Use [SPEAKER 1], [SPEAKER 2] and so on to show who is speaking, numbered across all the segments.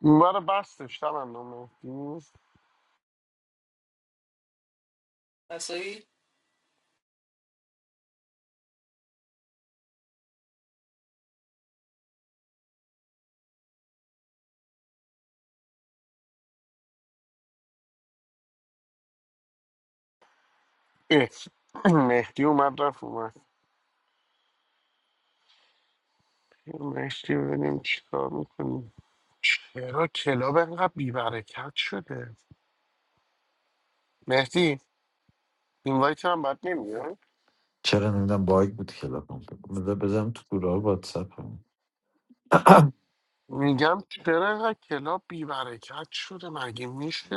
[SPEAKER 1] اون برای بستش تمنا مهدی
[SPEAKER 2] I see.
[SPEAKER 1] اه، مهدی اومد رفت اومد مهدی ببینیم چیکار میکنیم چرا کلاب انقدر بیبرکت شده مهدی این وایت هم بد نمیاد
[SPEAKER 3] چرا نمیدونم باگ بود کلاپم بذار بزنم تو گروه واتساپ
[SPEAKER 1] میگم چرا اینقدر کلاب بیبرکت شده مگه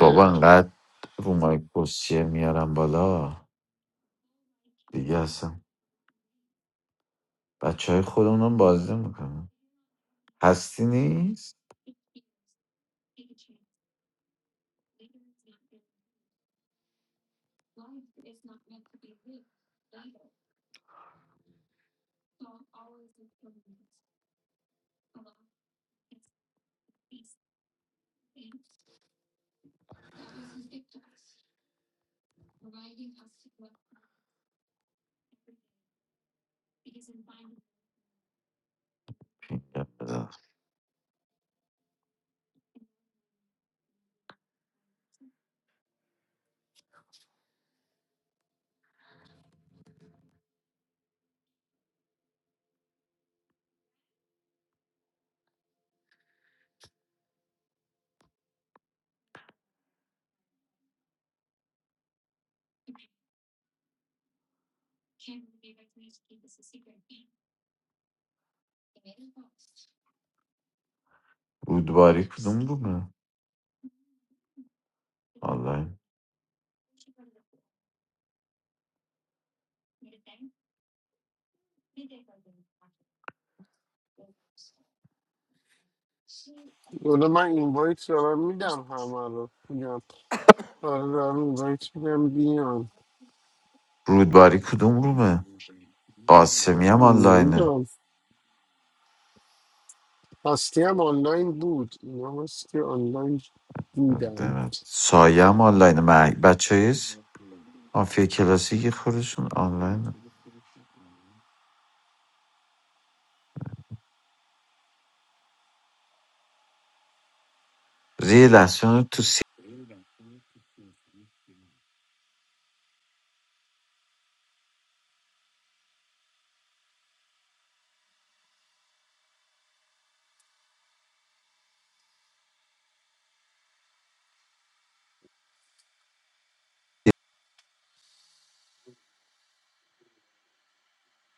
[SPEAKER 3] بابا انقدر رو مایک گوشیه میارم بالا دیگه هستم بچه های خودمونم بازی میکنم هستی نیست یا بذار. رودباری رومه
[SPEAKER 1] حالا من این وایت دارم میدم همه رو میگم آره دارم این وایت میدم بیان
[SPEAKER 3] رودباری کدوم رومه قاسمی هم آنلاینه
[SPEAKER 1] نمیدونم هستی هم آنلاین بود اینا هستی آنلاین بودن
[SPEAKER 3] دمت. سایه هم آنلاینه مع... بچه های س- مافیا کلاسی که خودشون آنلاینه زیر لحظه اونو تو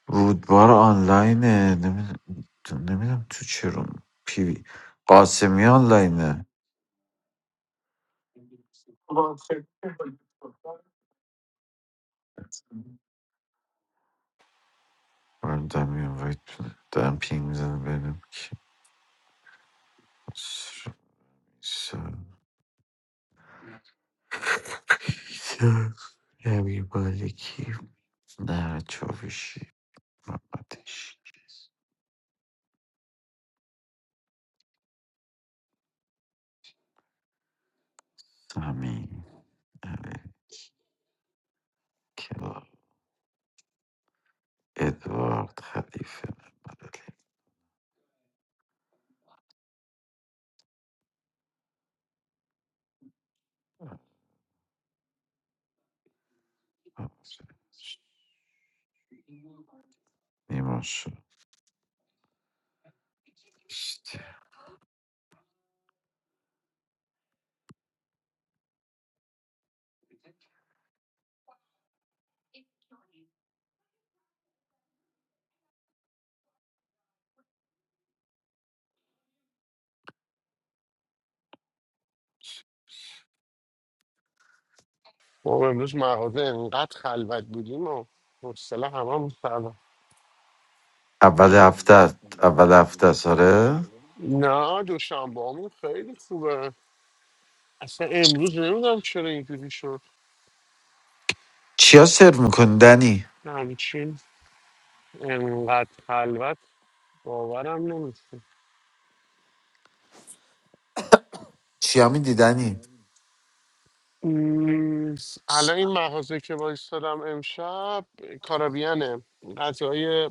[SPEAKER 3] رودبار آنلاینه نمیدونم تو چه روم پی وی قاسمی آنلاینه برم دم اینوایت بده. دارم پینگ میزنم ببینم کی هست. امیر مالکی نه چاوشی محمدش سمین کلا ادوارد خلیفه محمد علی نیما شد.
[SPEAKER 1] ما امروز مغازه انقدر خلوت بودیم و حوصله همه هم سر
[SPEAKER 3] اول هفته است. اول هفته است آره
[SPEAKER 1] نه دوشنبه همون خیلی خوبه اصلا امروز نمیدونم چرا اینجوری شد
[SPEAKER 3] چیا سرو میکنی دنی
[SPEAKER 1] همچین انقدر خلوت باورم نمیشه
[SPEAKER 3] چیا میدی دنی
[SPEAKER 1] م، الان این مغازه که وایستادم امشب کارابیانه غذای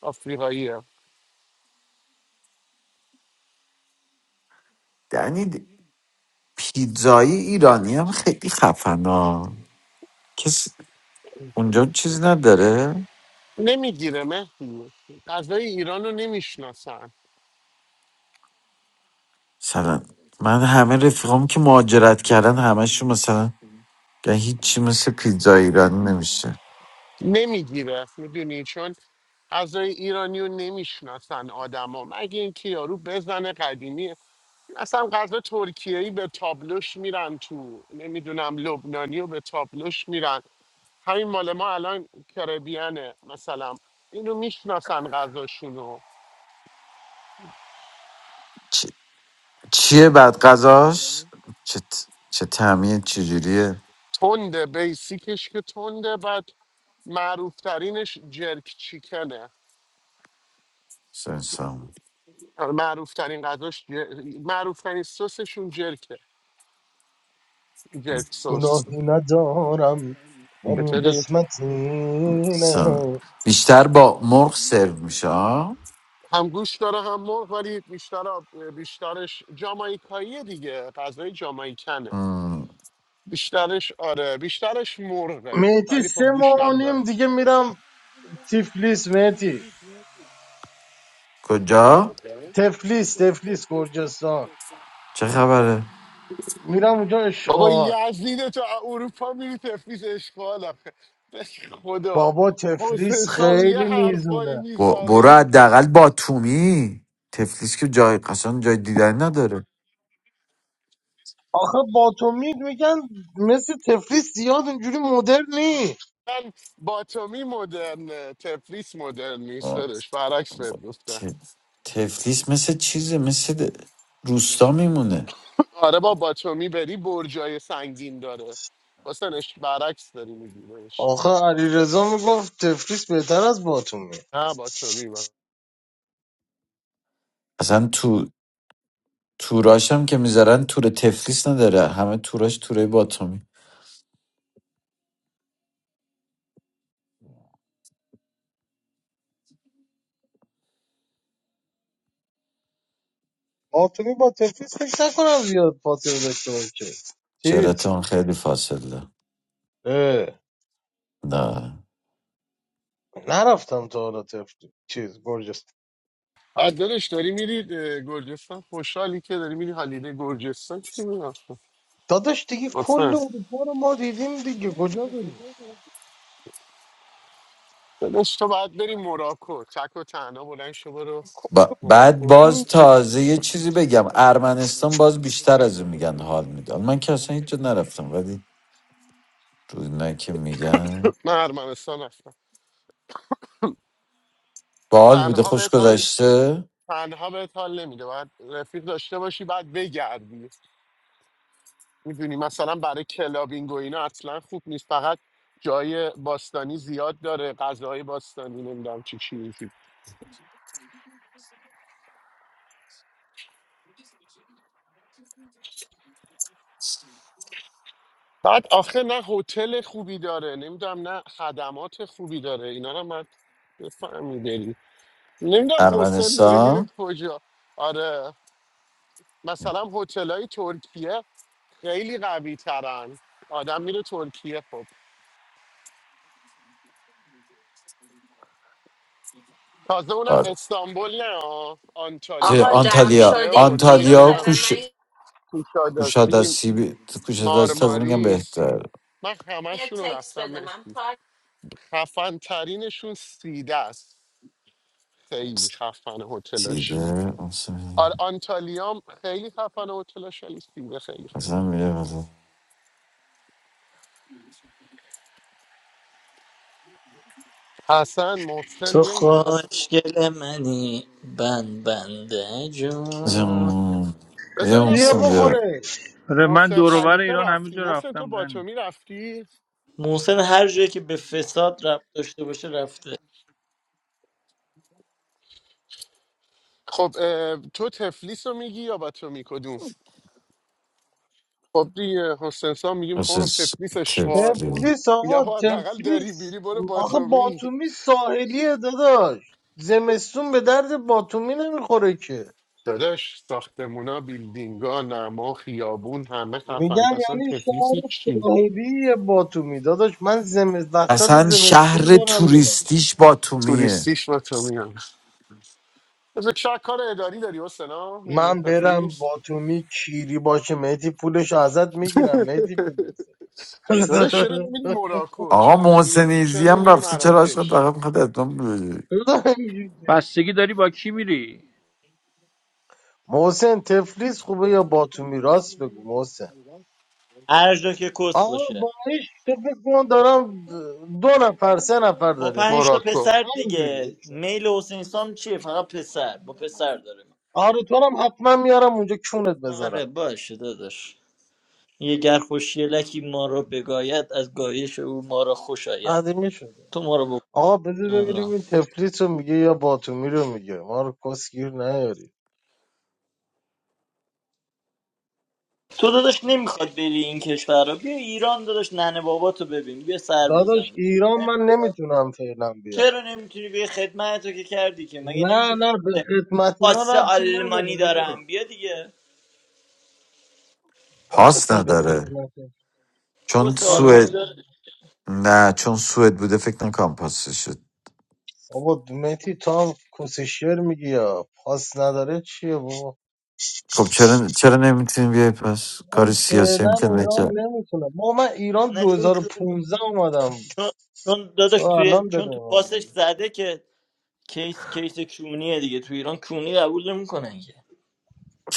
[SPEAKER 1] آفریقاییه
[SPEAKER 3] دنی د- پیتزایی ایرانی هم خیلی خفنا کس اونجا چیز نداره
[SPEAKER 1] نمیگیره مهدی غذای ایران رو نمیشناسن
[SPEAKER 3] مثلا من همه رفیقام که مهاجرت کردن همشون مثلا گه هیچی مثل پیتزا ایرانی نمیشه
[SPEAKER 1] نمیگیره میدونی چون غذای ایرانی رو نمیشناسن آدما مگه اینکه یارو بزنه قدیمی اصلا غذا ترکیه‌ای به تابلوش میرن تو نمیدونم لبنانی رو به تابلوش میرن همین مال ما الان کربیانه مثلا اینو میشناسن غذاشونو
[SPEAKER 3] چ- چیه بعد غذاش چه, ت- چه تعمیه چجوریه
[SPEAKER 1] تنده بیسیکش که تنده بعد معروفترینش جرک چیکنه
[SPEAKER 3] مثلا انسان-
[SPEAKER 1] معروف ترین غذاش معروف ترین سسشون جرکه جرک سس
[SPEAKER 4] گناهی ندارم یعنی
[SPEAKER 1] چطوری
[SPEAKER 4] قسمت اینه
[SPEAKER 3] مثلا بیشتر با مرغ سرو میشه آه؟
[SPEAKER 1] هم گوش داره هم مرغ ولی بیشتر بیشترش جامایکاییه دیگه غذای جامایکنه
[SPEAKER 3] م،
[SPEAKER 1] بیشترش آره بیشترش مرغه
[SPEAKER 4] میتی
[SPEAKER 1] ولی خب
[SPEAKER 4] سه
[SPEAKER 1] گوشت
[SPEAKER 4] ماه و
[SPEAKER 1] هم داره
[SPEAKER 4] نیم دیگه میرم تیفلیس میتی
[SPEAKER 3] کجا
[SPEAKER 4] تفلیس تفلیس گرجستان
[SPEAKER 3] چه خبره
[SPEAKER 4] میرم اونجا
[SPEAKER 1] بابا
[SPEAKER 4] اشغال
[SPEAKER 1] یزید تو اروپا میری تفیز اشغال آخه به خدا
[SPEAKER 4] بابا
[SPEAKER 1] حسین
[SPEAKER 4] تفلیس
[SPEAKER 1] سام یه
[SPEAKER 4] خیلی
[SPEAKER 1] حرفایی
[SPEAKER 4] میزونه
[SPEAKER 3] با- برو
[SPEAKER 1] میزنه
[SPEAKER 3] حداقل با تومی تفلیس که جای قشنگ جای دیدن نداره
[SPEAKER 4] آخه باتومید میگن مثل تفلیس زیاد اونجوری مدر نی
[SPEAKER 1] من باتومی مدرن تفلیس مدرن نیست
[SPEAKER 3] آه،
[SPEAKER 1] دادش برعکس بهت گفتم
[SPEAKER 3] ت- تفلیس مثل چیزه مثل د- روستا میمونه
[SPEAKER 1] آره با باتومی بری برجای سنگین داره واسنش برعکس داری میبینیش
[SPEAKER 4] آخه علی رضا میگفت تفلیس بهتر از باتومی
[SPEAKER 1] نه باتومی با
[SPEAKER 3] اصلا تو توراش هم که میذارن تور تفلیس نداره همه توراش توره باتومی
[SPEAKER 4] باتومی با تفلیس فکر نکنم زیاد فاصله داشته باشه
[SPEAKER 3] چرت
[SPEAKER 4] چیز
[SPEAKER 3] اون خیلی فاصله
[SPEAKER 4] اه
[SPEAKER 3] نه
[SPEAKER 4] نرفتم تا حالا تفت چیز گرجست
[SPEAKER 1] دارش داری میری اه، گرجستان خوشحالی که داری میری حالیده گرجستان چی میگفت
[SPEAKER 4] داداش دیگه کل
[SPEAKER 1] واسه
[SPEAKER 4] اروپا رو ما دیدیم دیگه کجا بریم
[SPEAKER 1] داداش تو باید بری موراکو چک و تنها بلند شو برو
[SPEAKER 3] با... بعد
[SPEAKER 1] موراکو
[SPEAKER 4] دیدیم
[SPEAKER 3] باز
[SPEAKER 4] دیگه.
[SPEAKER 3] تازه یه چیزی بگم ارمنستان باز بیشتر از اون میگن حال میده من که اصلا هیچ جا نرفتم ولی روی که میگن
[SPEAKER 1] من ارمنستان رفتم
[SPEAKER 3] بال بوده
[SPEAKER 1] تنها
[SPEAKER 3] خوش
[SPEAKER 1] بهت حال
[SPEAKER 3] گذشته
[SPEAKER 1] تنها بهت حال نمیده باید رفیق داشته باشی بعد بگردی میدونی مثلا برای کلابینگ و اینا اصلا خوب نیست فقط جای باستانی زیاد داره غذاهای باستانی نمیدونم چی چی اینجوری. بعد آخه نه هتل خوبی داره نمیدونم نه خدمات خوبی داره اینا رو من بفهمی بری نمیدونم حسین داره میره
[SPEAKER 3] ارمنستان
[SPEAKER 1] کجا آره مثلا هتل های ترکیه خیلی قوی ترن آدم میره ترکیه خب تازه اونم
[SPEAKER 3] آره
[SPEAKER 1] استانبول نه آه.
[SPEAKER 2] I
[SPEAKER 3] چه،
[SPEAKER 1] آنتالیا
[SPEAKER 2] got
[SPEAKER 1] و
[SPEAKER 2] jammed.
[SPEAKER 3] آنتالیا
[SPEAKER 1] سیده و
[SPEAKER 2] Shodin. Few days.
[SPEAKER 3] آنتالیا و
[SPEAKER 1] نمیدونم
[SPEAKER 3] کوش
[SPEAKER 2] Maybe
[SPEAKER 3] کوشاد از
[SPEAKER 1] کوشاداتی
[SPEAKER 3] سیب کوشاد
[SPEAKER 1] مار
[SPEAKER 3] از تازه میگم
[SPEAKER 1] ماریس
[SPEAKER 3] بهتر
[SPEAKER 1] من همشون
[SPEAKER 2] next
[SPEAKER 1] رو
[SPEAKER 2] week.
[SPEAKER 1] رفتم
[SPEAKER 2] But I'm
[SPEAKER 1] مهدی
[SPEAKER 2] apart.
[SPEAKER 1] خفن ترینشون سیده است خیلی خفن هتلش
[SPEAKER 3] سیبه
[SPEAKER 1] آر آنتالیام خیلی خفن هتلش ولی سیده خیلی خوب
[SPEAKER 3] اصلا میگه بده
[SPEAKER 1] حسن محسن
[SPEAKER 5] تو
[SPEAKER 1] بیاین دیگه
[SPEAKER 5] خوشگل منی بند بنده جون
[SPEAKER 3] یه
[SPEAKER 1] بذار ببینم
[SPEAKER 4] بیا
[SPEAKER 3] محسن
[SPEAKER 1] محسن
[SPEAKER 3] بیا
[SPEAKER 4] بخوره
[SPEAKER 6] آره من
[SPEAKER 1] محسن
[SPEAKER 6] دوروبر
[SPEAKER 1] خلیفه
[SPEAKER 6] ایران همه
[SPEAKER 1] رفتی
[SPEAKER 6] جا
[SPEAKER 1] محسن تو
[SPEAKER 6] رفتم دنی
[SPEAKER 1] باتومی رفتی
[SPEAKER 5] محسن هر جایی که به فساد رفت داشته باشه رفته
[SPEAKER 1] خب اه، تو تفلیس رو میگی یا باتومی کدوم خب دیگه حسنسان میگیم
[SPEAKER 3] مثل
[SPEAKER 1] خب
[SPEAKER 3] س-
[SPEAKER 1] تفلیس اشغال
[SPEAKER 3] طفلی.
[SPEAKER 4] تفلیس
[SPEAKER 1] میگم
[SPEAKER 4] آقا
[SPEAKER 1] خب حداقل داری
[SPEAKER 4] تفلیس
[SPEAKER 1] بیری برو
[SPEAKER 4] آخه
[SPEAKER 1] باتومی
[SPEAKER 4] باتومی ساحلیه داداش زمستون به درد باتومی نمیخوره که
[SPEAKER 1] داداش ساختمونا بیلدینگا نما خیابون همه
[SPEAKER 4] میگم
[SPEAKER 1] خفن اصلا
[SPEAKER 4] یعنی
[SPEAKER 1] تفلیس
[SPEAKER 4] شهر
[SPEAKER 1] چی
[SPEAKER 4] ساحلی باتومی داداش من زمست وسط
[SPEAKER 3] اصلا
[SPEAKER 4] زمستون
[SPEAKER 3] شهر
[SPEAKER 4] دارم میرم
[SPEAKER 3] توریستیش باتومیه
[SPEAKER 1] توریستیش با تو میان از چه کار اداری داری حسنا میری
[SPEAKER 4] من برم
[SPEAKER 1] تفلیس
[SPEAKER 4] باتومی کیری باشه مهدی پولش ازت میگیرم مهدی پولش
[SPEAKER 1] داداش چرا نمیری موراکو
[SPEAKER 3] آقا
[SPEAKER 1] چرا نمیری چرا
[SPEAKER 3] محسنیزی هم
[SPEAKER 1] نمیری
[SPEAKER 3] رفته چرا عشقت
[SPEAKER 1] مراکش
[SPEAKER 3] فقط میخواد اتمام بده.
[SPEAKER 6] بستگی داری با کی میری
[SPEAKER 4] محسن تفلیس خوبه یا باتومی راست بگو محسن
[SPEAKER 5] هر جا که کس
[SPEAKER 4] آقا
[SPEAKER 5] باشه
[SPEAKER 4] باریش تو فکر کن دارم دو نفر سه نفر
[SPEAKER 5] با
[SPEAKER 4] داریم میریم
[SPEAKER 5] پنج تا
[SPEAKER 1] موراکو
[SPEAKER 5] پسر
[SPEAKER 4] همینجوری
[SPEAKER 5] دیگه میل حسین سام چیه فقط پسر با پسر داره
[SPEAKER 4] آره تو رو هم حتما میارم اونجا کونت
[SPEAKER 5] آره
[SPEAKER 4] بذارم
[SPEAKER 5] باشه داداش یه گر خوشیلکی ما را بگاید از گایش او ما را خوش آید
[SPEAKER 4] قدیمی شده
[SPEAKER 5] تو ما رو
[SPEAKER 4] آقا بذار ببینیم
[SPEAKER 5] بکن
[SPEAKER 4] این تفلیس رو میگه یا باتومی رو میگه ما رو کسگیر نیاری
[SPEAKER 5] تو داداش نمیخواد بری این کشور را بیا ایران داداش ننه باباتو ببین بیا سر
[SPEAKER 4] داداش
[SPEAKER 5] بزن
[SPEAKER 4] ایران من نمیتونم فعلا بیام
[SPEAKER 5] چرا نمیتونی به خدمت رو که کردی که مگه
[SPEAKER 4] نه
[SPEAKER 5] نمیگی
[SPEAKER 4] نه به
[SPEAKER 5] پاسه
[SPEAKER 4] خدمت اینا
[SPEAKER 5] پاسه
[SPEAKER 4] ربطی
[SPEAKER 5] آلمانی
[SPEAKER 4] نداره
[SPEAKER 5] دارم بیا دیگه
[SPEAKER 4] داداش
[SPEAKER 3] پاس
[SPEAKER 4] اصلا به
[SPEAKER 3] نداره
[SPEAKER 4] خدمت
[SPEAKER 3] چون
[SPEAKER 5] کس
[SPEAKER 4] اینا
[SPEAKER 3] سوئد
[SPEAKER 5] آلمانی داره
[SPEAKER 3] نه چون سوئد بوده فکر نکنم پاسش
[SPEAKER 4] بابا مهدی تو هم کسشیر میگی یا پاس نداره چیه بابا
[SPEAKER 3] خب چرا چرا نمیتونیم بیای پس کار
[SPEAKER 4] اون
[SPEAKER 3] سیاسی هم
[SPEAKER 4] فعلا
[SPEAKER 3] که
[SPEAKER 4] ایران
[SPEAKER 3] نکرد
[SPEAKER 4] نمیتونه بابا من ایران
[SPEAKER 5] نه چون چون
[SPEAKER 4] 2015 اومدم
[SPEAKER 5] چون چون
[SPEAKER 4] تو
[SPEAKER 5] داداش توی
[SPEAKER 4] الان داری به
[SPEAKER 5] چون تو
[SPEAKER 4] من
[SPEAKER 5] پاسش
[SPEAKER 4] میگی
[SPEAKER 5] زده که کیس کیس کونیه دیگه تو ایران کونی قبول نمیکنن که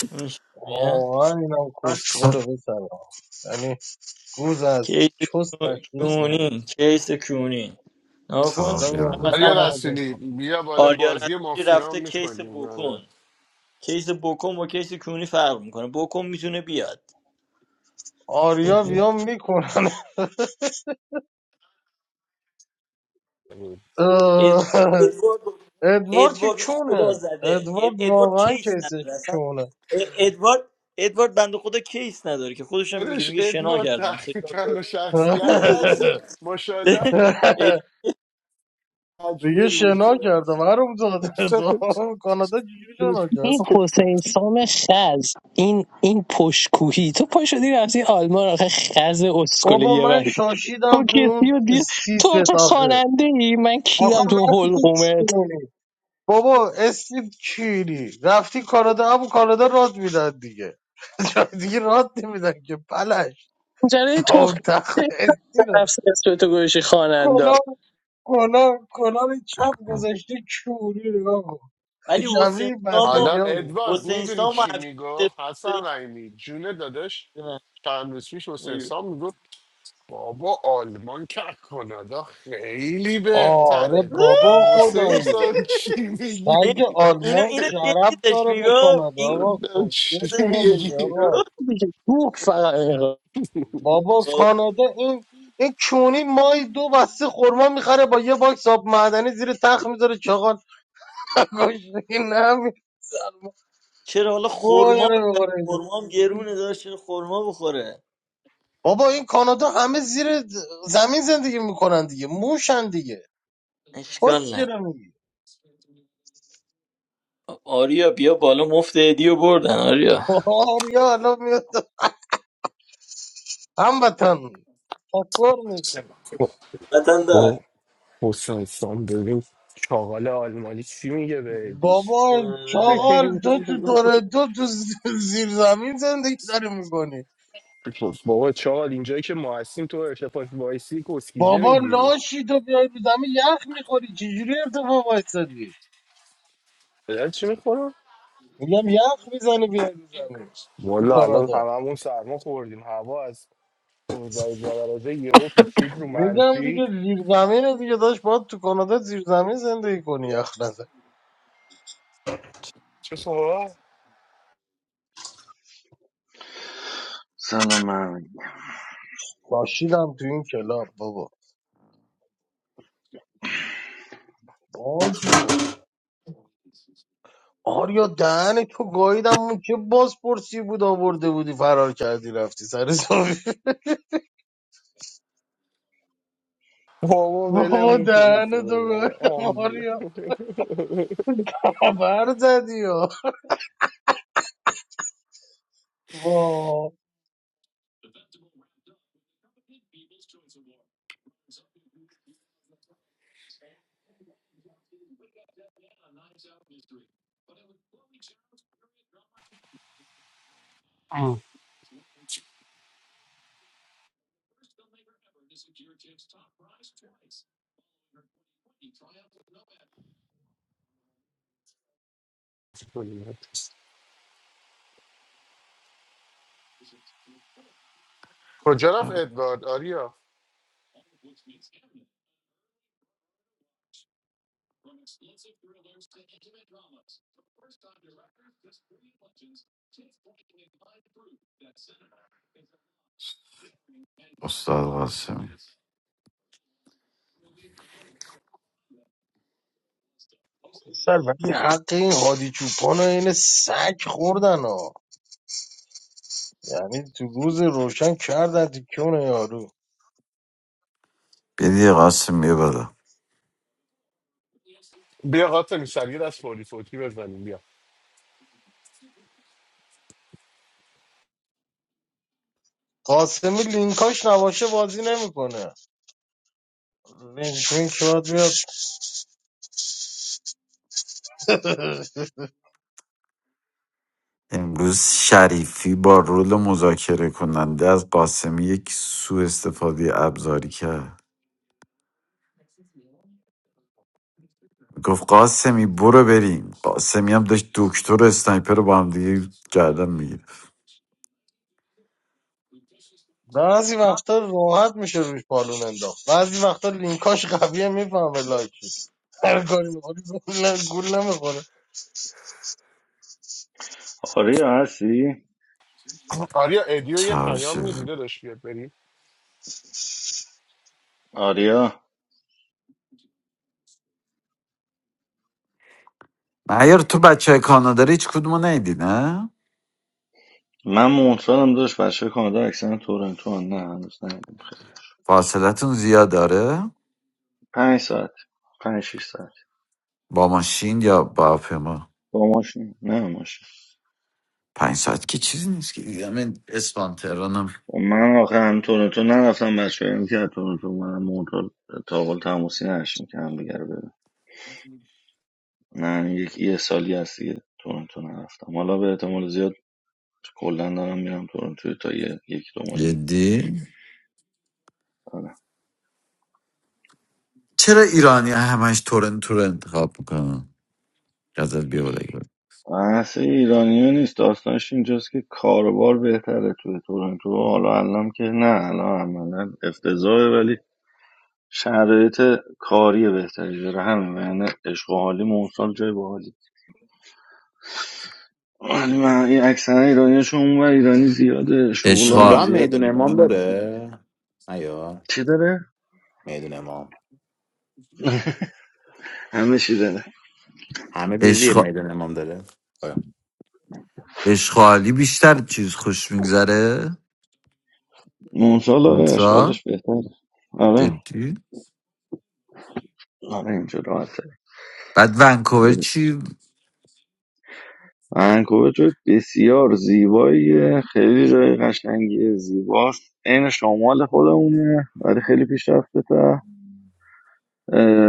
[SPEAKER 5] می‌شه میه؟
[SPEAKER 4] واقعا اینم
[SPEAKER 3] اصلا
[SPEAKER 4] کسخله بسرم یعنی گوز از
[SPEAKER 5] کیس
[SPEAKER 4] چست
[SPEAKER 5] کو-
[SPEAKER 4] تشخیص نمیده
[SPEAKER 5] کونی کیس کونی نکن
[SPEAKER 3] تا بیا
[SPEAKER 4] آدم
[SPEAKER 3] بالا.
[SPEAKER 5] مثلا
[SPEAKER 1] آریا
[SPEAKER 4] میکنم
[SPEAKER 1] رسولی بیا بالا
[SPEAKER 5] آریا
[SPEAKER 1] بازی
[SPEAKER 5] رسولی
[SPEAKER 1] مافیا هم
[SPEAKER 5] رفته کیس
[SPEAKER 1] میکنیم آره.
[SPEAKER 5] بکن کیس بکن با کیس کونی فرق میکنه بکن میتونه بیاد
[SPEAKER 4] آریا
[SPEAKER 3] ببین.
[SPEAKER 4] بیام میکنن اه،
[SPEAKER 5] ادوارد ادوارد
[SPEAKER 4] ادوارد که
[SPEAKER 5] ادوارد خدا
[SPEAKER 4] کونه
[SPEAKER 5] زده اد-
[SPEAKER 4] ادوارد
[SPEAKER 5] ادوارد
[SPEAKER 4] واقعا
[SPEAKER 5] کیس
[SPEAKER 4] کیسه
[SPEAKER 5] نداره اصلا
[SPEAKER 4] کونه
[SPEAKER 5] اد- ادوارد ادوارد بنده خدا کیس نداره که خودش هم میگه
[SPEAKER 1] داداش
[SPEAKER 5] میگه شنا
[SPEAKER 1] ادوار
[SPEAKER 5] کردم سه چهار تا
[SPEAKER 1] تحقیقا و شخصیتی هستی ماشاءالله
[SPEAKER 5] اد-
[SPEAKER 1] مجموع
[SPEAKER 4] دیگه شنا
[SPEAKER 1] روته
[SPEAKER 4] کردم، محروم زاده تو کانادا چجوری شنا کرد
[SPEAKER 7] این حسین سام خز این این پشکوهی تو پا شدی رفتی آلمان آخه خز اسکله
[SPEAKER 4] بابا
[SPEAKER 7] یه
[SPEAKER 4] من
[SPEAKER 7] وری تو
[SPEAKER 4] شاشیدم تو
[SPEAKER 7] کسی
[SPEAKER 4] اون
[SPEAKER 7] و دیر
[SPEAKER 4] سی
[SPEAKER 7] تو آخه
[SPEAKER 4] آخه
[SPEAKER 7] خاننده ای من
[SPEAKER 4] آخه
[SPEAKER 7] کیرم تو
[SPEAKER 4] من تو چی
[SPEAKER 7] حلقومت
[SPEAKER 4] کنی؟ بابا اسلیپ چیری رفتی کانادا هم کانادا راد میدن دیگه جای دیگه راد نمیدن که پلش
[SPEAKER 7] جره
[SPEAKER 4] با
[SPEAKER 7] تو
[SPEAKER 4] اون تخت استی رو
[SPEAKER 7] نفس تو گوشی خاننده
[SPEAKER 4] کلا کلا کلا به چپ گذاشته چوری نگاه کن
[SPEAKER 5] ولی حسین
[SPEAKER 4] شبیه
[SPEAKER 5] سام و
[SPEAKER 1] حالا
[SPEAKER 4] بسیجی بود
[SPEAKER 1] ادوارد
[SPEAKER 5] حسین
[SPEAKER 1] میدونی
[SPEAKER 5] سام و
[SPEAKER 1] چی
[SPEAKER 5] افشین
[SPEAKER 1] میگفت حسن
[SPEAKER 5] سپاهی-
[SPEAKER 1] رحیمی جون داداش
[SPEAKER 5] نه،
[SPEAKER 1] چند روز پیش حسین
[SPEAKER 5] نگو.
[SPEAKER 1] سام میگفت بابا آلمان که از کانادا خیلی
[SPEAKER 4] آره
[SPEAKER 1] بهتره
[SPEAKER 4] بابا
[SPEAKER 1] گفتم حسین
[SPEAKER 4] خدایی
[SPEAKER 1] سام چی
[SPEAKER 5] این-
[SPEAKER 4] سگ
[SPEAKER 1] میگی
[SPEAKER 5] اینو
[SPEAKER 4] آلمان
[SPEAKER 5] اینو
[SPEAKER 4] شرف
[SPEAKER 5] جدی داشت
[SPEAKER 4] داره به
[SPEAKER 5] میگفت
[SPEAKER 4] کانادا
[SPEAKER 5] این
[SPEAKER 4] آقا
[SPEAKER 1] گفتم
[SPEAKER 4] کسچه
[SPEAKER 1] چی
[SPEAKER 5] داشت
[SPEAKER 4] داره
[SPEAKER 5] جدی
[SPEAKER 4] میگه
[SPEAKER 1] میگی
[SPEAKER 4] آقا
[SPEAKER 5] میگفت
[SPEAKER 7] دیگه گوه فقط
[SPEAKER 4] بابا
[SPEAKER 5] خب،
[SPEAKER 4] کانادا این این کونی مای دو بسته خورما میخره با یه باکس آب معدنی زیر تخت میذاره چاقال نکش دیگه نمی‌ذاره.
[SPEAKER 5] چرا حالا
[SPEAKER 4] گوه
[SPEAKER 5] خورما
[SPEAKER 4] داره
[SPEAKER 5] بخره
[SPEAKER 4] می‌خوره.
[SPEAKER 5] خورما هم گرونه داشت چرا خورما بخوره
[SPEAKER 4] بابا این کانادا همه زیر زمین زندگی میکنن دیگه موشن دیگه
[SPEAKER 5] اشکال
[SPEAKER 4] کس
[SPEAKER 5] نه
[SPEAKER 4] چرا میگی
[SPEAKER 5] آریا بیا بالا مفت هدیه بردن آریا
[SPEAKER 4] آریا الان میاد هموطن تکر میکنه
[SPEAKER 5] وطن
[SPEAKER 8] با
[SPEAKER 5] دار
[SPEAKER 8] حسین سام ببین چاقال آلمانی چی میگه بهش
[SPEAKER 4] بابا چاقال تو تو تورنتو تو ز- زیر زمین زندگی داری میکنی
[SPEAKER 8] بابا چاقال اینجایی که ما هستیم تو ارتفاع وایسی کسکیجه
[SPEAKER 4] بابا
[SPEAKER 8] میگیری
[SPEAKER 4] لاشی تو بیای رو زمین یخ میخوری چجوری ارتفاع وایستادی
[SPEAKER 8] پدر چی میخورم؟
[SPEAKER 4] میگم یخ میزنی بیای رو زمین تو
[SPEAKER 8] والا الان
[SPEAKER 4] کانادا
[SPEAKER 8] هممون سرما خوردیم هوا از 15 درجه یهو پیچید رو
[SPEAKER 4] میگم
[SPEAKER 8] منفی
[SPEAKER 4] دیگه زیر زمین دیگه داشت باید تو کانادا زیر زمین زندگی کنی یخ نزن
[SPEAKER 8] چه خبر؟
[SPEAKER 9] سلام محمد
[SPEAKER 4] لاشیدم تو این کلاب بابا باگو آریا دهن تو گاییدم اون که بازپرسی بود آورده بودی فرار کردی رفتی سر زاویه
[SPEAKER 8] بابا
[SPEAKER 4] بابا
[SPEAKER 8] ولمون کنه تو
[SPEAKER 4] دهنتو
[SPEAKER 8] رو بابا
[SPEAKER 4] گایدم
[SPEAKER 8] آمبوله
[SPEAKER 4] آریا خبر زدی ها وا
[SPEAKER 1] کجا رفت ادوارد آریا
[SPEAKER 3] استاد قاسم
[SPEAKER 4] پسر ولی حق این هادی چوپان و این سگ خوردن ها یعنی تو روز روشن کردن تیکونه یارو
[SPEAKER 3] بیدی قاسم بیا بالا
[SPEAKER 1] بیا قاتل سریع از فوری فوتی بزنیم بیا
[SPEAKER 4] قاسمی لینکاش نباشه بازی نمیکنه لینک وینک باید بیاد
[SPEAKER 3] امروز شریفی با رول مذاکره کننده از قاسمی یک سوء استفاده ابزاری کرد گفت قاسمی برو بریم قاسمی هم داشت رو اسنایپر رو با هم دیگه گردن میگیره
[SPEAKER 4] بعضی وقتا راحت میشه روش پالون انداخت بعضی وقتا لینکاش قویه میفهمه لایکی هر کاری میکنی گول نمیخوره
[SPEAKER 9] آریا هستی؟
[SPEAKER 1] آریا ادیو یه پیام
[SPEAKER 3] چاوشه
[SPEAKER 1] میدیده داشت بیاد بریم
[SPEAKER 9] آریا
[SPEAKER 3] معیار تو بچه های کانادا رو هیچ کدومو ندیدی نه؟
[SPEAKER 9] من مونترالم داشت بچه کانادا اکثرا تورنتو هم. نه هنوز ندیدیم خیلی
[SPEAKER 3] فاصلتون زیاد داره؟
[SPEAKER 9] پنج ساعت پنج شیش ساعت
[SPEAKER 3] با ماشین یا با هواپیما
[SPEAKER 9] با ماشین نه ماشین
[SPEAKER 3] پنج ساعت که چیزی نیست که دیگه من اسپان تهرانم
[SPEAKER 9] و من آخه هم تورنتو نرفتم بچه هم که از تورنتو من مونترال تا قول تماسی نشیم که هم دیگر ببین نه یک یه سالی هست دیگه تورنتو نرفتم حالا به احتمال زیاد کلا دارم میرم تورنتو تا یه یک دو ماه دیگه
[SPEAKER 3] جدی
[SPEAKER 9] آره.
[SPEAKER 3] چرا ایرانی همش تورنتو رو انتخاب میکنن ازت بیادگی
[SPEAKER 9] بحث ایرانی ها نیست داستانش اینجاست که کاروبار بهتره توی تورنتو حالا الان که نه الان عملا افتضاحه ولی شرایط کاری بهتری داره همین و یعنی عشق و حالی موسال جای باحالی ولی من این اکثر ایرانیشون اونور ایرانی زیاده شغل هم
[SPEAKER 10] اونجا
[SPEAKER 3] اشغال
[SPEAKER 10] هم
[SPEAKER 9] زیاده
[SPEAKER 10] میدون امام داره ایا
[SPEAKER 9] چی داره؟
[SPEAKER 10] میدون امام
[SPEAKER 9] همه چی داره
[SPEAKER 10] همه دیدی
[SPEAKER 3] اشغال
[SPEAKER 10] میدون امام داره آیا.
[SPEAKER 3] اشغالی بیشتر چیز خوش میگذره
[SPEAKER 9] موسال آره
[SPEAKER 3] اونترا
[SPEAKER 9] اشغالش بهتره آره
[SPEAKER 3] جدی
[SPEAKER 9] آره اینجا راحت
[SPEAKER 3] بعد ونکوور چی
[SPEAKER 9] ونکوور جای بسیار زیباییه خیلی جای قشنگیه زیباست عین شمال خودمونه ولی خیلی پیشرفته تا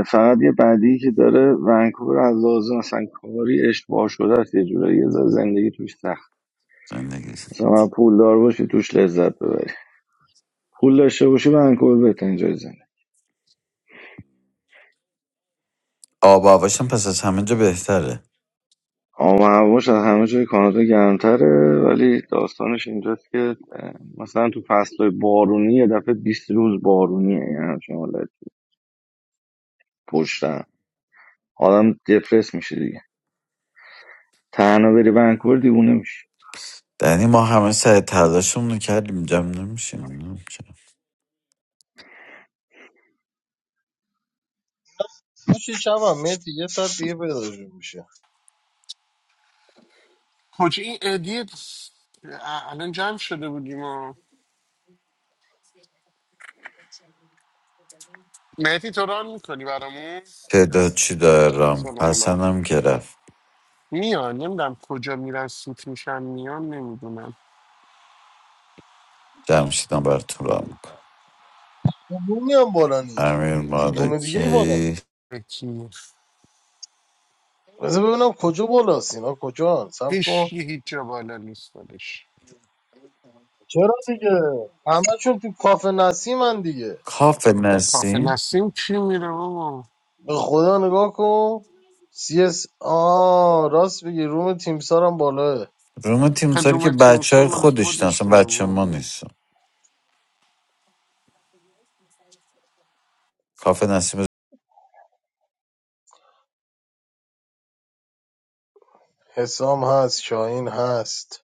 [SPEAKER 9] فقط یه بدی که داره ونکوور از لحاظ مثلا کاری اشتباه شده است یه جورایی یه ذره زندگی توش سخت
[SPEAKER 3] زندگی
[SPEAKER 9] مثلا پولدار باشی توش لذت ببری پول داشته باشی ونکوور بهترین جای زنه
[SPEAKER 3] آب و هواش هم پس از همه جا بهتره
[SPEAKER 9] آب و هواش از همه جای کانادا گرمتره ولی داستانش اینجاست که اه، مثلا تو فصلهای بارونی یه دفعه 20 روز بارونیه یعنی همچین پشتم آدم دپرس میشه دیگه تنها بری ونکوور دیوونه میشه
[SPEAKER 3] یعنی ما همه سعی تلاشمون رو کردیم جمع نمیشیم نمی‌شیم.
[SPEAKER 4] میشه شب هم میتی یه ساعت دیگه پیداشون میشه
[SPEAKER 1] کجا این ادیو الان جمع شده بودیم مهدی تو ران میکنی برامون
[SPEAKER 3] تعداد
[SPEAKER 1] یس
[SPEAKER 3] چی داره رام
[SPEAKER 1] افسانه هم ران.
[SPEAKER 3] حسن هم که رفت
[SPEAKER 1] میان نمیدونم کجا میرن سوت میشن میان نمیدونم
[SPEAKER 3] جمشیدم براتون رام میکن
[SPEAKER 4] رومی هم بالا نیست
[SPEAKER 3] امیر
[SPEAKER 4] روم دیگه ای بالا
[SPEAKER 3] مالکی
[SPEAKER 4] نیست
[SPEAKER 1] کی
[SPEAKER 4] بذار ببینم کجا بالاست اینا کجا سب
[SPEAKER 1] هیچ
[SPEAKER 4] کن
[SPEAKER 1] هیچ جا بالا نیست ولش
[SPEAKER 4] چرا دیگه همشون تو کافه نسیمن دیگه
[SPEAKER 3] کاف
[SPEAKER 1] اون کافه
[SPEAKER 3] نسیم
[SPEAKER 1] نسیم کی میره بابا
[SPEAKER 4] به خدا نگاه کن سی اس آ راست بگی روم تیمسار هم بالاه
[SPEAKER 3] روم تیمساری که
[SPEAKER 1] خدوم
[SPEAKER 3] بچه
[SPEAKER 1] تیمسا
[SPEAKER 3] های
[SPEAKER 1] مال
[SPEAKER 3] خودش اصلا
[SPEAKER 1] خودشونه
[SPEAKER 3] بچه
[SPEAKER 1] بابا
[SPEAKER 3] ما نیستن کاف نسیم
[SPEAKER 4] حسام هست شاهین هست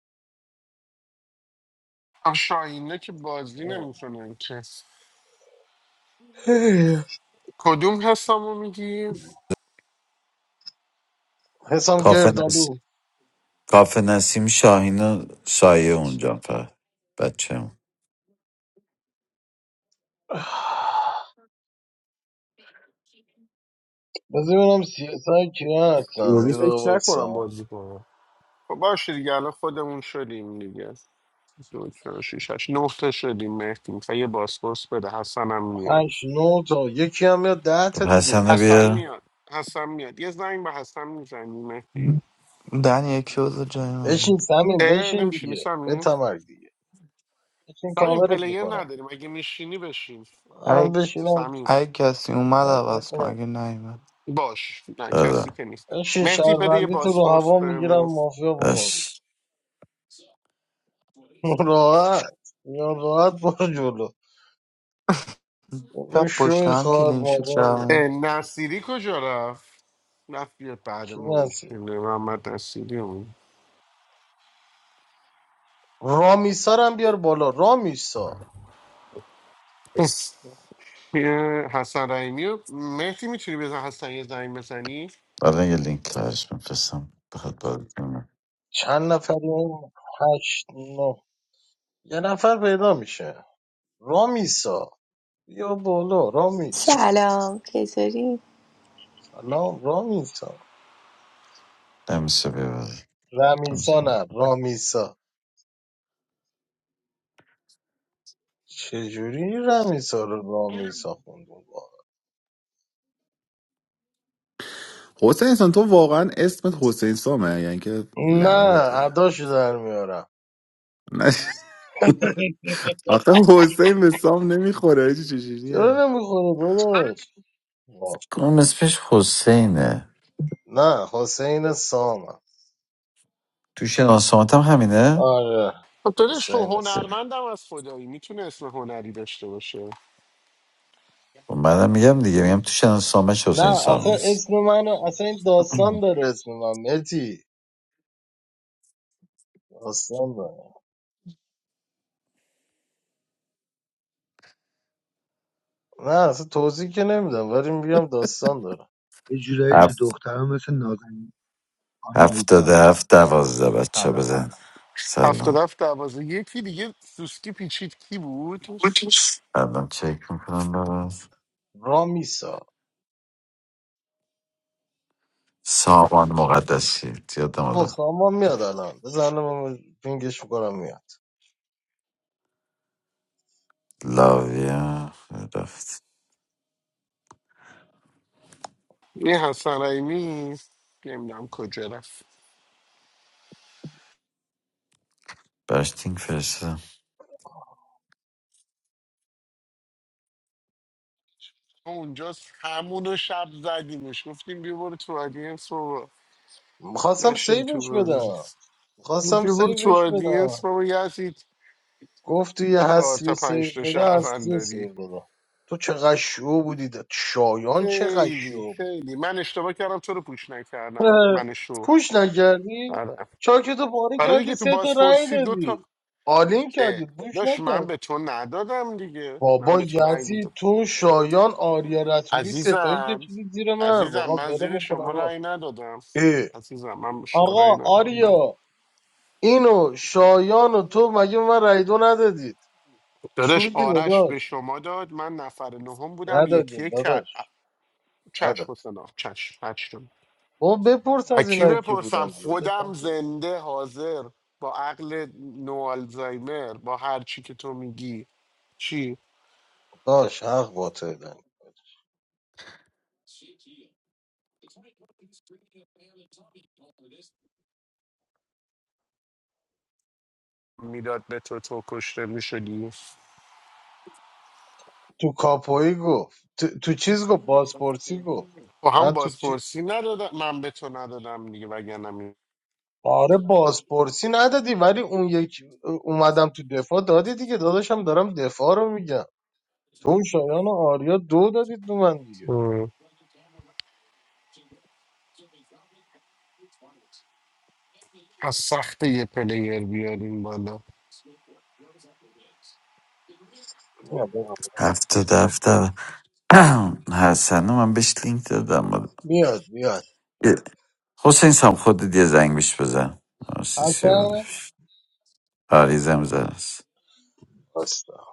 [SPEAKER 1] آخه شاهینه که بازی نمیکنن که کدوم حسامو میگی؟
[SPEAKER 4] حسام
[SPEAKER 3] کاف
[SPEAKER 4] گردالو
[SPEAKER 3] نسیم کاف نسیم شاهین و سایه اونجا فقط بچه هم
[SPEAKER 4] بذار ببینم سی اس آی کیا هستن
[SPEAKER 8] یعنی
[SPEAKER 4] یه دقیقه
[SPEAKER 8] فکر نکنم
[SPEAKER 4] وایسا
[SPEAKER 8] بازی کنم
[SPEAKER 1] خب باشه دیگه الان خودمون شدیم دیگه دو چهار شیش هشت نه تا شدیم مهدی میخوای یه باسپورس بده حسنم میاد
[SPEAKER 4] 8 9 تا یکی هم یا 10 تا
[SPEAKER 3] خب
[SPEAKER 4] دیگه
[SPEAKER 3] حسن رو
[SPEAKER 1] حسن
[SPEAKER 3] بیار
[SPEAKER 1] میاد حسن میاد یه زنگ به حسن میزنی مهدی
[SPEAKER 11] دنی یکی بذار جای من
[SPEAKER 4] بشین سمین
[SPEAKER 1] اه
[SPEAKER 4] بشین
[SPEAKER 1] نمیشینی
[SPEAKER 4] دیگه به
[SPEAKER 1] سمیم
[SPEAKER 4] تمرگ دیگه بشین
[SPEAKER 1] سمیم
[SPEAKER 4] کاورت
[SPEAKER 1] پلیر
[SPEAKER 4] میکنه
[SPEAKER 1] نداریم اگه میشینی بشین
[SPEAKER 4] من
[SPEAKER 11] ای
[SPEAKER 4] بشینم
[SPEAKER 1] سمیم
[SPEAKER 11] ای کسی اومد
[SPEAKER 4] تارگت
[SPEAKER 11] عوض کن
[SPEAKER 4] کنم
[SPEAKER 11] اگه نیومد
[SPEAKER 1] باش نه
[SPEAKER 3] آره
[SPEAKER 1] کسی که نیست
[SPEAKER 4] بشین
[SPEAKER 1] مهدی بده یه
[SPEAKER 4] شهروندی تو رو
[SPEAKER 1] بازپورس
[SPEAKER 4] هوا
[SPEAKER 1] بهمون
[SPEAKER 4] میگیرم مافیا بکن بیرون.
[SPEAKER 3] باش
[SPEAKER 4] راحت یا راحت برو جلو این
[SPEAKER 11] شب پشت
[SPEAKER 4] شوی
[SPEAKER 11] هم
[SPEAKER 4] خوار
[SPEAKER 11] کلین شد
[SPEAKER 4] مادری
[SPEAKER 1] اه،
[SPEAKER 11] شبن
[SPEAKER 1] نصیری کجا رفت رفت بیاد بعد
[SPEAKER 4] کی
[SPEAKER 1] ما
[SPEAKER 4] نسی
[SPEAKER 1] بشینه محمد نصیری اون
[SPEAKER 4] هم بیار بالا رامیسا
[SPEAKER 1] اس. یه حسن رحیمی و مهدی میتونی بزن حسن یه زنگ بزنی
[SPEAKER 3] برای یه لینک لازم میفرستم بخواد بازی کنه
[SPEAKER 4] چند نفریم هشت نه یه نفر پیدا میشه رامیسا بیا بالا رامیسا
[SPEAKER 12] سلام چطوری؟
[SPEAKER 4] سلام رامیسا
[SPEAKER 3] نمیشه بیار
[SPEAKER 4] رمیسا
[SPEAKER 3] نمیشه
[SPEAKER 4] نه رامیسا چجوری این رمیسا رو رامیسا خوندون واقعا؟
[SPEAKER 10] حسین سام تو واقعا اسمت حسین سامه یعنی که
[SPEAKER 4] نه
[SPEAKER 10] لقبته
[SPEAKER 4] اداشو در میارم
[SPEAKER 10] نه آخه حسین به سام نمیخوره آجی چجوریه
[SPEAKER 4] چرا نمیخونه داداش وا-
[SPEAKER 3] کنم اسمش حسینه
[SPEAKER 4] نه حسین سامم
[SPEAKER 3] تو شناسامت هم همینه
[SPEAKER 4] آره
[SPEAKER 1] خب دادش خب
[SPEAKER 4] حسین سام
[SPEAKER 1] هنرمندم از خدایی میتونه اسم هنری داشته باشه
[SPEAKER 3] خب منم میگم دیگه میگم تو شناسامش حسین
[SPEAKER 4] نه
[SPEAKER 3] سام
[SPEAKER 4] آخه
[SPEAKER 3] نیست
[SPEAKER 4] اسم منو اصلا این داستان داره اسم من متی داستان داره نه اصلا توضیح که نمیدم ولی میگم داستان داره
[SPEAKER 13] یه جورایی تو
[SPEAKER 3] هفت
[SPEAKER 13] دخترها مثل نازنین
[SPEAKER 3] هفتاده
[SPEAKER 13] آناهیتاست
[SPEAKER 3] هفت دوازده بچه
[SPEAKER 13] سلام
[SPEAKER 3] بزن
[SPEAKER 1] هفتاد
[SPEAKER 3] سلام
[SPEAKER 1] هفت دوازه یکی دیگه سوسکی پیچید کی بود
[SPEAKER 3] الان چک میکنم برات
[SPEAKER 4] رامیسا
[SPEAKER 3] سامان مقدسی یادم
[SPEAKER 4] او
[SPEAKER 3] حالا
[SPEAKER 4] سامان میاد الان بزنم پینگش میکنم میاد
[SPEAKER 3] لاویا رفت
[SPEAKER 1] این حسن رحیمی نمیدونم کجا رفت
[SPEAKER 3] براش لینک فرستادم
[SPEAKER 1] ما اونجا همون رو شب زدیمش گفتیم بیا برو تو آدینس بابا
[SPEAKER 4] میخواستم
[SPEAKER 1] نشین تو
[SPEAKER 4] سیوش
[SPEAKER 1] بازی
[SPEAKER 4] بدم
[SPEAKER 1] بیا
[SPEAKER 4] میخواستم
[SPEAKER 1] برو تو
[SPEAKER 4] سیوش
[SPEAKER 1] آدینس
[SPEAKER 4] بدم
[SPEAKER 1] بابا یزید
[SPEAKER 4] گفت تو یه
[SPEAKER 1] چهار
[SPEAKER 4] هستی و
[SPEAKER 1] تا
[SPEAKER 4] سیو
[SPEAKER 1] پنج تا
[SPEAKER 4] بده
[SPEAKER 1] شهروند
[SPEAKER 4] هستی و
[SPEAKER 1] داری
[SPEAKER 4] سیو دادم تو چقدر شو بودی ده. شایان چقدر
[SPEAKER 1] خیلی
[SPEAKER 4] شو بود
[SPEAKER 1] خیلی من اشتباه کردم تو رو پوش نکردم من شو
[SPEAKER 4] پوش نکردی
[SPEAKER 1] آره
[SPEAKER 4] چاکتو پاره
[SPEAKER 1] آره
[SPEAKER 4] کردی
[SPEAKER 1] دیگه تو
[SPEAKER 4] سه تا رأی
[SPEAKER 1] بازپرسی دو تا
[SPEAKER 4] دادی آلین
[SPEAKER 1] اه،
[SPEAKER 4] کردی پوش
[SPEAKER 1] داداش من
[SPEAKER 4] نکرد
[SPEAKER 1] به تو ندادم دیگه من
[SPEAKER 4] بابا
[SPEAKER 1] به تو رأی
[SPEAKER 4] یزی
[SPEAKER 1] میدم
[SPEAKER 4] تو شایان آریا رتوری ستایی
[SPEAKER 1] عزیزم
[SPEAKER 4] کشیدی زیر من
[SPEAKER 1] عزیزم
[SPEAKER 4] واقعا
[SPEAKER 1] من
[SPEAKER 4] بله
[SPEAKER 1] زیر
[SPEAKER 4] میکنم
[SPEAKER 1] شما
[SPEAKER 4] آقا
[SPEAKER 1] رأی ندادم
[SPEAKER 4] اه.
[SPEAKER 1] عزیزم من به شما رأی
[SPEAKER 4] آقا،
[SPEAKER 1] ندادم نه.
[SPEAKER 4] آریا اینو شایان و تو مگه به من رای دو ندادید چی
[SPEAKER 1] داداش
[SPEAKER 4] میگی
[SPEAKER 1] آرش به
[SPEAKER 4] داداش
[SPEAKER 1] شما داد من نفر نهم بودم
[SPEAKER 4] ندادی
[SPEAKER 1] یکی که
[SPEAKER 4] داداش
[SPEAKER 1] چش
[SPEAKER 4] نداد
[SPEAKER 1] حسنا چشم چش
[SPEAKER 4] بابا بپرس
[SPEAKER 1] از
[SPEAKER 4] از
[SPEAKER 1] کی
[SPEAKER 4] اینایی که
[SPEAKER 1] بپرسم
[SPEAKER 4] بودن دیگه داداش،
[SPEAKER 1] خودم
[SPEAKER 4] من تو-
[SPEAKER 1] زنده حاضر با عقل نو آلزایمر با هر چی که تو میگی چی
[SPEAKER 4] داش حق باطل تو دادن.
[SPEAKER 1] میداد به تو تو کشته میشدی
[SPEAKER 4] تو کاپویی گفت تو, تو چیز گفت بازپرسی گفت
[SPEAKER 1] با هم
[SPEAKER 4] نه تو
[SPEAKER 1] بازپرسی
[SPEAKER 4] چیز
[SPEAKER 1] ندادم من به تو ندادم دیگه وگرنه
[SPEAKER 4] آره بازپرسی ندادی ولی اون یک اومدم تو دفاع دادی دیگه داداشم دارم دفاع رو میگم تو اون شایان و آریا دو دادید تو من دیگه
[SPEAKER 1] می- از سخت یه پلیر بیاریم بالا
[SPEAKER 4] میاد
[SPEAKER 3] هفتاده هفت دو- حسن من بهش لینک دادم
[SPEAKER 4] میاد میاد
[SPEAKER 3] حسین سام خودت یه زنگ بهش بزن آسیسی بود.
[SPEAKER 4] حسن
[SPEAKER 3] آریزم است
[SPEAKER 4] باستا.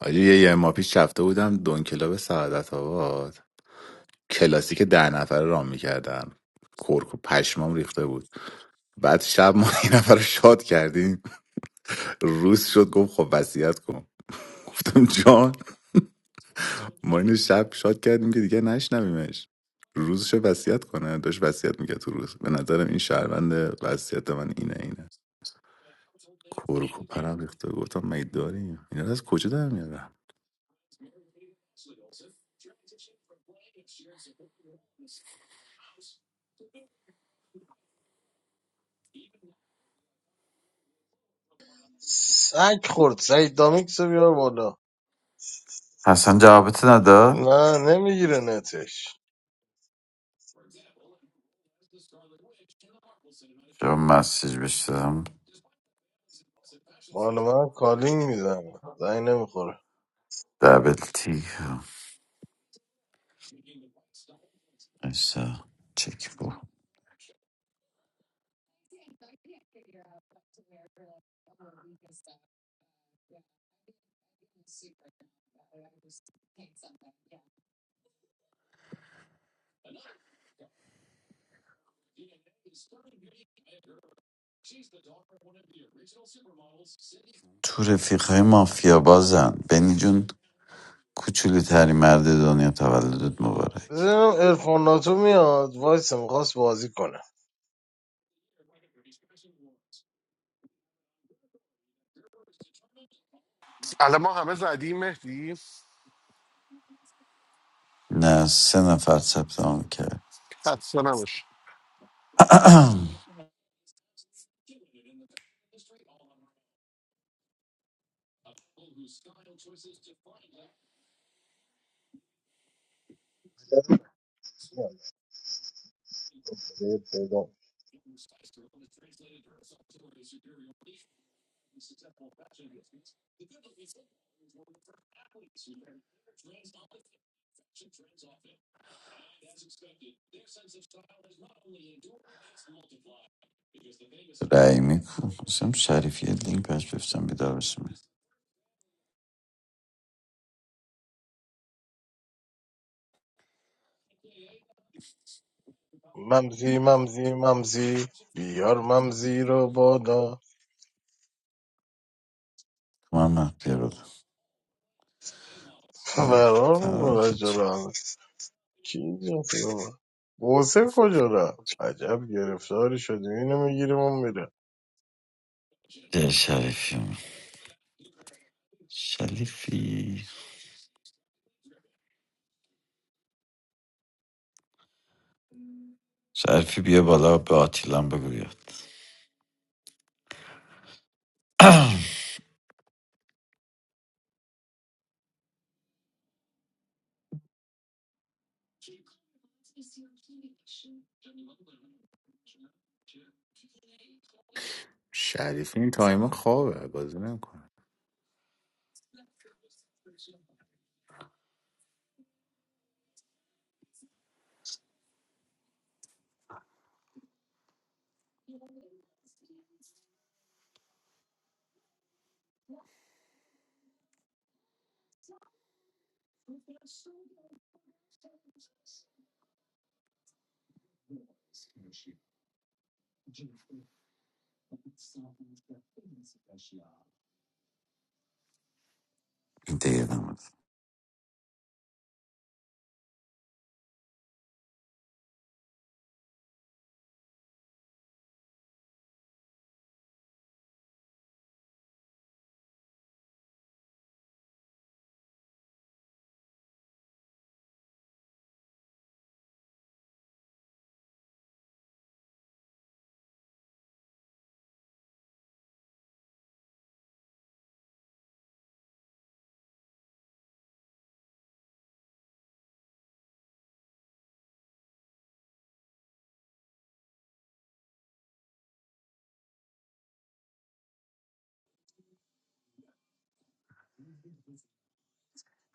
[SPEAKER 10] آجی یه یه ماه پیش رفته بودم دون کلاب سعادت آباد کلاسیک ده نفره رام میکردم کرک و پشمام ریخته بود بعد شب ما یه نفر رو شاد کردیم روز شد گفت خب وصیت کن گفتم جان ما اینو شب شاد کردیم که دیگه نشنویمش روزشو وصیت کنه داشت وصیت میگه تو روز به نظرم این شهروند وصیت من اینه اینه کورکو پرم ریخته گفتم مگه داریم اینا رو از کجا در میارم
[SPEAKER 4] سگ خورد سعید دامیکس رو بیار بالا
[SPEAKER 3] حسن جوابت نداد
[SPEAKER 4] نه نمیگیره نتش
[SPEAKER 3] یا مسیج بشتم
[SPEAKER 4] مال من کالینگ میزنه زنگ نمیخوره
[SPEAKER 3] دبل تی ایسا چک بو تو رفیق های مافیا بازن بینی جون کوچولی تری مرد دنیا تولدت مبارک
[SPEAKER 4] بزنم ارفان ناتو میاد وایس میخواست بازی کنه
[SPEAKER 1] الان ما همه زدیم مهدی
[SPEAKER 3] نه سه نفر ثبت نام کرد
[SPEAKER 1] خسته نباش
[SPEAKER 3] رأی میکن مثلا شریف یه لینک بهش بفتم بیدار بشم
[SPEAKER 4] ممزی ممزی ممزی بیار ممزی رو بادا
[SPEAKER 3] محمد بیا بودم
[SPEAKER 4] فرار
[SPEAKER 3] فرار
[SPEAKER 4] میکنه
[SPEAKER 3] کرد چه؟
[SPEAKER 4] جلو کی اینجاست بابا؟ بوسه کجا رفت عجب گرفتاری شدیم اینو میگیریم اون میره
[SPEAKER 3] ده شریفی من. شریفی شریفی بیا بالا به آتیلان بگو بیاد
[SPEAKER 10] شریفی این تایما خوابه بازی نمیکنه
[SPEAKER 3] دیگه نمود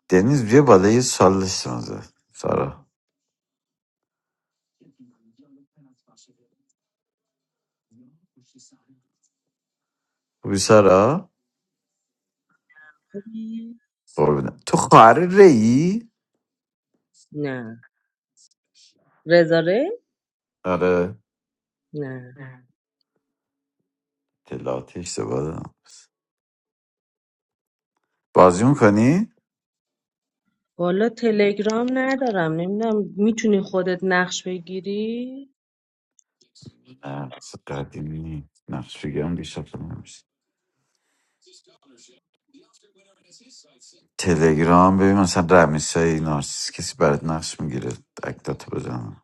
[SPEAKER 3] دنیز بیا بالا یه سال داشتم ازت. سارا خوبی سارا
[SPEAKER 14] خوبی؟
[SPEAKER 3] قربونه تو خواهر ری
[SPEAKER 14] نه رزاره؟
[SPEAKER 3] آره
[SPEAKER 14] نه
[SPEAKER 3] اطلاعاتی اشتباه دادم بازی میکنی
[SPEAKER 14] والا تلگرام ندارم نمیدونم میتونی خودت نقش بگیری؟
[SPEAKER 3] نه مثلا قدیمی نیست. نقش بگیرم دیشب تو نمیشه تلگرام ببین مثلا رمیسای نارسیس کسی برات نقش میگیره اکتاتو بزنم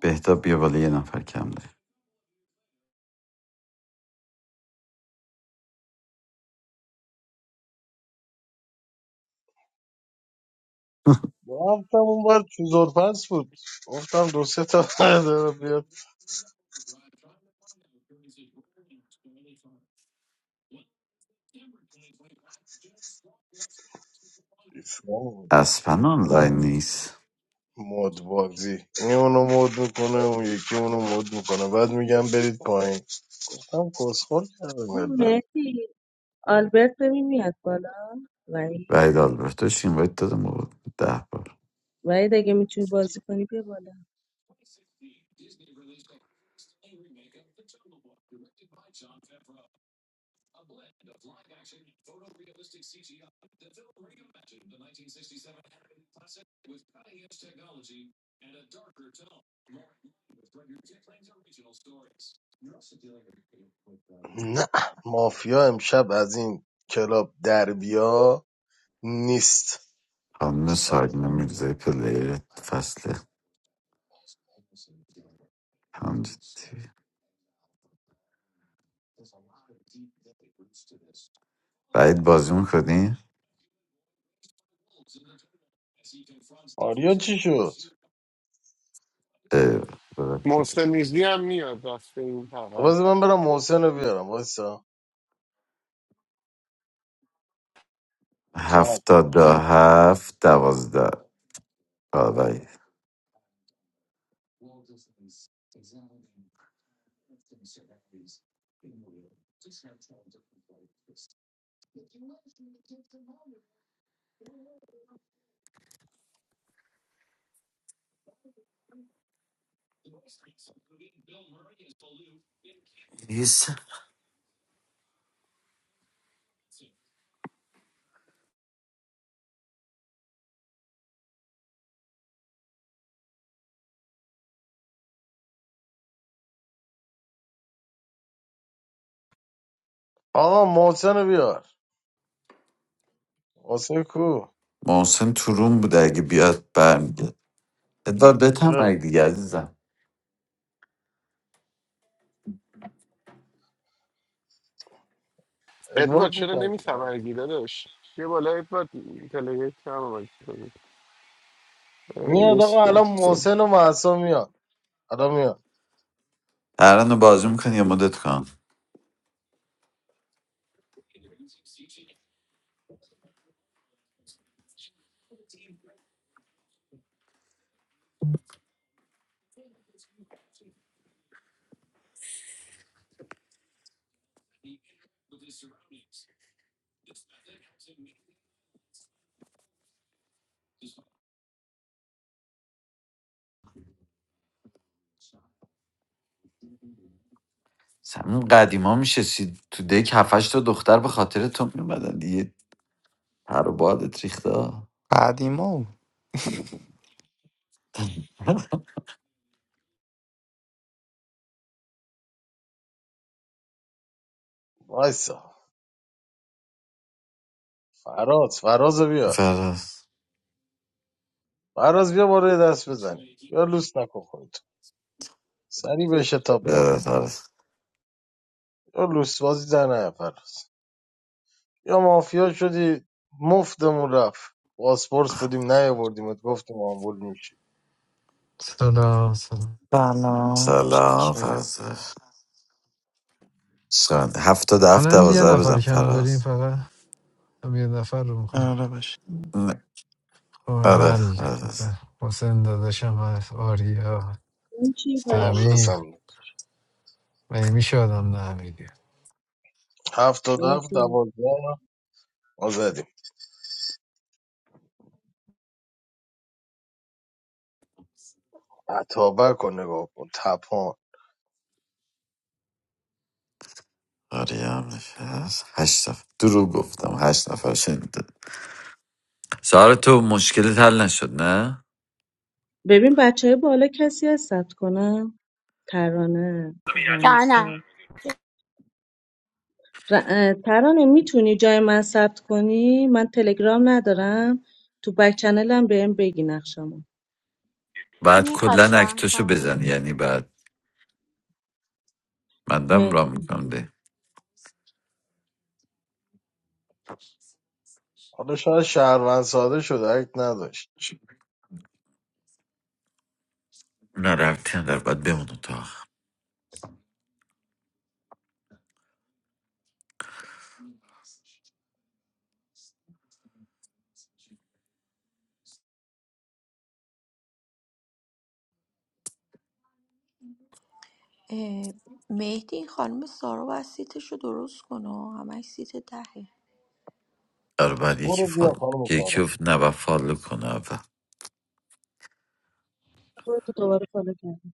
[SPEAKER 3] بهتاب بیا بالا یه نفر کم داری
[SPEAKER 4] رفتم اون بر چوزور پس بود گفتم دو سه تا داره بیاد
[SPEAKER 3] اسپن آنلاین نیست
[SPEAKER 4] مود بازی این اونو مود میکنه اون یکی اونو مود میکنه بعد میگم برید پایین هم کسخور کرده
[SPEAKER 14] ببین
[SPEAKER 4] ملت
[SPEAKER 14] مهدی آلبرت ببین میاد بالا وحید
[SPEAKER 3] وحید آلبرتوش این باید دادم بود ده بار
[SPEAKER 14] وحید اگه میتونی بازی کنی بیا بالا
[SPEAKER 4] نه مافیا امشب از این کلاب در بیا نیست
[SPEAKER 3] خانم
[SPEAKER 4] ساله
[SPEAKER 3] سارینا
[SPEAKER 4] گرم.
[SPEAKER 3] میرزای پلیر فصل پنج تیوی. سعید بازی میکنی؟
[SPEAKER 4] آریا چی شد؟
[SPEAKER 1] محسن نیزی هم میاد رفته این
[SPEAKER 4] خب
[SPEAKER 1] طرف
[SPEAKER 4] بذار من برم محسن رو بیارم وایسا سب.
[SPEAKER 3] هفتاد دا هفت دوازده آقای هیس.
[SPEAKER 4] آقا محسن رو بیار محسن کو
[SPEAKER 3] محسن تو روم بوده اگه بیاد برمیگرد ادوار بتم اگه
[SPEAKER 4] اه،
[SPEAKER 3] دیگه عزیزم
[SPEAKER 4] ادوارد
[SPEAKER 1] ادوارد چرا
[SPEAKER 4] میترسه
[SPEAKER 1] نمیتمرگی داداش یه بالا ادوارد پلیر کم آمد
[SPEAKER 4] میاد آقا الان
[SPEAKER 1] نیستش.
[SPEAKER 4] محسن و محسا میان الان میان
[SPEAKER 3] ترانه بازی میکنی یا مدت کن همین قدیما میشه سید تو دک هفتش تا دختر به خاطر تو میومدن دیگه پر و بادت ریخته ها.
[SPEAKER 11] قدیما بود.
[SPEAKER 4] وایسا فراز فراز رو بیار
[SPEAKER 3] فرز
[SPEAKER 4] فراز بیا بالا یه دست بزنیم یا لوس نکن خودتو سری به شتاب بالا
[SPEAKER 3] فرز
[SPEAKER 4] یا لوس بازی در نه فراز یا مافیا شدی مفتمون رفت پاسپورت بودیم نیاوردیم گفتیم آمبول میشی
[SPEAKER 15] سلام سلام
[SPEAKER 11] سلام
[SPEAKER 3] سلام
[SPEAKER 11] چکرم
[SPEAKER 3] فرز سان هفتاد هفت
[SPEAKER 15] الان یه
[SPEAKER 3] دوازده رو بزن
[SPEAKER 15] نفر کم داریم
[SPEAKER 3] فراز
[SPEAKER 15] فقط هم یه نفر رو میکنیم
[SPEAKER 11] آره باشه
[SPEAKER 3] نه.
[SPEAKER 15] خب
[SPEAKER 3] آره
[SPEAKER 15] حل
[SPEAKER 3] آره
[SPEAKER 15] بزن. حسین داداشم هست آریا
[SPEAKER 14] این چی پس؟
[SPEAKER 4] آخسم
[SPEAKER 15] سمیم مگه میشه آدم نمیدی
[SPEAKER 4] هفتاد و هفت
[SPEAKER 14] مهدی
[SPEAKER 4] دوازده ما زدیم عطابه کن نگاه کن تپان
[SPEAKER 3] آریام نفس هشت نفر دروغ گفتم هشت نفر شنیده سارا تو مشکلت حل نشد نه
[SPEAKER 14] ببین بچه بالا کسی هست ثبت کنم ترانه
[SPEAKER 16] جانم
[SPEAKER 14] رمیسا ر... اه، ترانه میتونی جای من ثبت کنی من تلگرام ندارم تو بک چنلم بهم بگی نقشمو
[SPEAKER 16] کی
[SPEAKER 3] بعد
[SPEAKER 16] میخواد
[SPEAKER 3] کلا
[SPEAKER 16] ران
[SPEAKER 3] اکتاشو
[SPEAKER 16] کنه
[SPEAKER 3] بزن یعنی بعد من دم را
[SPEAKER 14] مهدی
[SPEAKER 3] میکنم ده
[SPEAKER 4] حالا شاید شهروند ساده شده اگه نداشت
[SPEAKER 3] نه رفتی در باید بمونه تا آخر.
[SPEAKER 12] اه، مهدی این خانم سارا باید سیتش رو درست کنه ها. همش سیت دهه
[SPEAKER 3] آره بعد یکی
[SPEAKER 4] برو بیا
[SPEAKER 3] فالو
[SPEAKER 4] خانم
[SPEAKER 3] یکی
[SPEAKER 4] سارا
[SPEAKER 3] افت نه باید فالو کنه اول
[SPEAKER 14] خودتو دوباره فالو کردم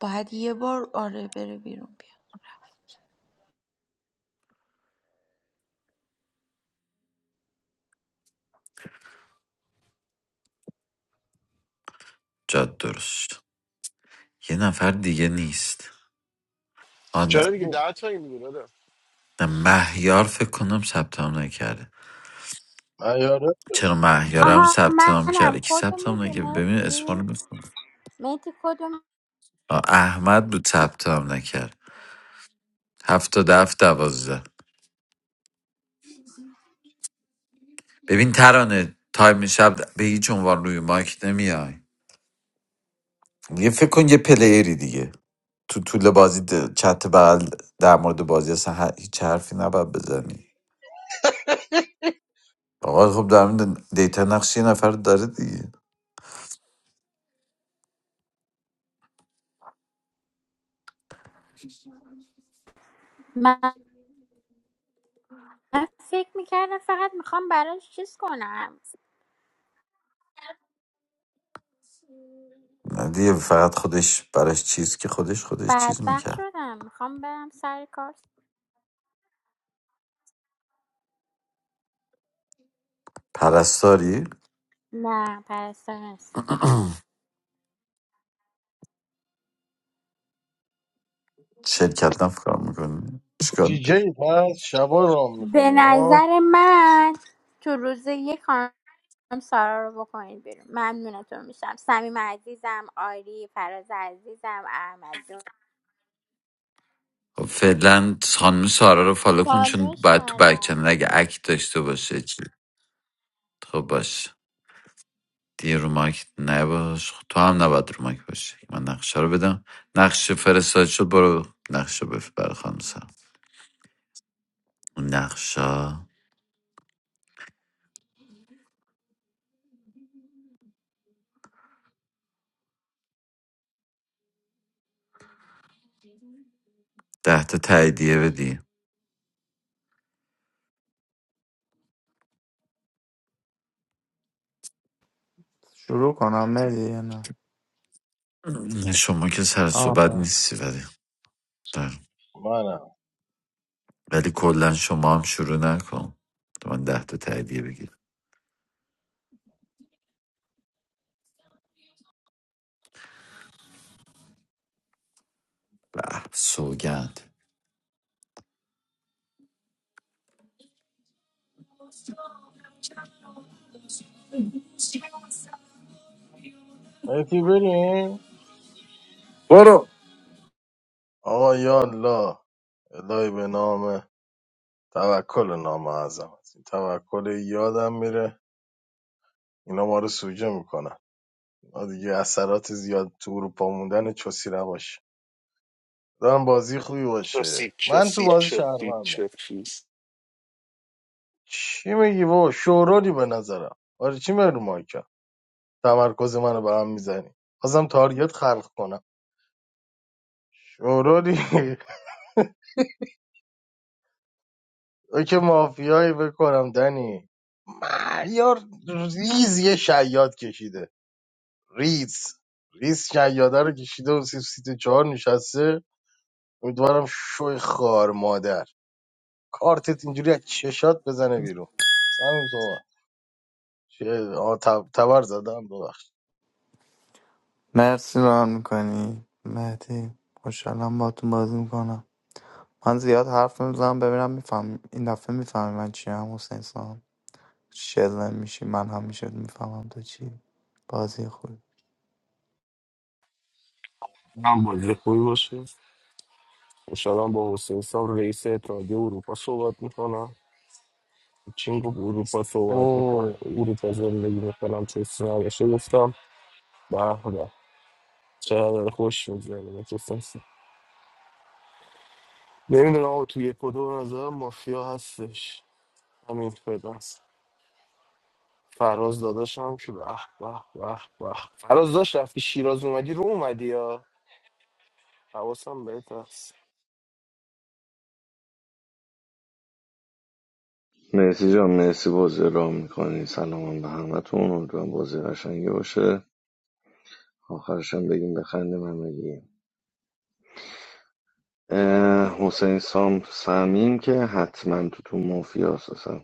[SPEAKER 12] باید یه بار آره بره بیرون بیا.
[SPEAKER 3] جاد درست شد. یه نفر دیگه نیست آن
[SPEAKER 1] چرا دیگه
[SPEAKER 4] چونی؟
[SPEAKER 1] ده تایی میگه دادا
[SPEAKER 3] نه مهیار فکر کنم ثبت نام نکرده
[SPEAKER 4] من ایاره
[SPEAKER 3] چرا مهیارم
[SPEAKER 16] آها
[SPEAKER 3] ثبت نام
[SPEAKER 16] منم
[SPEAKER 3] کرده کی
[SPEAKER 16] کدو
[SPEAKER 3] ثبت نام
[SPEAKER 16] میدی
[SPEAKER 3] نکرد ببین اسما
[SPEAKER 16] میتی
[SPEAKER 3] رو گفتم
[SPEAKER 16] میتی کدو می-
[SPEAKER 3] آه، احمد بود ثبت نام نکرد هفتاد هفت و دوازده ببین ترانه تایم شب به هیچ عنوان روی مایک نمیای یه فکر کن یه پلیری دیگه تو طول بازی د- چت بغل در مورد بازی اصلا ه- هیچ حرفی نباید بزنی آقا خب در مورد دیتا نقش یه نفر داره دیگه
[SPEAKER 16] من فکر میکردم فقط میخوام براش چیز کنم
[SPEAKER 3] نه دیگه فقط خودش براش چیز که خودش خودش چیز
[SPEAKER 16] بدبخت
[SPEAKER 3] میکرد
[SPEAKER 16] شدم میخوام برم سر کار
[SPEAKER 3] پرستاری
[SPEAKER 16] نه پرستار نیست
[SPEAKER 3] شرکت نفکار میکنی
[SPEAKER 4] دیجی پس شبا رام
[SPEAKER 16] به
[SPEAKER 4] میکنی آه
[SPEAKER 16] نظر من تو روز یک خانم سارا رو بکنید بیرون ممنونتون میشم صمیم عزیزم آری فراز عزیزم احمد جون
[SPEAKER 3] خب فعلا خانم سارا رو فالو کن چون
[SPEAKER 16] چالش
[SPEAKER 3] باید تو بک
[SPEAKER 16] کردم
[SPEAKER 3] چنل اگه اکت داشته باشه چی خب باش دیگه رو مایک نباش خب تو هم نباید رو مایک باشی من نقشه رو بدم نقشه فرستاد شد برو نقشه بفر خانم سارا اون نقشه ده تا تاییدیه بدی
[SPEAKER 11] شروع کنم مهدی یا نه
[SPEAKER 3] شما که سر
[SPEAKER 11] آه.
[SPEAKER 3] صحبت
[SPEAKER 11] باش.
[SPEAKER 3] نیستی ولی در-
[SPEAKER 4] منم
[SPEAKER 3] ولی کلا شما هم شروع نکن تو من ده تا تاییدیه بگیر به سوگند
[SPEAKER 4] مهدی بریم
[SPEAKER 3] برو
[SPEAKER 4] آقا یا الله الهی به نام توکل نام عظمت این توکل یادم میره اینا ما رو سوجه میکنن اینا دیگه اثرات زیاد تو اروپا موندن چسی نباشه دارم بازی خوبی باشه
[SPEAKER 1] چسید
[SPEAKER 4] من تو
[SPEAKER 1] چسید
[SPEAKER 4] بازی
[SPEAKER 1] چسید
[SPEAKER 4] شهروندم
[SPEAKER 1] چسید
[SPEAKER 4] چی میگی بابا شورولی به نظرم آره چی میگی رو مایکم تمرکز منو به هم میزنی بازم تارگت خلق کنم شورولی او که مافیایی بکنم دنی معیار ریز یه شیاد کشیده ریز ریز شیاده رو کشیده و سی سیت چهار نشسته امیدوارم شوی خار مادر کارتت اینجوری از چشات بزنه بیرون سمیم صحبت چه آه، تب- تبر زدم ببخش
[SPEAKER 11] مرسی ران میکنی مهدی خوشحالم با تو بازی میکنم من زیاد حرف نمیزنم ببینم میفهم این دفعه میفهمی من چی هم حسین سام شلم میشی من همیشه میفهمم تو چی بازی خوب
[SPEAKER 8] من بازی خوبی باشه انشاءالله با حسین سام رئیس اتحادیه اروپا صحبت میکنم چینگ و اروپا صحبت میکنه اروپا زندگی میکنم چیزی نباشه گفتم به به چقدر خوش میگذره گفتم نمیدونم آقا توی کدو به نظرم مافیا هستش همین فداست فراز داداشم که به به به به فراز داشت رفتی شیراز اومدی رو اومدی یا حواسم بهت هست
[SPEAKER 9] مرسی جان مرسی بازی را میکنی سلام به همتون امیدوارم بازی قشنگی باشه آخرش هم بگیم بخندیم همگی اه، حسین سام سمیم که حتما تو تو مافیا اصلا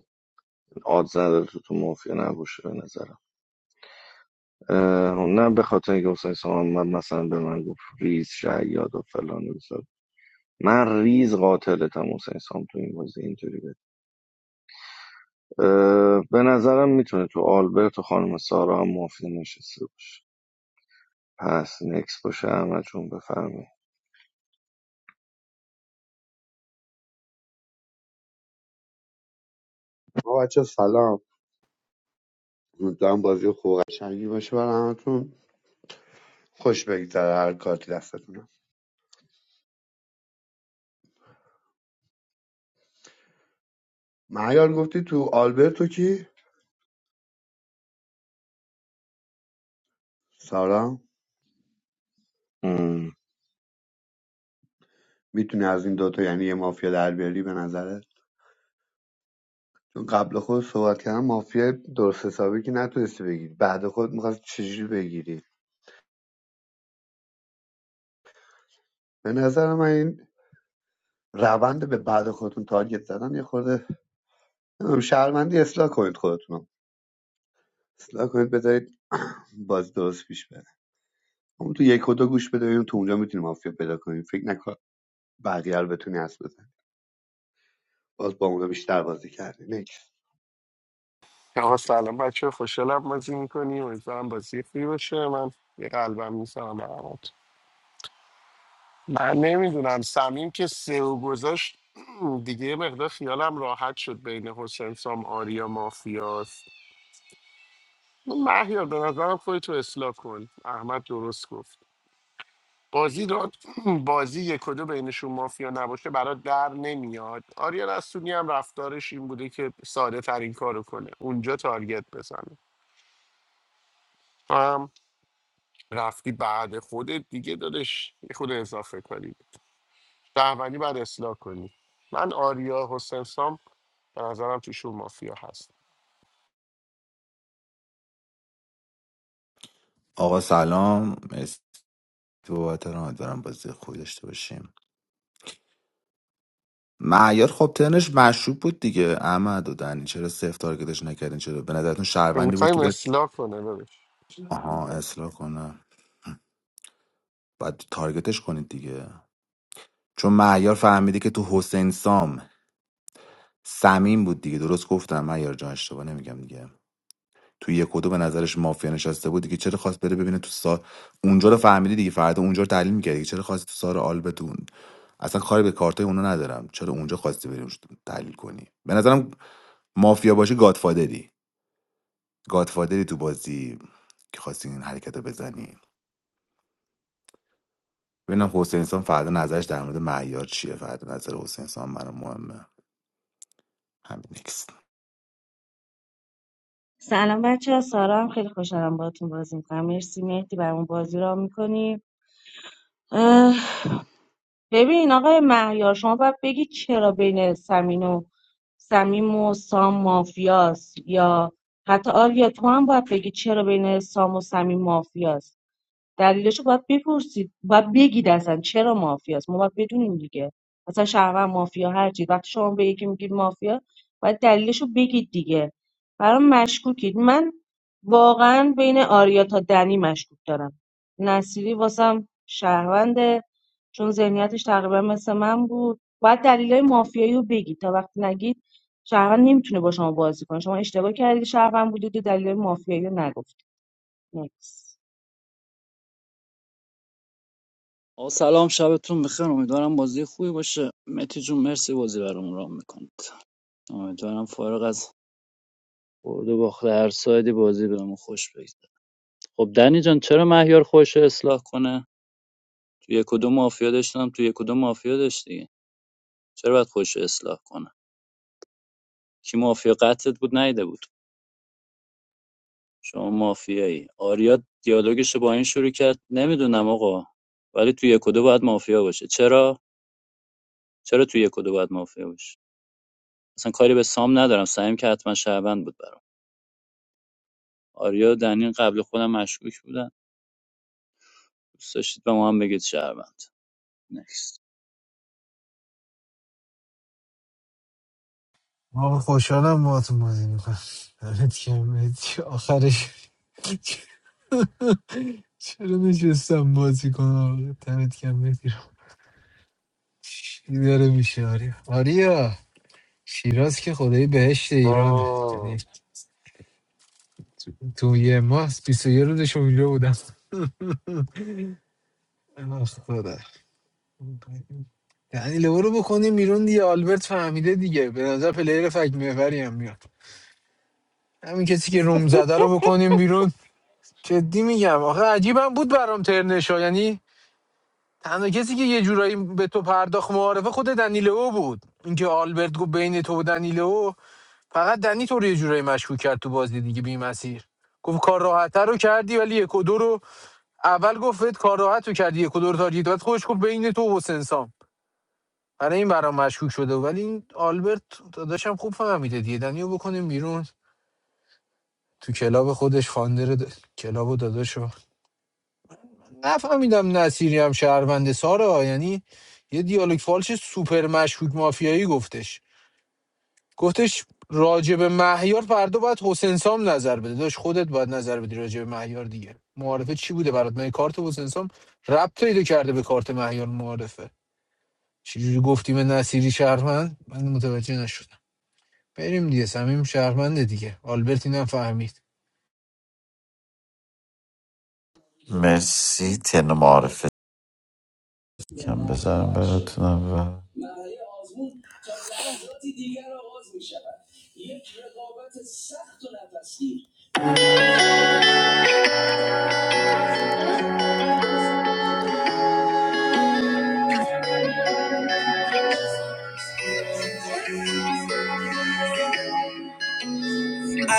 [SPEAKER 9] آدز نداره تو تو مافیا نباشه به نظرم اه، نه به خاطر اینکه حسین سام من مثلا به من گفت ریز شیاد و فلان و بیسار. من ریز قاتلتم حسین سام تو این بازی اینطوری اه، به نظرم میتونه تو آلبرت و خانم سارا هم مافیا نشسته باشه پس نکس باشه احمد جون بفرمی
[SPEAKER 13] ما بچه سلام امیدوارم بازی خوب و قشنگی باشه برای همتون خوش بگذره هر کارتی دستتونه مهیار گفتی تو آلبرتو کی سارا میتونی از این دوتا یعنی یه مافیا در بیاری به نظره چون قبل خود صحبت کردن مافیا درست حسابی که نتونستی بگیری بعد خود میخواد چجوری بگیری به نظر من این روند به بعد خودتون تارگت زدن یه خورده شرمندی شهروندی اصلاح کنید خودتون اصلاح کنید بذارید باز درست پیش بره همون تو یک و دو گوش بده ببینیم تو اونجا میتونیم مافیا پیدا کنیم فکر نکن بقیه رو بتونی حس بزن باز با اونا بیشتر بازی کردی نیکس
[SPEAKER 1] آقا سلام بچه خوشحالم بازی میکنیم امیدوارم بازی خوبی باشه من یه قلبم میسرم برامات. من نمیدونم سمیم که سئو گذاشت دیگه یه مقدار خیالم راحت شد بین حسین سام آریا مافیاست مهیار به نظرم خودتو اصلاح کن احمد درست گفت بازی را بازی یک و دو بینشون مافیا نباشه برات در نمیاد آریا رستونی هم رفتارش این بوده که ساده ترین کارو کنه اونجا تارگت بزنه تو هم رفتی بعد خودت دیگه دادش یه خود اضافه کنی شهروندی بعد اصلاح کنی من آریا حسین سام به نظرم توشون مافیا هست
[SPEAKER 10] آقا سلام مرسی بابت راه دارم بازی خوبی داشته باشیم معیار خب ترنش مشروب بود دیگه احمد و دنی چرا صفر تارگتش نکردین چرا به نظرتون شهروندی بود
[SPEAKER 1] میخوایم
[SPEAKER 10] که داشت
[SPEAKER 1] اصلاح کنه ببش
[SPEAKER 10] آها اصلاح کنه بعد تارگتش کنید دیگه چون مهیار فهمیده که تو حسین سام سمیم بود دیگه درست گفتم مهیار جان اشتباه نمیگم دیگه تو یک و دو به نظرش مافیا نشسته بود دیگه چرا خواست بره ببینه تو سار اونجا رو فهمیدی دیگه فردا اونجا رو تحلیل می‌کردی دیگه چرا خواستی تو سار آلبتون اصلا کاری به کارتای اونا ندارم چرا اونجا خواستی بریم تحلیل کنی به نظرم مافیا باشی گادفادری گادفادری تو بازی که خواستی این حرکت رو بزنی ببینم حسین سام فردا نظرش در مورد معیار چیه فردا نظر حسین سام برام مهمه همین نکست.
[SPEAKER 14] سلام بچه ها سارا هم خیلی خوشحالم باهاتون بازی میکنم مرسی مهدی برامون بازی را میکنی ببین آقای مهیار شما باید بگی چرا بین سمین و سمیم و سام مافیاست یا حتی آریا تو هم باید بگی چرا بین سام و سمیم مافیاست دلیلشو باید بپرسید باید بگید اصلا چرا مافیاست ما باید بدونیم دیگه مثلا شهروند مافیا هرچی وقتی شما به یکی میگید مافیا باید دلیلشو بگید دیگه برام مشکوکید من واقعا بین آریا تا دنی مشکوک دارم نصیری واسم شهرونده چون ذهنیتش تقریبا مثل من بود باید دلیلای مافیایی رو بگید تا وقتی نگید شهروند نمیتونه با شما بازی کنه شما اشتباه کردید شهروند بودید و دلیل مافیایی رو نگفتید Next.
[SPEAKER 17] آقا سلام شبتون بخیر امیدوارم بازی خوبی باشه متی جون مرسی بازی برامون رام میکنید امیدوارم فارغ از برد و باخت هر سایدی بازی بهمون خوش بگذره خب دنی جان چرا مهیار خوش اصلاح کنه تو یک و دو مافیا داشتم تو یک و دو مافیا داشتی چرا باید خوش اصلاح کنه کی مافیا قتلت بود نیده بود شما مافیایی آریا دیالوگش با این شروع کرد نمیدونم آقا ولی تو یک و دو باید مافیا باشه چرا چرا تو یک و دو باید مافیا باشه اصلا کاری به سام ندارم سعیم که حتما شهروند بود برام آریا و دنین قبل خودم مشکوک بودن دوست داشتید به ما هم بگید شهروند نکست
[SPEAKER 15] ما خوشحالم با تو بازی میکنم دمت گرم. مهدی. آخرش چرا نشستم بازی کنم دمت کم میگیرم چی داره میشه آریا آریا شیراز که خدای بهشت ایرانه یعنی
[SPEAKER 8] آه
[SPEAKER 15] تو یه ماه 21 روزش اونجا بودم اه، خدا یعنی لو رو بکنیم بیرون دیگه آلبرت فهمیده دیگه به نظر پلیر فک محوری هم میاد همین کسی که روم زده رو بکنیم بیرون جدی میگم آخه عجیبم بود برام ترنشا یعنی تنها کسی که یه جورایی به تو پرداخت معارفه خود دنیلو بود اینکه آلبرت گفت بین تو و دنیلو فقط دنی تو رو یه جورایی مشکوک کرد تو بازی دیگه بی مسیر گفت کار راحتتر رو کردی ولی یک و دو رو اول گفت بهت کار راحت رو کردی یک و دو رو تارگت بعد خودش گفت بین تو و حسین سام. برای این برام مشکوک شده ولی این آلبرت داداشم خوب فهمیده دیگه دنیو بکنیم بیرون تو کلاب خودش فاندر د... کلاب و داداشو نفهمیدم نصیری هم شهرونده سارا یعنی یه دیالوگ فالش سوپر مشکوک مافیایی گفتش گفتش راجب مهیار فردا باید حسین سام نظر بده داشت خودت باید نظر بدی راجب مهیار دیگه معارفه چی بوده برات من کارت حسین سام ربط پیدا کرده به کارت مهیار معارفه چجوری گفتی به نصیری شهروند من متوجه نشدم بریم دیگه صمیم شهرمنده دیگه آلبرت اینم فهمید
[SPEAKER 3] مرسی تن معارفه Can بزن براتونم و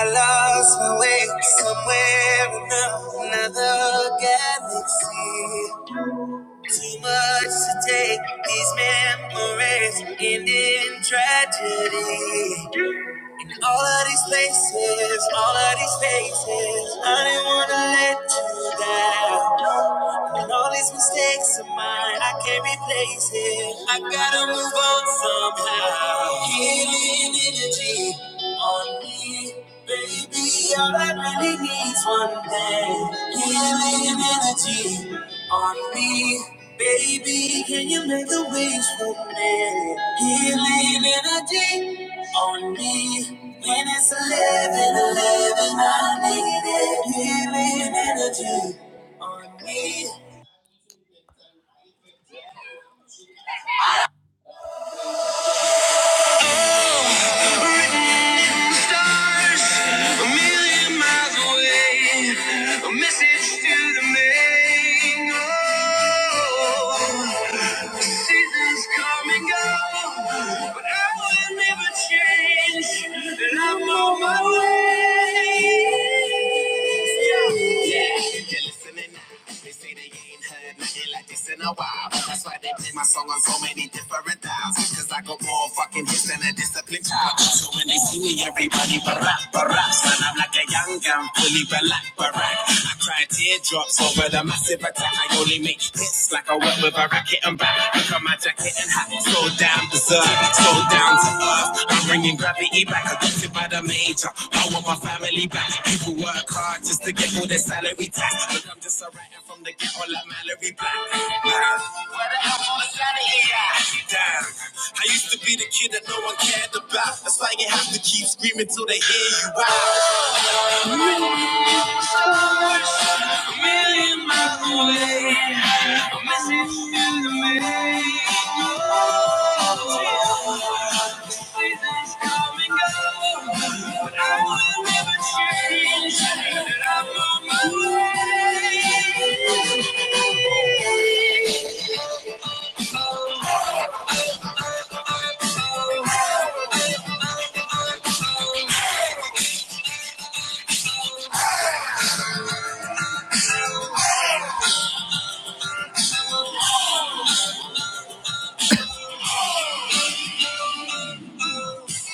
[SPEAKER 3] I lost my way somewhere in another galaxy. Too much to take these memories end in tragedy. In all of these places, all of these faces, I didn't wanna let you down. And all these mistakes of mine, I can't replace it. I gotta move on somehow. Healing energy on me. Baby, all I really need's one thing. Healing energy on me. Baby, can you make a wish for me? Healing energy on me. When it's 11, 11, I need it. Healing energy on me. A million miles away, a message to the main. Oh. Seasons come and go, but I will never change, and I'm on my way. Yeah, yeah. You're listening now. They say they ain't heard nothing like this in a while. That's why they play my song on so many different dials. Cause I got more fucking hits than a disciplined child. So when they see me, everybody barack, barack. Son, I'm like a young gun, fully black, barack. I cry teardrops over the. But i a sip attack. I only make hits like I work with a racket and back. Look at my jacket and hat. So damn deserved, so down to earth. I'm bringing gravity back. Adopted by the major. I want my family back. People work hard just to get all their salary tax. Look, I'm just a writer from the ghetto like Mallory Black. Man, where the hell all the sanity at? Damn, I used to be the kid that no one cared about. That's why you have to keep screaming till they hear you out.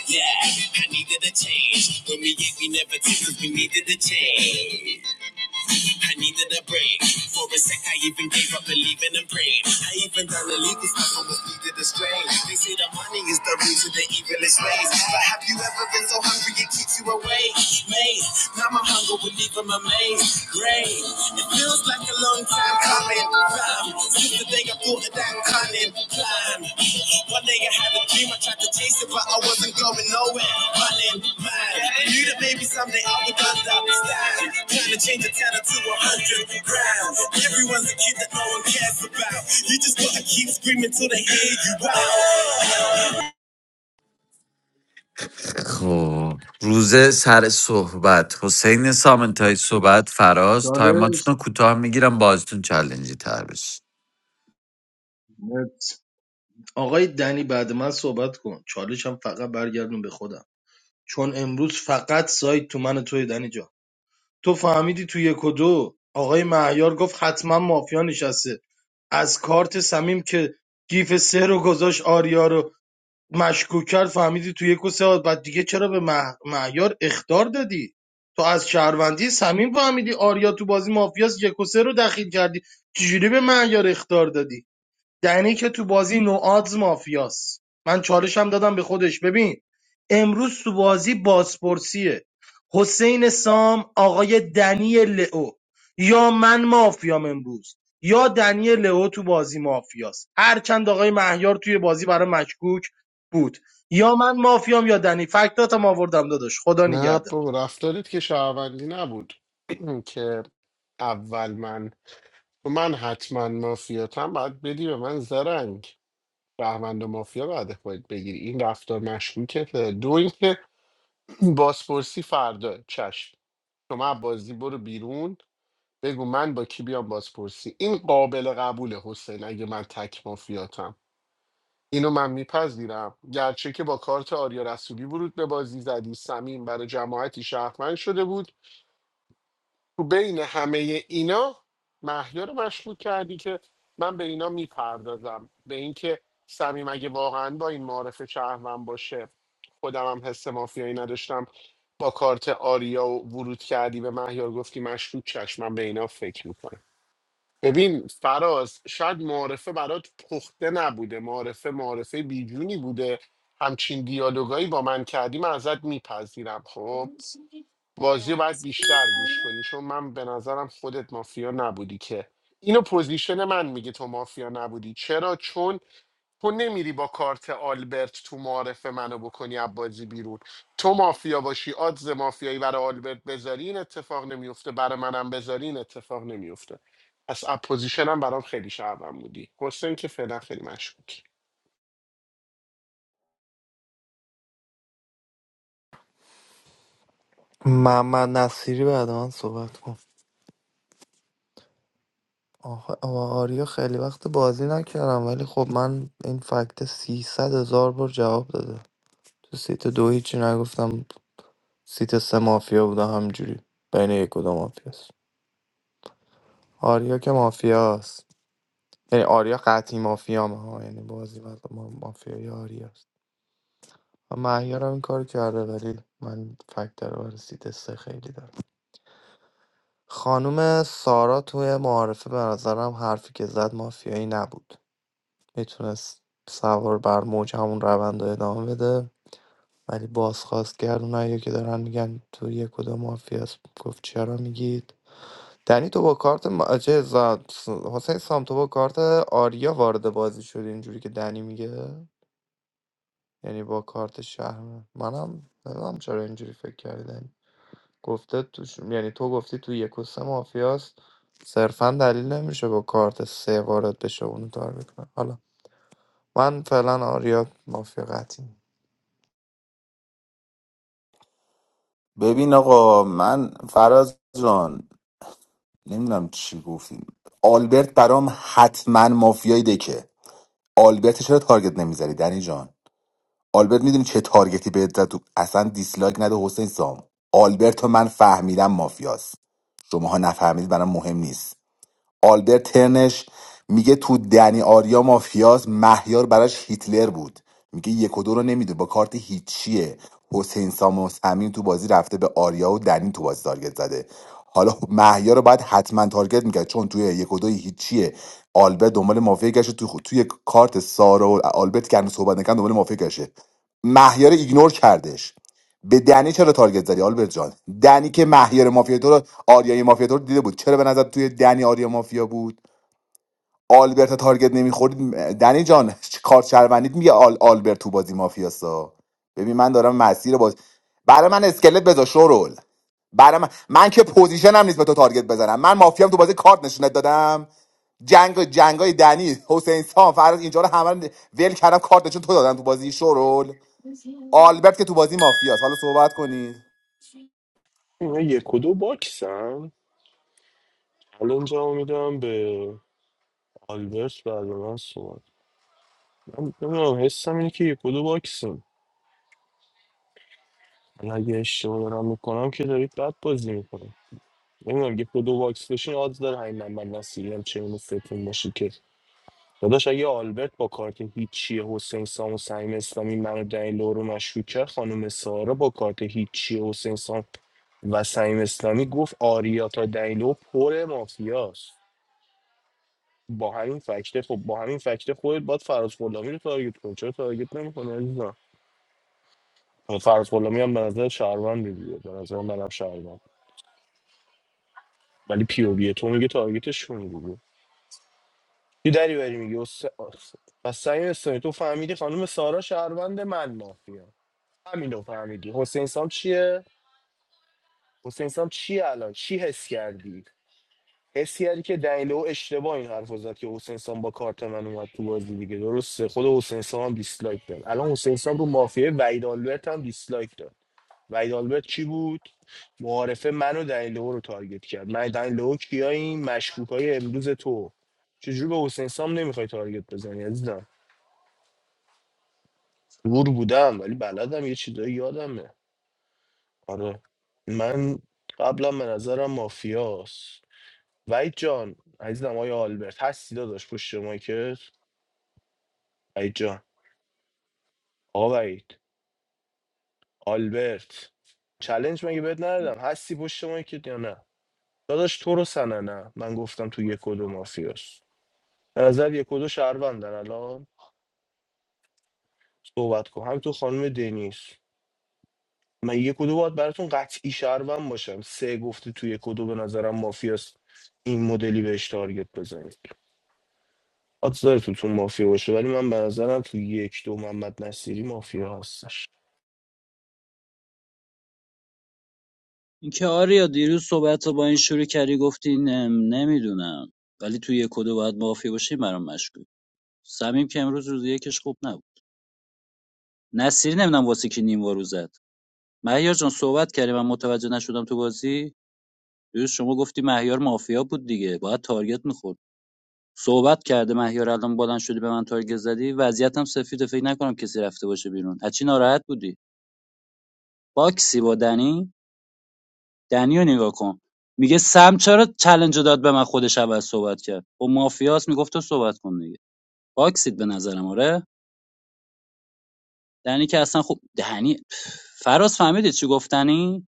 [SPEAKER 3] Yeah, I needed a change. When we yet we never did, 'cause we needed a change. I needed a break. For a sec, I even gave up believing and praying. I even done illegal stuff and was needed a strain. They say the money is the root of the evilest ways. But have you ever been so hungry it keeps you awake? Mate, now my hunger will leave them amazed. Great, it feels like a long time coming. Fam, Today I thought of that cunning plan. One day I had a dream, I tried to chase it, but I wasn't going nowhere. Running mad. Knew that maybe someday I would understand. Trying to change a tenner to a hundred grand. Everyone's a kid that no one cares about. You just gotta keep screaming till they hear you out. خب روز سر صحبت حسین سامنتای صحبت فراز تایماتون
[SPEAKER 4] چالش
[SPEAKER 3] رو کوتاه میگیرم بازتون چلنجی تر بشه
[SPEAKER 4] نت. آقای دنی بعد من صحبت کن چالش هم فقط برگردون به خودم چون امروز فقط سایت تو من و توی دنی جان تو فهمیدی تو یک و دو آقای مهیار گفت حتما مافیا نشسته از کارت سمیم که گیف سه رو گذاشت آریا رو مشکوک کرد فهمیدی تو یک و سه آد. بعد دیگه چرا به مه- مهیار اختار دادی تو از شهروندی سمیم فهمیدی آریا تو بازی مافیاس یک و سه رو دخیل کردی چجوری به مهیار اخطار دادی دنی که تو بازی نوآدز مافیاست من چالشم دادم به خودش ببین امروز تو بازی بازپرسیه حسین سام آقای دنی لئو یا من مافیام امروز یا دنی لئو تو بازی مافیاست هرچند آقای مهیار توی بازی برای مشکوک بود یا من مافیام یا دنی فکتاتم آوردم داداش خدا
[SPEAKER 1] نه
[SPEAKER 4] نگهدار
[SPEAKER 1] بابا رفتارت که شهروندی نبود که اول من خب من حتما مافیاتم بعد بدی به من زرنگ شهروند و مافیا بعد خودت بگیری این رفتار مشکوکته دو اینکه بازپرسی فردا چشم شما از بازی برو بیرون بگو من با کی بیام بازپرسی این قابل قبوله حسین اگه من تک مافیاتم اینو من میپذیرم گرچه که با کارت آریا رسولی ورود به بازی زدی سمین برای جماعتی شهرمند شده بود تو بین همه اینا محیا رو مشغول کردی که من به اینا میپردازم به اینکه سمیم اگه واقعا با این معارف شهرمند باشه خودم هم حس مافیایی نداشتم با کارت آریا و ورود کردی به مهیار گفتی مشکوک چشم من به اینا فکر میکنم ببین فراز شاید معارفه برات پخته نبوده معارفه معارفه بیجونی بوده همچین دیالوگایی با من کردی من ازت میپذیرم خب بازی رو باید بیشتر گوش کنی چون من به نظرم خودت مافیا نبودی که اینو پوزیشن من میگه تو مافیا نبودی چرا چون تو نمیری با کارت آلبرت تو معارف منو بکنی عبازی بیرون تو مافیا باشی آدز مافیایی برای آلبرت بذاری این اتفاق نمیفته برای منم بذاری این اتفاق نمیفته پس اپوزیشنم برام خیلی شعبم بودی حسین که فعلا خیلی مشکوک
[SPEAKER 11] محمد نصیری بعد من صحبت کن آخه آریا خیلی وقت بازی نکردم ولی خب من این فکت 300 هزار بار جواب داده تو سیت دو هیچی نگفتم سیت سه مافیا بوده همجوری بین یک و دو مافیاست آریا که مافیاست یعنی آریا قطعی مافیا ها یعنی بازی بعد ما مافیای آریاست و مهیار هم این کار کرده ولی من فکت رو برای سیت سه خیلی دارم خانم سارا توی معارفه به نظرم حرفی که زد مافیایی نبود میتونست سوار بر موج همون روند رو ادامه بده ولی بازخواست کرد اونایی که دارن میگن تو یک کدوم مافیاس گفت چرا میگید دنی تو با کارت م... چه ز- حسین سام تو با کارت آریا وارد بازی شدی اینجوری که دنی میگه یعنی با کارت شهر منم نمیدونم چرا اینجوری فکر کردن گفته توش... یعنی تو گفتی تو یک و سه مافیاست صرفا دلیل نمیشه با کارت سه وارد بشه و اونو تارگت کنه حالا من فعلا آریا مافیا قطعی
[SPEAKER 10] ببین آقا من فراز جان نمیدونم چی گفتیم آلبرت برام حتما مافیای دکه آلبرت چرا تارگت نمیذاری دنی جان آلبرت میدونی چه تارگتی بهت زد تو اصلا دیسلایک نده حسین سام آلبرت و من فهمیدم مافیاست شماها نفهمید برام مهم نیست آلبرت ترنش میگه تو دنی آریا مافیاس مهیار براش هیتلر بود میگه یک و دو رو نمیده با کارت هیچیه حسین سام و صمیم تو بازی رفته به آریا و دنی تو بازی تارگت زده حالا خب مهیار رو باید حتما تارگت میکرد چون توی یک و دوی هیچیه آلبرت دنبال مافیا گشته تو توی کارت سارا و آلبرت که هنوز صحبت نکردن دنبال مافیا گشته مهیار ایگنور کردش به دنی چرا تارگت زدی آلبرت جان دنی که مهیار مافیا تو رو آریای مافیا تو رو دیده بود چرا به نظر توی دنی آریا مافیا بود آلبرت تارگت نمیخورد دنی جان کارت شهروندیت میگه آل آلبرت تو بازی مافیاسا ببین من دارم مسیر باز برای من اسکلت بذار شورول برای من من که پوزیشنم نیست به تو تارگت بزنم من مافیام تو بازی کارت نشونت دادم جنگ جنگای دنی حسین سام فرض اینجا رو همه رو ول کردم کارت نشون تو دادم تو بازی شورول آلبرت که تو بازی مافیاست حالا صحبت کنید
[SPEAKER 8] اینا یک و دو باکسن الان جواب میدم به آلبرت بعد من صحبت من نمیدونم حسم اینه که یک و دو باکسن من اگه اشتباه دارم میکنم که دارید بد بازی میکنم نمیدونم یه کدو واکس بشین آدز داره همین من من نسیرم چه اینو ستون باشی که داداش اگه آلبرت با کارت هیچی حسین سام و سعیم اسلامی منو دنیلو رو مشکوک کرد خانم سارا با کارت هیچی حسین سام و سعیم اسلامی گفت آریا تا دنیلو پر مافیاست با همین فکته خب با همین فکته خودت باید فراز غلامی رو تارگت کنی چرا تارگت نمی‌کنی عزیزم خب، فراز غلامی هم به نظر شهروند دیگه به نظر منم شهروند ولی پی او وی تو میگه تارگتشون دیگه یه دری بری میگه اس... اس- پس سعی استانی تو فهمیدی خانم سارا شهروند من مافیا همینو فهمیدی حسین سام چیه حسین سام چی الان چی حس کردی حس کردی که دنیلو اشتباه این حرف رو زد که حسین سام با کارت من اومد تو بازی دیگه درسته خود حسین سام هم دیسلایک داد الان حسین سام رو مافیا وحید آلبرت هم دیسلایک داد وحید آلبرت چی بود معارفه منو دنیلو رو تارگت کرد من دنیلو کیاییم مشکوک های امروز تو چجوری به حسین سام نمیخوای تارگت بزنی عزیزم دور بودم ولی بلدم یه چیزایی یادمه آره من قبلا به نظرم مافیاس. وحید جان عزیزم آیا آلبرت هستی داداش پشت مایکت وحید جان آقا وحید آلبرت چلنج مگه بهت ندادم هستی پشت مایکت یا نه داداش تو رو سننه من گفتم تو یک و دو مافیاست به نظر یک و دو شهروندن الان صحبت کن همینطور خانم دنیس من یک و دو باید براتون قطعی شهروند باشم سه گفته تو یک و دو به نظرم مافیاست این مدلی بهش تارگت بزنید حتی تو تو مافیا باشه ولی من به نظرم تو یک دو محمد نصیری مافیا هستش
[SPEAKER 17] اینکه آریا دیروز صحبت رو با این شروع کردی گفتی نم نمیدونم ولی توی یک کد باید مافیا باشه این برام مشکوک صمیم که امروز روز یکش خوب نبود نصیری نمیدونم واسه کی نیم وارو زد مهیار جان صحبت کردی من متوجه نشدم تو بازی دیروز شما گفتی مهیار مافیا بود دیگه باید تارگت می‌خورد صحبت کرده مهیار الان بلند شدی به من تارگت زدی وضعیتم سفیده فکر نکنم کسی رفته باشه بیرون از چی ناراحت بودی باکسی با دنی دنی نگاه کن میگه سم چرا چلنج رو داد به من خودش اول صحبت کرد و مافیاس میگفت تو صحبت کن دیگه باکسید به نظرم آره دنی که اصلا خوب دنی فراز فهمیدی چی گفتنی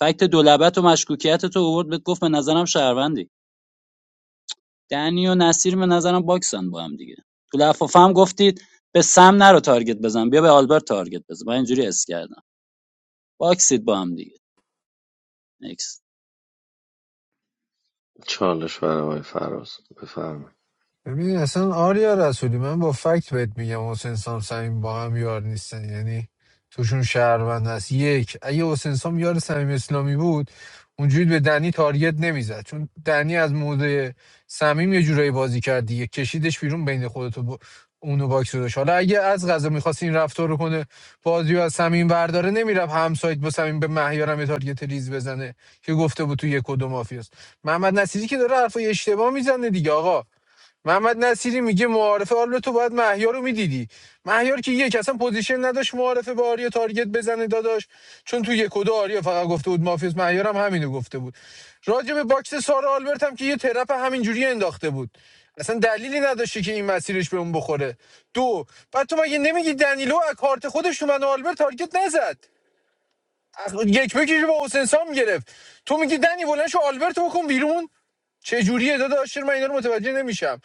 [SPEAKER 17] فکت دولبت و مشکوکیت تو آورد بهت گفت به نظرم شهروندی دنی و نصیر به نظرم باکسن با هم دیگه تو لفافه هم گفتید به سم نرو تارگت بزن بیا به آلبرت تارگت بزن من اینجوری اس کردم باکسید با هم دیگه نکس
[SPEAKER 9] چالش برای آقای فراز بفرمی
[SPEAKER 15] ببین اصلا آریا رسولی من با فکت بهت میگم حسین سام صمیم با هم یار نیستن یعنی توشون شهروند هست یک اگه حسین سام یار صمیم اسلامی بود اونجوری به دنی تارگت نمیزد چون دنی از موضع صمیم یه جورایی بازی کرد دیگه کشیدش بیرون بین خودت و با- اونو باکس رو داشت حالا اگه از غذا میخواست این رفتار رو کنه بازی رو از صمیم برداره نمیرم همسایت با صمیم به مهیارم یه تارگت ریز بزنه که گفته بود تو یک و دو مافیاست محمد نصیری که داره حرفای اشتباه میزنه دیگه آقا محمد نصیری میگه معارفه حالا تو باید مهیار رو میدیدی مهیار که یک اصلا پوزیشن نداشت معارفه به آریا تارگت بزنه داداش چون تو یک و دو آریا فقط گفته بود مافیوس مهیار هم همینو گفته بود راجع به باکس سارا آلبرت هم که یه ترپ همینجوری انداخته بود اصلا دلیلی نداشته که این مسیرش به اون بخوره دو بعد تو مگه نمیگی دنیلو از کارت خودش تو من آلبرت تارگت نزد از یک بکیش با حسین سام گرفت تو میگی دنی بلند شو آلبرت بکن بیرون چه جوریه داداش چرا من اینا رو متوجه نمیشم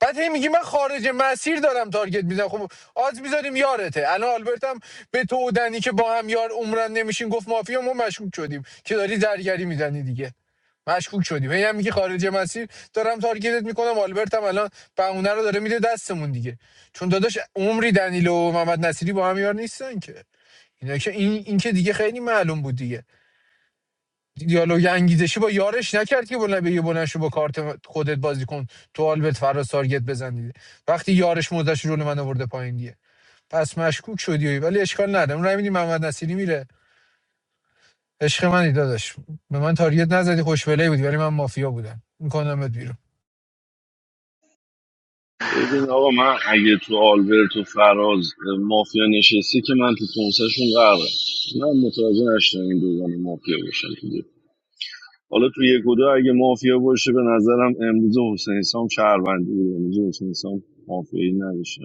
[SPEAKER 15] بعد هی میگی من خارج مسیر دارم تارگت میزنم خب آز میذاریم یارته الان آلبرت هم به تو و دنی که با هم یار عمرن نمیشین گفت مافیا ما مشکوک شدیم که داری زرگری میزنی دیگه مشکوک شدیم هی هم میگی خارج مسیر دارم تارگتت میکنم آلبرت هم الان بهونه رو داره میده دستمون دیگه چون داداش عمری دنیلو و محمد نصیری با هم یار نیستن که اینا که این این که دیگه خیلی معلوم بود دیگه دیالوگ انگیزشی با یارش نکرد که بلند بگه بلند شو با کارت خودت بازی کن تو آلبرت فراز تارگت بزن دیگه وقتی یارش موزش رو من آورده پایین دیگه پس مشکوک شدی ولی اشکال نداره رای میدی محمد نصیری میره عشق منی داداش به من تارگت نزدی خوشبلهی بودی ولی من مافیا بودم میکنمت بیرون
[SPEAKER 9] ببین آقا من اگه تو آلبرت و فراز اه، مافیا نشستی که من تو کنسشون قراره من متوجه نشدم این دوگان مافیا باشن تو دیگه. حالا تو یک و دو اگه مافیا باشه به نظرم امروز حسین سام شهروندی بود امروز حسین سام مافیایی نداشتم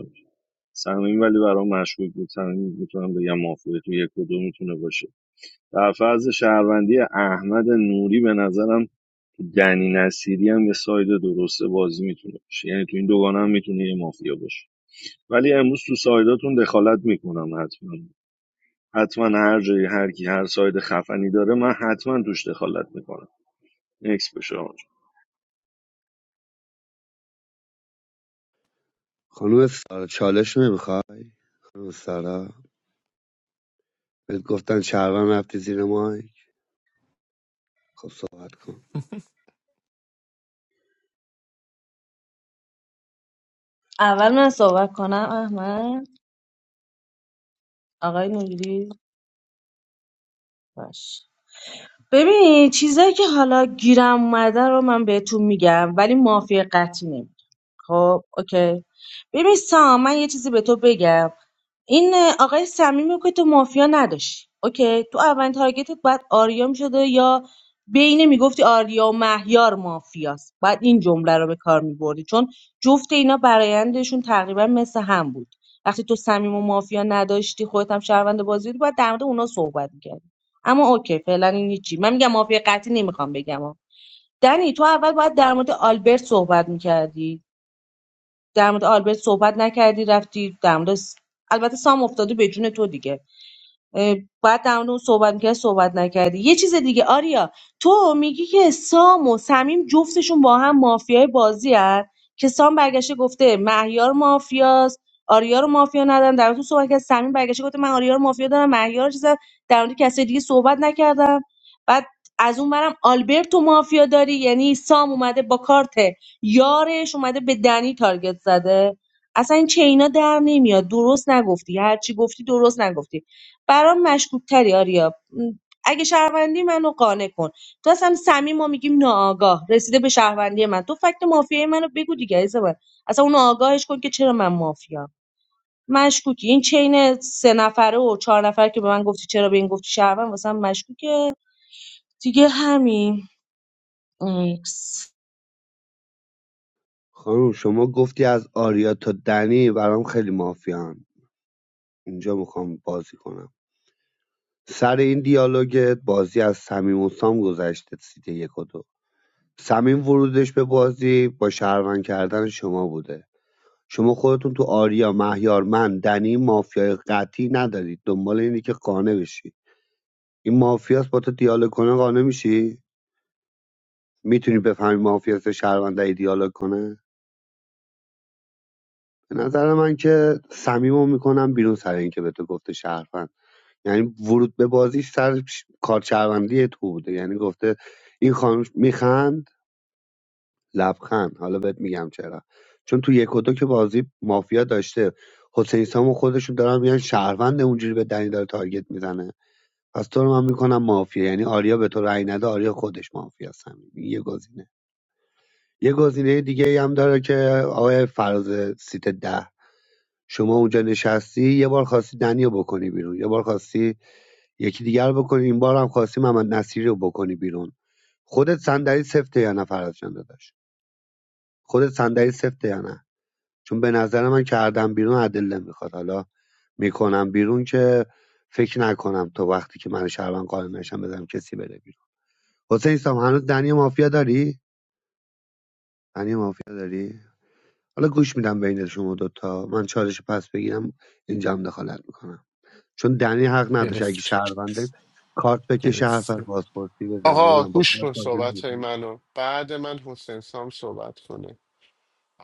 [SPEAKER 9] صمیم ولی برام مشکوک بود صمیم میتونم بگم مافیا تو یک و دو میتونه باشه در فرض شهروندی احمد نوری به نظرم تو دنی نصیری هم یه ساید درسته بازی میتونه باشه یعنی تو این دوگانه هم میتونه یه مافیا باشه ولی امروز تو سایداتون دخالت میکنم حتما حتما هر جایی هر کی هر ساید خفنی داره من حتما توش دخالت میکنم نکس بشه آقا
[SPEAKER 13] خانم سارا چالش نمیخواد خانم سارا بهت گفتن شهروند رفتی زیر مایک خب صحبت کن
[SPEAKER 14] اول من صحبت کنم احمد آقای نوری باش ببین چیزایی که حالا گیرم اومده رو من بهتون میگم ولی مافیا قطعی نمیگم خب اوکی ببین سام من یه چیزی به تو بگم این آقای صمیمی که تو مافیا نداشتی اوکی تو اولین تارگتت باید آریا میشده یا بین میگفتی آریا و مهیار مافیاست باید این جمله رو به کار میبردی چون جفت اینا برایندشون تقریبا مثل هم بود وقتی تو صمیم و مافیا نداشتی خودت هم شهروند بازی بودی باید در مورد اونا صحبت میکردی اما اوکی فعلا این هیچی من میگم مافیا قطعی نمیخوام بگم ها. دنی تو اول باید در مورد آلبرت صحبت میکردی در مورد آلبرت صحبت نکردی رفتی در مورد س- البته سام افتاده به جون تو دیگه بعد در مورد اون صحبت میکردی صحبت نکردی یه چیز دیگه آریا تو میگی که سام و صمیم جفتشون با هم مافیای بازی هست که سام برگشته گفته مهیار مافیاست آریا رو مافیا ندارم در مورد تو صحبت کرد صمیم برگشته گفته من آریا رو مافیا دارم مهیار رو چیزم در مورد کسی دیگه صحبت نکردم بعد از اون برم آلبرتو مافیا داری یعنی سام اومده با کارت یارش اومده به دنی تارگت زده اصلا این چینا در نمیاد درست نگفتی هرچی گفتی درست نگفتی برام مشکوکتری آریا اگه شهروندی منو قانع کن تو اصلا صمیم ما میگیم ناآگاه رسیده به شهروندی من تو فکت مافیای منو بگو دیگه عزیز من اصلا اون آگاهش کن که چرا من مافیام مشکوکی این چین سه نفره و چهار نفره که به من گفتی چرا به این گفتی شهروند واسه من مشکوکه دیگه همین ایکس.
[SPEAKER 13] خانم شما گفتی از آریا تا دنی برام خیلی مافیان اینجا میخوام بازی کنم سر این دیالوگت بازی از صمیم و سام گذشته سیت یک و دو صمیم ورودش به بازی با شهروند کردن شما بوده شما خودتون تو آریا مهیار من دنی مافیای قطعی ندارید دنبال اینی که قانع بشی این مافیاس با تو دیالوگ کنه قانع میشی میتونی بفهمی مافیاس شهروند ای دیالوگ کنه به نظر من که صمیمو میکنم بیرون سر این که به تو گفته شهروند یعنی ورود به بازی سر ش- کار شهروندی تو بوده یعنی گفته این خانم میخند لبخند حالا بهت میگم چرا چون تو یک و دو که بازی مافیا داشته حسین سام و خودشون دارن میگن شهروند اونجوری به دنی داره تارگت میزنه پس تو رو من میکنم مافیا یعنی آریا به تو رأی نده آریا خودش مافیا همین این یه گزینه یه گزینه دیگه ای هم داره که آقای فراز سیت ده شما اونجا نشستی یه بار خواستی دنی رو بکنی بیرون یه بار خواستی یکی دیگر رو بکنی این بار هم خواستی محمد نصیری رو بکنی بیرون خودت صندلی سفته یا نه فراز جان داداش خودت صندلی سفته یا نه چون به نظر من کردم بیرون ادله میخواد حالا میکنم بیرون که فکر نکنم تو وقتی که من شهروند قانع نشم بزنم کسی بره بیرون حسین سام هنوز دنی مافیا داری دنی مافیا داری حالا گوش میدم بین شما دوتا من چالش پس بگیرم اینجا هم دخالت میکنم چون دنی حق نداشت اگه
[SPEAKER 1] گرفت
[SPEAKER 13] شهرونده کارت بکشه حرف
[SPEAKER 1] گرفت
[SPEAKER 13] از بازپرسی بزنه
[SPEAKER 1] آقا
[SPEAKER 13] نمیدونم با
[SPEAKER 1] گوش
[SPEAKER 13] کارت
[SPEAKER 1] کن
[SPEAKER 13] بازی
[SPEAKER 1] صحبت های
[SPEAKER 13] نمیکنم
[SPEAKER 1] منو بعد من حسین سام صحبت کنه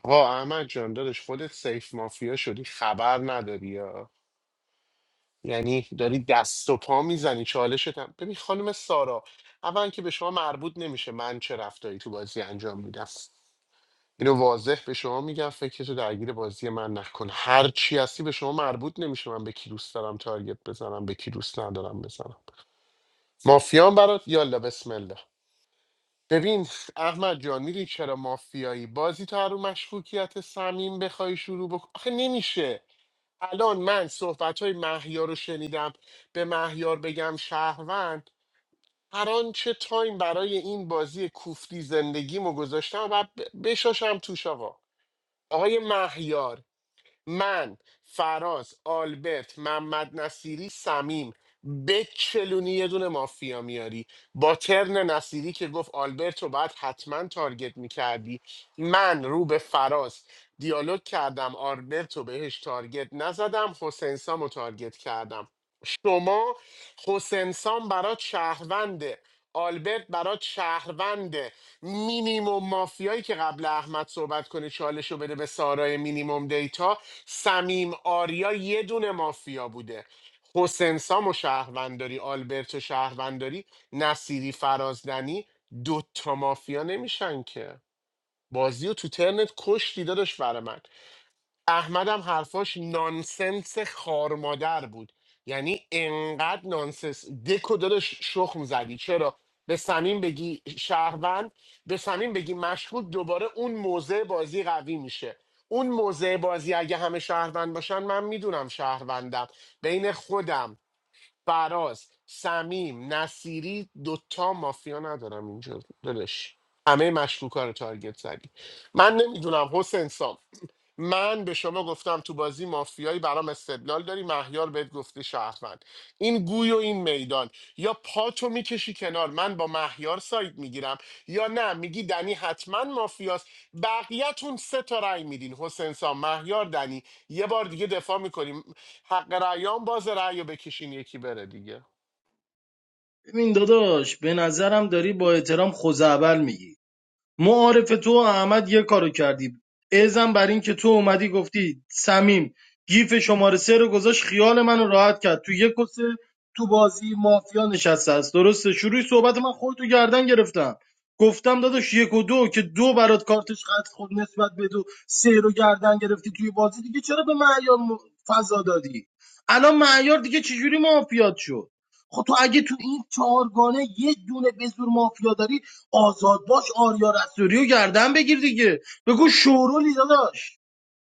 [SPEAKER 1] آقا احمد جان دادش خودت سیف مافیا شدی خبر نداری یا یعنی داری دست و پا میزنی چالشت هم ببین خانم سارا اولا که به شما مربوط نمیشه من چه رفتاری تو بازی انجام میدم اینو واضح به شما میگم فکرتو درگیر بازی من نکن هر چی هستی به شما مربوط نمیشه من به کی دوست دارم تارگت بزنم به کی دوست ندارم بزنم مافیان برات یالا بسم الله ببین احمد جان میدونی چرا مافیایی بازی تو هر رو مشکوکیت سمیم بخوای شروع بکن آخه نمیشه الان من صحبت های مهیار رو شنیدم به مهیار بگم شهروند هر آنچه تایم برای این بازی کوفتی زندگیمو گذاشتم و ب- بشاشم توش آقا آقای مهیار من فراز آلبرت محمد نصیری سمیم بچلونی یه دونه مافیا میاری با ترن نصیری که گفت آلبرت رو باید حتما تارگت میکردی من رو به فراز دیالوگ کردم آلبرت رو بهش تارگت نزدم حسین سام رو تارگت کردم شما حسین سام برات شهرونده آلبرت برات شهرونده مینیموم مافیایی که قبل احمد صحبت کنه چالش رو بده به سارای مینیموم دیتا سمیم آریا یه دونه مافیا بوده حسن سام و شهرونداری آلبرت و شهرونداری نصیری فرازدنی دوتا مافیا نمیشن که بازی و تو ترنت کشتی داداش برای من احمدم حرفاش نانسنس خارمادر بود یعنی انقدر نانسنس دکو داداش شخم زدی چرا به سمین بگی شهروند به سمین بگی مشکوک دوباره اون موضع بازی قوی میشه اون موضع بازی اگه همه شهروند باشن من میدونم شهروندم بین خودم فراز سمیم نصیری دوتا مافیا ندارم اینجا داداش همه مشکوکا رو تارگت زدی من نمیدونم حسین سام من به شما گفتم تو بازی مافیایی برام استدلال داری مهیار بهت گفته شهروند این گوی و این میدان یا پاتو میکشی کنار من با مهیار ساید میگیرم یا نه میگی دنی حتما مافیاست بقیهتون سه تا رأی میدین حسین سام مهیار دنی یه بار دیگه دفاع میکنیم حق رأیان باز رأی رو بکشین یکی بره دیگه
[SPEAKER 4] ببین داداش به نظرم داری با احترام خوزعبل میگی معارف تو و احمد یه کارو کردی ازم بر این که تو اومدی گفتی سمیم گیف شماره سه رو گذاشت خیال منو راحت کرد تو یک و تو بازی مافیا نشسته است درسته شروع صحبت من خودتو گردن گرفتم گفتم داداش یک و دو که دو برات کارتش خط خود نسبت به دو سه رو گردن گرفتی توی بازی دیگه چرا به معیار م- فضا دادی الان معیار دیگه چجوری مافیات شد خب تو اگه تو این چهارگانه یه دونه به زور مافیا داری آزاد باش آریا رسولی رو گردن بگیر دیگه بگو شورولی داداش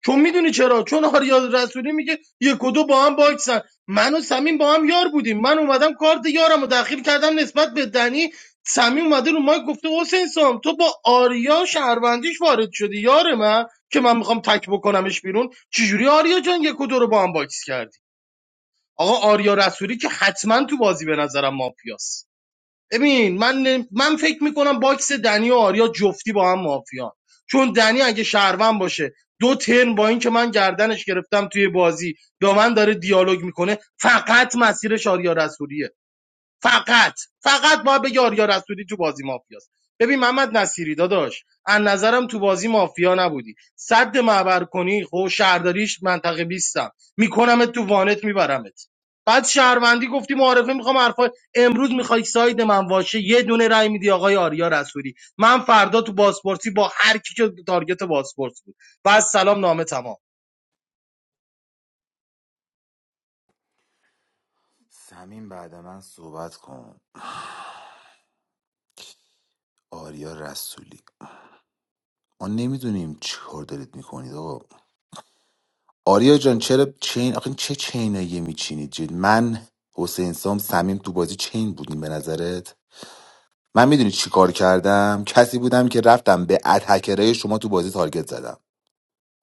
[SPEAKER 4] چون میدونی چرا چون آریا رسولی میگه یک و دو با هم باکسن من و سمین با هم یار بودیم من اومدم کارت یارم رو داخل کردم نسبت به دنی سمین اومده رو مایک گفته حسین سام تو با آریا شهروندیش وارد شدی یار من که من میخوام تک بکنمش بیرون چجوری آریا جان یک و دو رو با هم باکس کردی آقا آریا رسولی که حتما تو بازی به نظرم مافیاست ببین من نمی- من فکر میکنم باکس دنی و آریا جفتی با هم مافیان چون دنی اگه شهروند باشه دو ترن با اینکه من گردنش گرفتم توی بازی یا من داره دیالوگ میکنه فقط مسیرش آریا رسولیه فقط فقط باید بگه آریا رسولی تو بازی مافیاست ببین محمد نصیری داداش از نظرم تو بازی مافیا نبودی صد معبر کنی خب شهرداریش منطقه 20 م میکنمت تو وانت میبرمت بعد شهروندی گفتی معارفه میخوام حرفا امروز میخوای ساید من واشه یه دونه رای میدی آقای آریا رسولی من فردا تو بازپرسی با هر کی که تارگت بازپرس بود بعد سلام نامه تمام
[SPEAKER 10] سمین بعد من صحبت کن آریا رسولی ما نمیدونیم چی کار دارید میکنید آقا آریا جان چرا چین آخه این چه چینایی میچینید جد من حسین سام سمیم تو بازی چین بودیم به نظرت من میدونی چی کار کردم کسی بودم که رفتم به اتکرای شما تو بازی تارگت زدم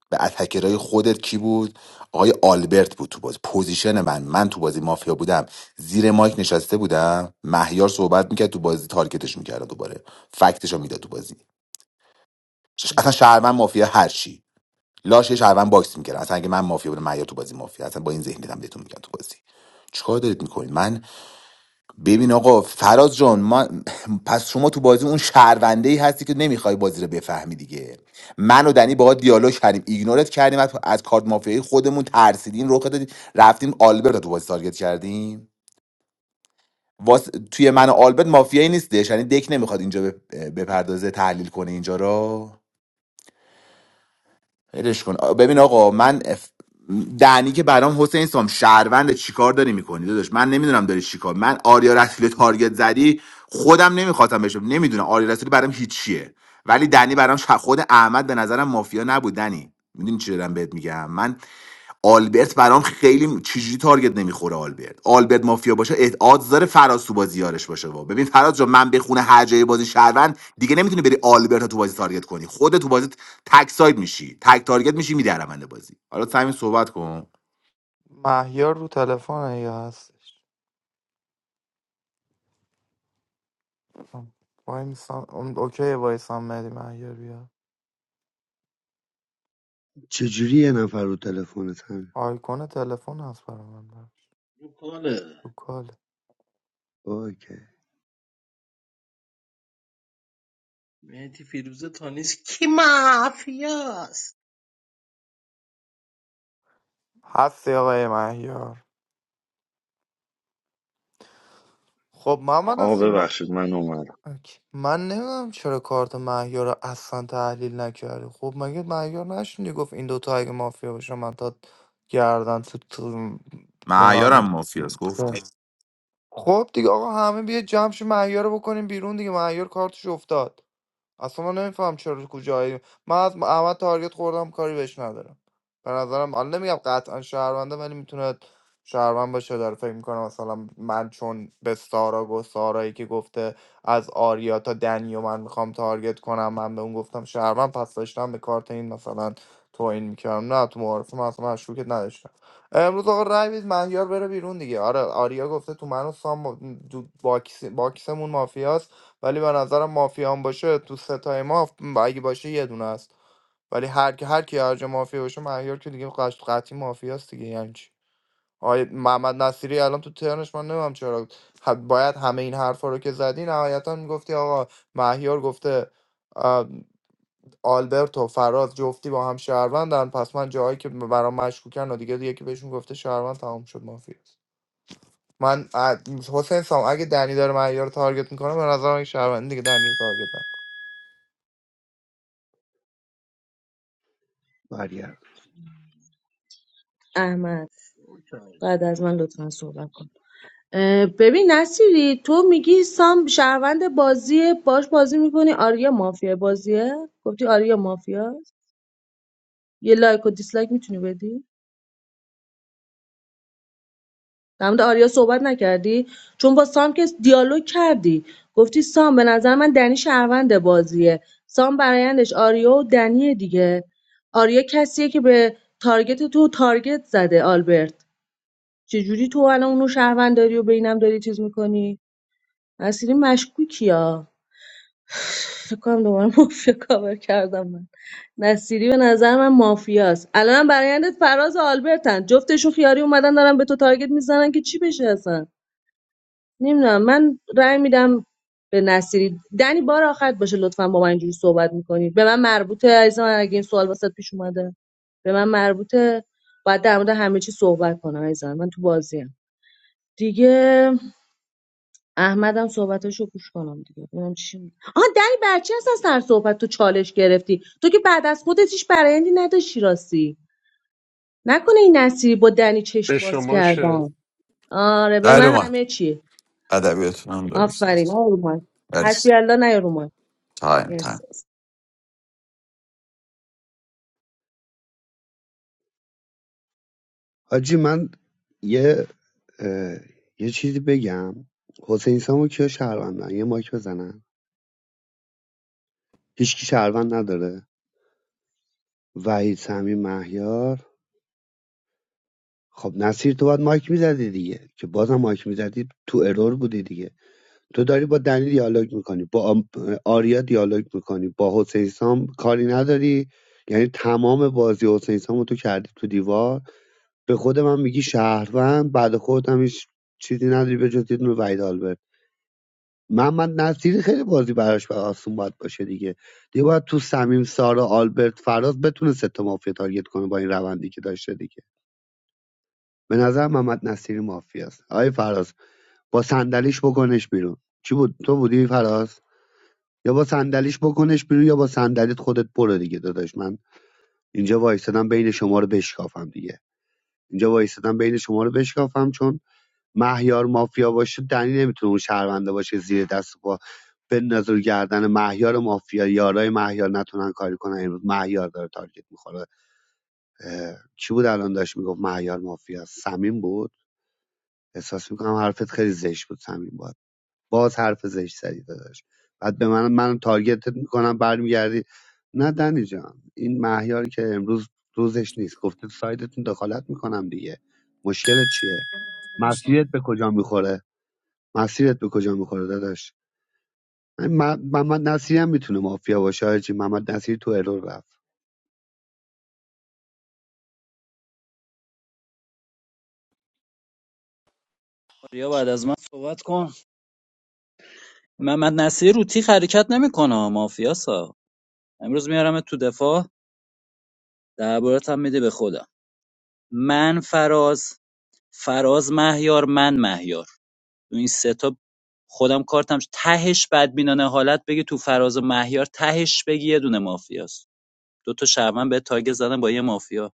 [SPEAKER 10] به اتکرای خودت کی بود آقای آلبرت بود تو بازی پوزیشن من من تو بازی مافیا بودم زیر مایک نشسته بودم مهیار صحبت میکرد تو بازی تارگتش میکردم دوباره فکتشو میداد تو بازی ش- اصلا شهروند مافیا هر چی لاشه شهروند باکس میکردن اصلا اگه من مافیا بودم من یا تو بازی مافیا اصلا با این ذهنیتم بهتون میگم تو بازی چیکار دارید میکنید من ببین آقا فراز جان من پس شما تو بازی اون شهرونده ای هستی که نمیخوای بازی رو بفهمی دیگه من و دنی باهات دیالوگ کردیم ایگنورت کردیم از, از کارت مافیایی خودمون ترسیدیم رخ دادیم رفتیم آلبرت رو تو بازی تارگت کردیم واس... توی من و آلبرت مافیایی نیستش یعنی دک نمیخواد اینجا بپ- بپردازه تحلیل کنه اینجا رو ولش کن آ، ببین آقا من اف... دنی که برام حسین سام شهروند چیکار داری میکنی داداش من نمیدونم داری چیکار من آریا رسولی رو تارگت زدی خودم نمیخواستم بشم نمیدونم آریا رسولی برام هیچیه ولی دنی برام ش- خود احمد به نظرم مافیا نبود دنی میدونی چی دارم بهت میگم من آلبرت برام خیلی چجوری تارگت نمیخوره آلبرت آلبرت مافیا باشه ادعاد داره فراز تو بازی یارش باشه با. ببین فراز جا من بخونه هر جای بازی شهروند دیگه نمیتونی بری آلبرت رو تو بازی تارگت کنی خود تو بازی تک ساید میشی تک تارگت میشی میدی رونده بازی حالا سمین صحبت کن
[SPEAKER 11] مهیار رو تلفن یا هستش وای میسان اون اوکی وایسان مری مهیار بیا
[SPEAKER 13] چجوری یه نفر رو تلفن
[SPEAKER 11] آیکون تلفن هست برای من براش. رو کاله
[SPEAKER 13] اوکی
[SPEAKER 4] مهدی فیروزه تا نیست کی مافیاست
[SPEAKER 11] هستی آقای مهیار خب محمد
[SPEAKER 9] آقا
[SPEAKER 11] هستی ما-
[SPEAKER 9] ببخشید من اومدم
[SPEAKER 11] اوکی. من نمیدونم چرا کارت مهیار رو اصلا تحلیل نکردی خب مگه مهیار نشنیدی گفت این دوتا اگه مافیا باشن من تا گردن تو تو نمیم
[SPEAKER 10] معیارم مافیاس گفتم
[SPEAKER 11] خب دیگه آقا همه بیا جمع شو مهیار رو بکنیم بیرون دیگه مهیار کارتش افتاد اصلا من نمیفهم چرا کجایی من از احمد تارگت خوردم کاری بهش ندارم به نظرم الان نمیگم قطعا شهرونده ولی میتونه شهروند باشه داره فکر میکنم مثلا من چون به سارا گفت سارایی که گفته از آریا تا دنی و من میخوام تارگت کنم من به اون گفتم شهروند پس داشتم به کارت این مثلا توهین میکردم نه تو معارفه من اصلا مشکوکت نداشتم امروز آقا رای بید مهیار بره بیرون دیگه آره آریا گفته تو من و سام با- دو- باکس باکسمون مافیاست ولی به نظرم مافیا هم باشه تو ستای ما ف- اگه باشه یه دونه است ولی هر کی هر کی هر جا مافیا باشه مهیار که دیگه قش- قطعی مافیاست دیگه یعنی چی آقای محمد نصیری الان تو ترنش من نمیدونم چرا ح- باید همه این حرفا رو که زدی نهایتا میگفتی آقا مهیار گفته آ، آلبرت و فراز جفتی با هم شهروندن پس من جاهایی که برام مشکوکن و دیگه یکی بهشون گفته شهروند تمام شد مافیا من ا- حسین سام اگه دنی داره مهیار رو تارگت میکنه به نظرم این شهروند دیگه دنی رو تارگت نکن.
[SPEAKER 13] برگرد
[SPEAKER 14] احمد بعد از من لطفا صحبت کن اه، ببین نصیری تو میگی سام شهروند بازیه باش بازی میکنی آریا مافیا بازیه گفتی آریا مافیاست یه لایک و دیسلایک میتونی بدی در مورد آریا صحبت نکردی چون با سام که دیالوگ کردی گفتی سام به نظر من دنی شهروند بازیه سام برایندش آریا و دنیه دیگه آریا کسیه که به تارگت تو تارگت زده آلبرت چجوری تو الان اونو شهروند داری و بینم داری چیز میکنی نصیری مشکوکی ها فکر کنم دوباره مافیا کاور کردم من نصیری به نظر من مافیاست الان برایندت فراز و آلبرتن جفتشون خیاری اومدن دارن به تو تارگت میزنن که چی بشه اصلا نمیدونم من رأی میدم به نصیری دنی بار آخرت باشه لطفا با من اینجوری صحبت میکنید به من مربوطه عزیز من اگه این سوال واسط پیش اومده به من مربوطه باید در مورد همه چی صحبت کنم عزیزم من من تو بازیم دیگه احمدم صحبتاشو گوش کنم دیگه ببینم چی میگه. آها دنی برچی هست از سر صحبت تو چالش گرفتی تو که بعد از خودت هیچ برایندی نداشتی راستی نکنه این نصیری با دنی چشم
[SPEAKER 1] به
[SPEAKER 14] باز
[SPEAKER 1] شما چه؟
[SPEAKER 14] کردم آره به
[SPEAKER 3] در
[SPEAKER 14] من
[SPEAKER 3] اومد
[SPEAKER 14] همه چی
[SPEAKER 3] ادبیاتون هم درست هست.
[SPEAKER 14] آفرین آرومان
[SPEAKER 3] مرسی
[SPEAKER 14] حسبی الله نه رومان
[SPEAKER 3] تایم
[SPEAKER 14] مرسی
[SPEAKER 3] تایم
[SPEAKER 13] حاجی من یه اه، یه چیزی بگم حسین سامو کیا شهروندن یه مایک بزنن هیچکی شهروند نداره وحید سمی مهیار خب نصیر تو باید مایک میزدی دیگه که بازم مایک میزدی تو ارور بودی دیگه تو داری با دنی دیالوگ میکنی با آم- آریا دیالوگ میکنی با حسین سام کاری نداری یعنی تمام بازی حسین سامو تو کردی تو دیوار به خود من میگی شهروند بعد خودت هم هیچ چیزی نداری به جز یه دونه وحید آلبرت. محمد نصیری خیلی بازی براش بر آسون باید باشه دیگه دیگه باید تو سمیم سارا آلبرت فراز بتونه سه تا مافیا تارگت کنه با این روندی که داشته دیگه به نظر محمد نصیری مافیاست آقای فراز با صندلیش بکنش بیرون چی بود تو بودی فراز یا با صندلیش بکنش بیرون یا با صندلیت خودت برو دیگه داداش من اینجا وایستادم بین شما رو بشکافم دیگه اینجا وایستادم بین شما رو بشکافم چون مهیار مافیا باشه دنی نمیتونه اون شهرونده باشه زیر دست و بندازه رو گردن مهیار مافیا یارای مهیار نتونن کاری کنن امروز مهیار داره تارگت میخوره چی بود الان داشت میگفت مهیار مافیا سمیم بود احساس میکنم حرفت خیلی زشت بود سمیم بود باز حرف زشت زدی داداش بعد به من من تارگتت میکنم برمیگردی نه دنی جان این مهیاری که امروز روزش نیست گفته تو سایدتون دخالت میکنم دیگه مشکلت چیه مسیرت به کجا میخوره مسیرت به کجا میخوره داداش م- محمد نصیری هم میتونه مافیا باشه هرچی محمد نصیری تو ارور رفت
[SPEAKER 17] آریا بعد از من صحبت کن محمد نصیر رو تیغ حرکت نمیکنه مافیاسا امروز میارم تو دفاع دربارت هم میده به خودم من فراز فراز مهیار من مهیار تو این سه تا خودم کارتم تهش بدبینانه حالت بگی تو فراز و مهیار تهش بگی یه دونه مافیاست دو تا شهروند به تارگت زدن با یه مافیا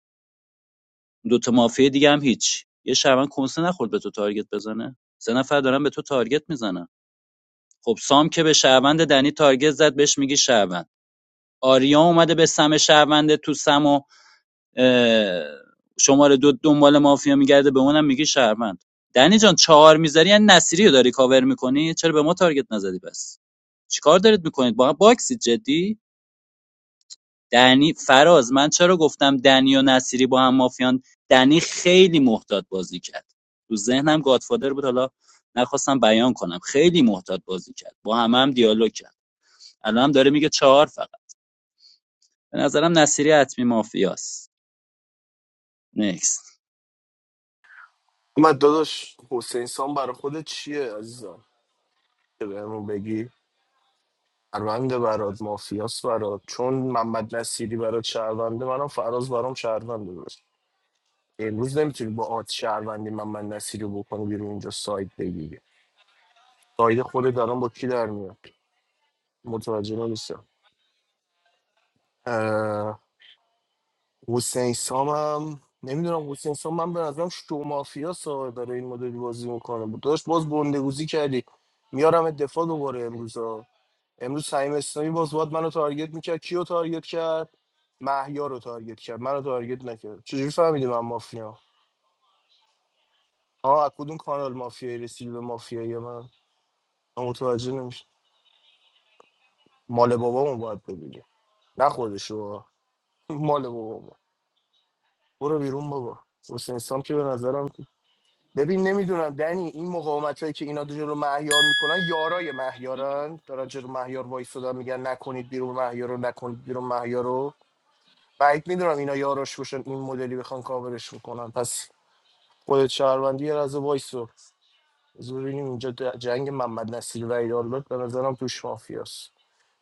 [SPEAKER 17] دو تا مافیا دیگه هم هیچ یه شهروند کنسه نخورد به تو تارگت بزنه سه نفر دارن به تو تارگت میزنن خب سام که به شهروند دنی تارگت زد بهش میگی شهروند آریا اومده به سم شهروند تو سم و اه، شماره دو دنبال مافیا میگرده به اونم میگی شهروند دنی جان چهار میذاری یعنی نصیری رو داری کاور میکنی چرا به ما تارگت نزدی بس؟ چیکار دارید میکنید با باکسی جدی دنی فراز من چرا گفتم دنی و نصیری با هم مافیان دنی خیلی محتاط بازی کرد تو ذهنم گادفادر بود حالا نخواستم بیان کنم خیلی محتاط بازی کرد با همه هم دیالوگ کرد الان هم داره میگه چهار فقط به نظرم نصیری حتمی مافیاست نکست
[SPEAKER 8] من داداش حسین سان برای خودت چیه عزیزم که بهمون بگی شهرونده برات مافیاست برات چون محمد نصیری برات شهرونده منم فراز برام شهرونده امروز نمیتونی با آت شهروندی من من نصیری رو بکنی بیرون اینجا سایت بگیری سایت خود دارم با کی در میاد متوجه نمیشم اه، حسین سامم نمیدونم حسین سام من به نظرم شو مافیا سا داره این مدلی بازی میکنه داشت باز گندگوزی کردی میارم دفاع دوباره امروز ها. امروز سعیم اسلامی باز باید منو تارگت میکرد کیو تارگت کرد محیا رو تارگت کرد منو تارگت نکرد چجوری فهمیدی من مافیا ها از کدوم کانال مافیایی رسیدی به مافیایی من من متوجه نمیشم مال بابامو باید ببینیم نه خودشو مال بابامو برو بیرون بابا حسین سام که به نظرم ببین نمیدونم دنی این مقاومت هایی که اینا جلو مهیار میکنن یارای مهیارن دارن جلو مهیار وایستادن میگن نکنید بیرون مهیار رو نکنید بیرون مهیار رو بعید میدونم اینا یاراش باشن این مدلی بخوان کاورش میکنن پس خودت شهروندی یه لحظه وایسو زور ببینیم اینجا د- جنگ محمد نصیر و ایدالبت به نظرم توش مافیاست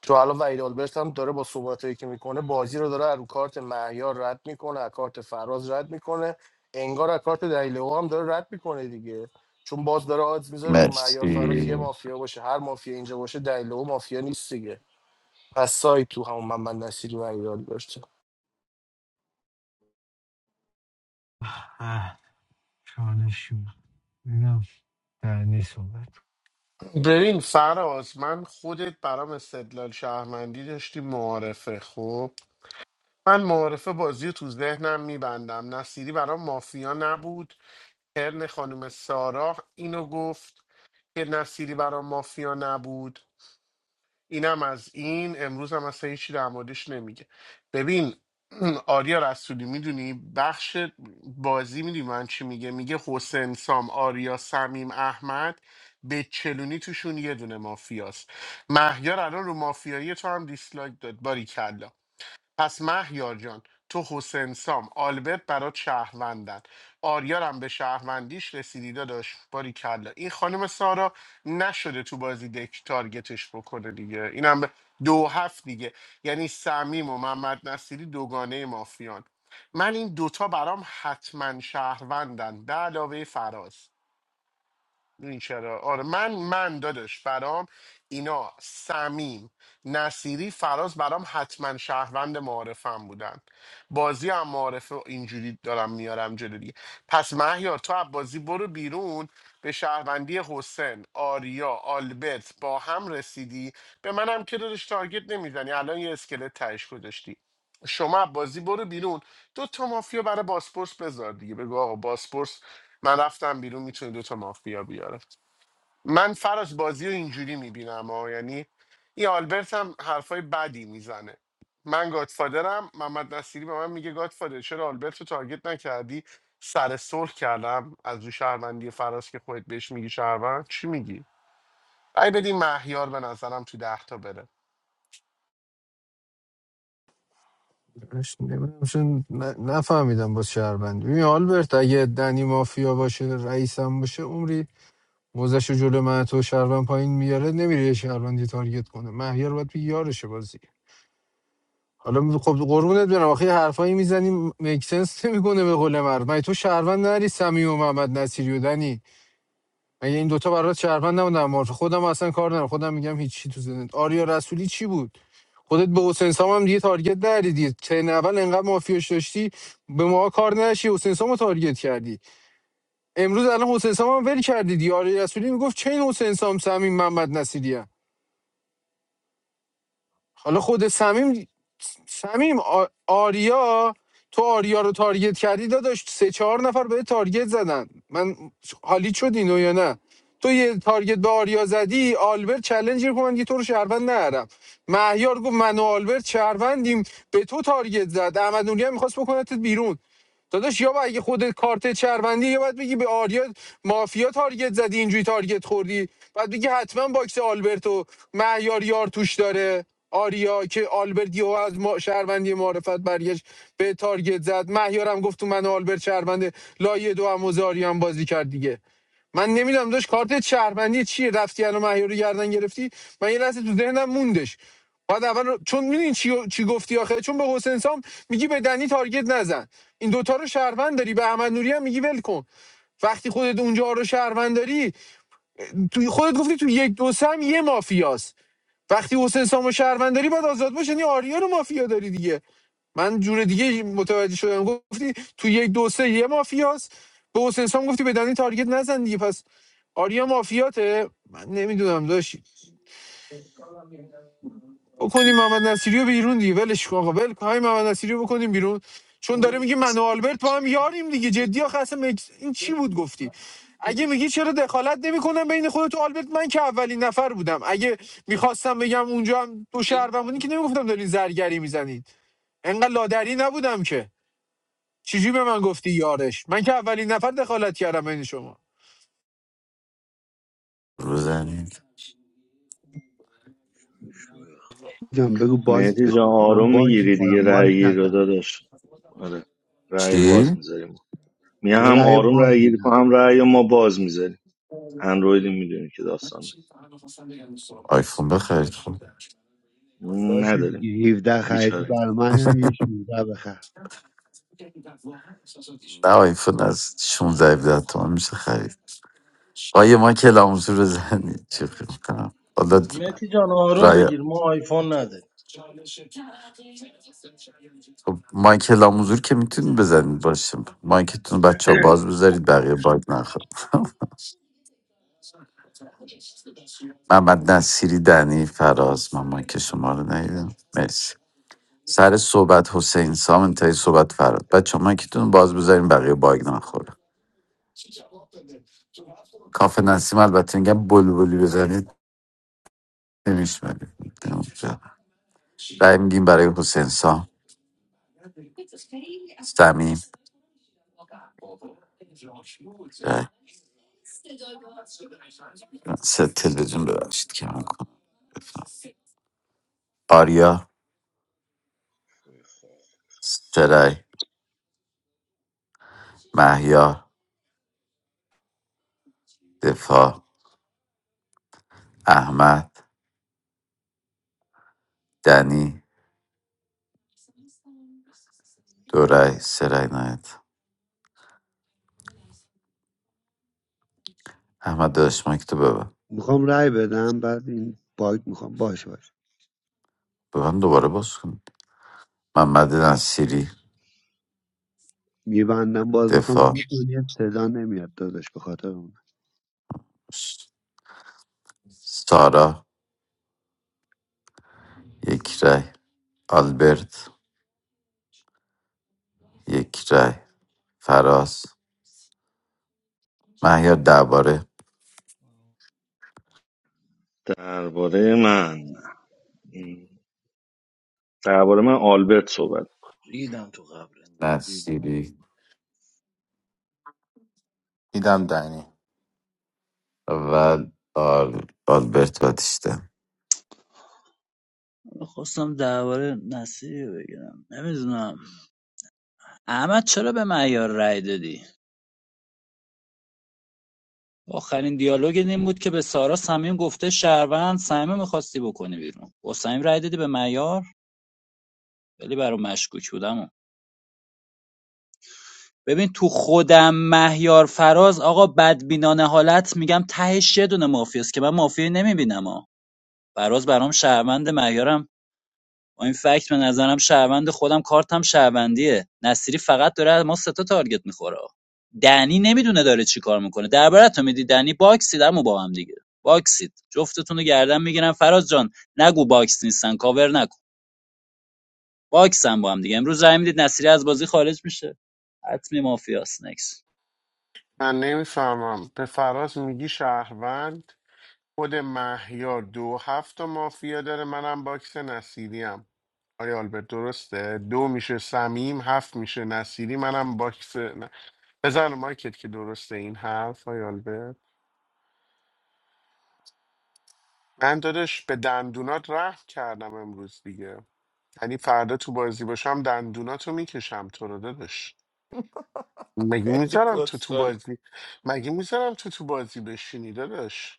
[SPEAKER 8] چون الان وحید آلبرت هم داره با صحبتایی که میکنه بازی رو داره از رو کارت مهیار رد میکنه از کارت فراز رد میکنه انگار از کارت دلیلو هم داره رد میکنه دیگه چون باز داره آدز میذاره تو مهیار فراز یه
[SPEAKER 3] مرسی
[SPEAKER 8] مافیا باشه هر مافیا اینجا باشه دلیلو مافیا نیست دیگه پس سایت تو همون محمد نصیری و وحید آلبرت
[SPEAKER 15] آه، چالشون نه نیست صحبت
[SPEAKER 1] ببین فراز من خودت برام استدلال شهرمندی داشتی معارفه خب من معارفه بازی رو تو ذهنم میبندم نصیری برام مافیا نبود ترن خانم سارا اینو گفت که نصیری برام مافیا نبود اینم از این امروز هم اصلا هیچی در موردش نمیگه ببین آریا رسولی میدونی بخش بازی میدونی من چی میگه میگه حسین سام آریا سمیم احمد به چلونی توشون یه دونه مافیاست مهیار الان رو مافیایی تو هم دیسلایک داد باری پس مهیار جان تو حسین سام آلبرت برات شهروندن آریارم به شهروندیش رسیدی داداش باری کلا این خانم سارا نشده تو بازی دک تارگتش بکنه دیگه اینم به دو هفت دیگه یعنی سمیم و محمد نصیری دوگانه مافیان من این دوتا برام حتما شهروندن به علاوه فراز این چرا آره من من دادش برام اینا سمیم نصیری فراز برام حتما شهروند معارفم بودن بازی هم معارفه اینجوری دارم میارم جلو دیگه پس مهیار تو از بازی برو بیرون به شهروندی حسین آریا آلبرت با هم رسیدی به منم که دادش تارگت نمیزنی الان یه اسکلت تهش گذاشتی شما از بازی برو بیرون دو تا مافیا برای باسپورس بذار دیگه بگو آقا باسپورس من رفتم بیرون میتونه دو تا مافیا بیاره من فراز بازی رو اینجوری میبینم ها یعنی این آلبرت هم حرفای بدی میزنه من گادفادرم محمد نصیری به من میگه گادفادر چرا آلبرت رو تارگت نکردی سر سرخ کردم از رو شهروندی فراز که خودت بهش میگی شهروند چی میگی ای بدین مهیار به نظرم تو ده تا بره
[SPEAKER 15] اش نمیدونم چون ن- نفهمیدم باز شهروند ببین آلبرت اگه دنی مافیا باشه رئیسم باشه عمری موزش جلو من تو شهروند پایین میاره نمیره یه شهروندی تارگت کنه مهیار باید بگی یارشه بازی حالا می- خب قربونت برم آخه یه حرفایی میزنیم مکسنس نمیکنه به قول مرد مگه تو شهروند نری سمی و محمد نصیری و دنی مگه این دوتا برات شهروند نبودن معرف خودم اصلا کار ندارم خودم میگم هیچی تو زندگی آریا رسولی چی بود خودت به حسین سام هم دیگه تارگت نری دیگه ترن اول انقدر مافیاش داشتی به ما کار نداشتی حسین سام رو تارگت کردی امروز الان حسین سام هم ول کردی دیگه آریا رسولی میگفت چه این حسین سام سمیم محمد نصیری هم. حالا خود سمیم سمیم آریا تو آریا رو تارگت کردی داداش سه چهار نفر به تارگت زدن من حالی شد اینو یا نه تو یه تارگت به آریا زدی آلبرت چلنج گرفت من دیگه تو رو شهروند نرم مهیار گفت من و آلبرت شهروندیم به تو تارگت زد احمد نوری هم میخواست بکنتت بیرون داداش یا اگه خودت کارت چربندی یا باید بگی به آریا مافیا تارگت زدی اینجوری تارگت خوردی بعد بگی حتما باکس آلبرتو مهیار یار توش داره آریا که آلبرت یهو از ما شهروندی معرفت برگشت به تارگت زد مهیارم گفت تو من و آلبرت شهروند لایه دو هم و زاری هم بازی کرد دیگه من نمیدونم داشت کارت شهروندی چیه رفتی منو مهیار رو گردن گرفتی من یه لحظه تو ذهنم موندش بعد اول رو- چون میدونی چی, چی گفتی آخه چون به حسین سام میگی به دنی تارگت نزن این دوتا رو شهروند داری به احمد نوری هم میگی ول کن وقتی خودت اونجا رو شهروند داری توی خودت گفتی تو یک دو سه هم یه مافیاست وقتی حسین سامو و شهروند داری باید آزاد باشه یعنی آریا رو مافیا داری دیگه من جور دیگه متوجه شدم گفتی تو یک دو سه یه مافیاست به حسین سام گفتی به دنی تارگت نزن دیگه پس آریا مافیاته من نمیدونم داشتی بکنیم محمد نصیری رو بیرون دیگه ولش کن آقا ول کن همین محمد نصیری رو بکنیم بیرون چون داره میگه من و آلبرت با هم یاریم دیگه جدی آخه اصلا مکس- این چی بود گفتی اگه میگی چرا دخالت نمیکنم بین خودت و آلبرت من که اولین نفر بودم اگه میخواستم بگم اونجا هم دو شهر بمونی که نمیگفتم دارین زرگری میزنید انقدر لادری نبودم که چجوری به من گفتی یارش من که اولین نفر دخالت کردم این شما
[SPEAKER 3] بزنید
[SPEAKER 13] جان بگو باگ
[SPEAKER 9] مهدی جان
[SPEAKER 13] من
[SPEAKER 9] آروم
[SPEAKER 13] باگ
[SPEAKER 9] میگیری دیگه
[SPEAKER 13] میخورم مایک
[SPEAKER 9] رأی رو
[SPEAKER 13] نزن
[SPEAKER 9] داداش آره رأی باز
[SPEAKER 3] چی؟
[SPEAKER 9] می‌ذاری میگه
[SPEAKER 13] ما
[SPEAKER 9] هم
[SPEAKER 13] رأی
[SPEAKER 9] آروم
[SPEAKER 13] باگ
[SPEAKER 9] رای گیری
[SPEAKER 13] میزن
[SPEAKER 9] کن هم رای ما باز میذاریم اندرویدی میدونی که داستانه
[SPEAKER 13] باشه
[SPEAKER 9] نداریم
[SPEAKER 13] دیگه 17 خریدی
[SPEAKER 9] بیچاره
[SPEAKER 13] برای من هم یه 16 بخر
[SPEAKER 3] آیفون از 16 17 تومن میشه خرید آیه مایک لاموزور بزنید چی خیلی کنم حالا
[SPEAKER 4] متی جان آروم
[SPEAKER 3] رای
[SPEAKER 4] بگیر ما آیفون نداریم
[SPEAKER 3] مایک لاموزور که میتونید بزنید باشه مایکتون بچه ها باز بذارید بقیه باگ نخواد محمد نصیری دنی فراز من مایک شما رو ندیدم مرسی سر صحبت حسین سام انتهای صحبت فراد بچه ها مایکتون باز بذارین بقیه باگ نخوره کافه نسیم البته میگم بلبلی بزنید خیلیش بده رای میدیم برای حسین سام سه تلویزیون ببخشید که من کنم آریا سرای محیا دفاع احمد دنی رای سرای نایت احمد داشت مایک تو ببن
[SPEAKER 13] میخوام رأی بدم بعد این باگ میخوام باشه باشه
[SPEAKER 3] ببن دوباره باز کن محمد نصیری
[SPEAKER 13] میبندم باز میخوام
[SPEAKER 3] دفاع
[SPEAKER 13] دو دنیا صدا نمیاد داداش به خاطر اون
[SPEAKER 3] سارا یک رای آلبرت یک رای فراس محیا درباره
[SPEAKER 9] درباره من درباره من آلبرت صحبت
[SPEAKER 4] ریدم تو قبرت
[SPEAKER 13] ای بابا.
[SPEAKER 3] نصیری
[SPEAKER 10] میدم دنی
[SPEAKER 3] و آل- آلبرت باتیستا
[SPEAKER 17] خواستم درباره نصیری بگیرم نمیدونم احمد چرا به معیار رای دادی آخرین دیالوگ این بود که به سارا صمیم گفته شهروند صمیم میخواستی بکنی بیرون با صمیم رای دادی به معیار ولی برام مشکوک بودم و. ببین تو خودم مهیار فراز آقا بدبینانه حالت میگم تهش یه دونه مافیاست که من مافیا نمیبینم ها فراز برام شهروند مهیارم با این فکت به نظرم شهروند خودم کارتم شهروندیه نصیری فقط داره از ما سه تا تارگت میخوره دنی نمیدونه داره چی کار میکنه درباره تو میدی دنی باکسید اما با هم دیگه باکسید جفتتون رو گردن میگیرم فراز جان نگو باکس نیستن کاور نکن باکسن با هم دیگه امروز رای میدید نصیری از بازی خارج میشه حتمی مافیاس نکس
[SPEAKER 1] من نمیفهمم به فراز میگی شهروند خود مهیار دو هفت تا مافیا داره منم باکس نصیریم آیا آلبرت درسته دو میشه سمیم هفت میشه نصیری منم باکس نه. بزن رو مایکت که درسته این هفت آیا آلبرت من دادش به دندونات رحم کردم امروز دیگه یعنی فردا تو بازی باشم دندوناتو میکشم تو رو دادش مگه
[SPEAKER 11] خیلی
[SPEAKER 1] میذارم تو تو
[SPEAKER 11] کتسالی
[SPEAKER 1] بازی مگه میذارم تو تو بازی بشینی دادش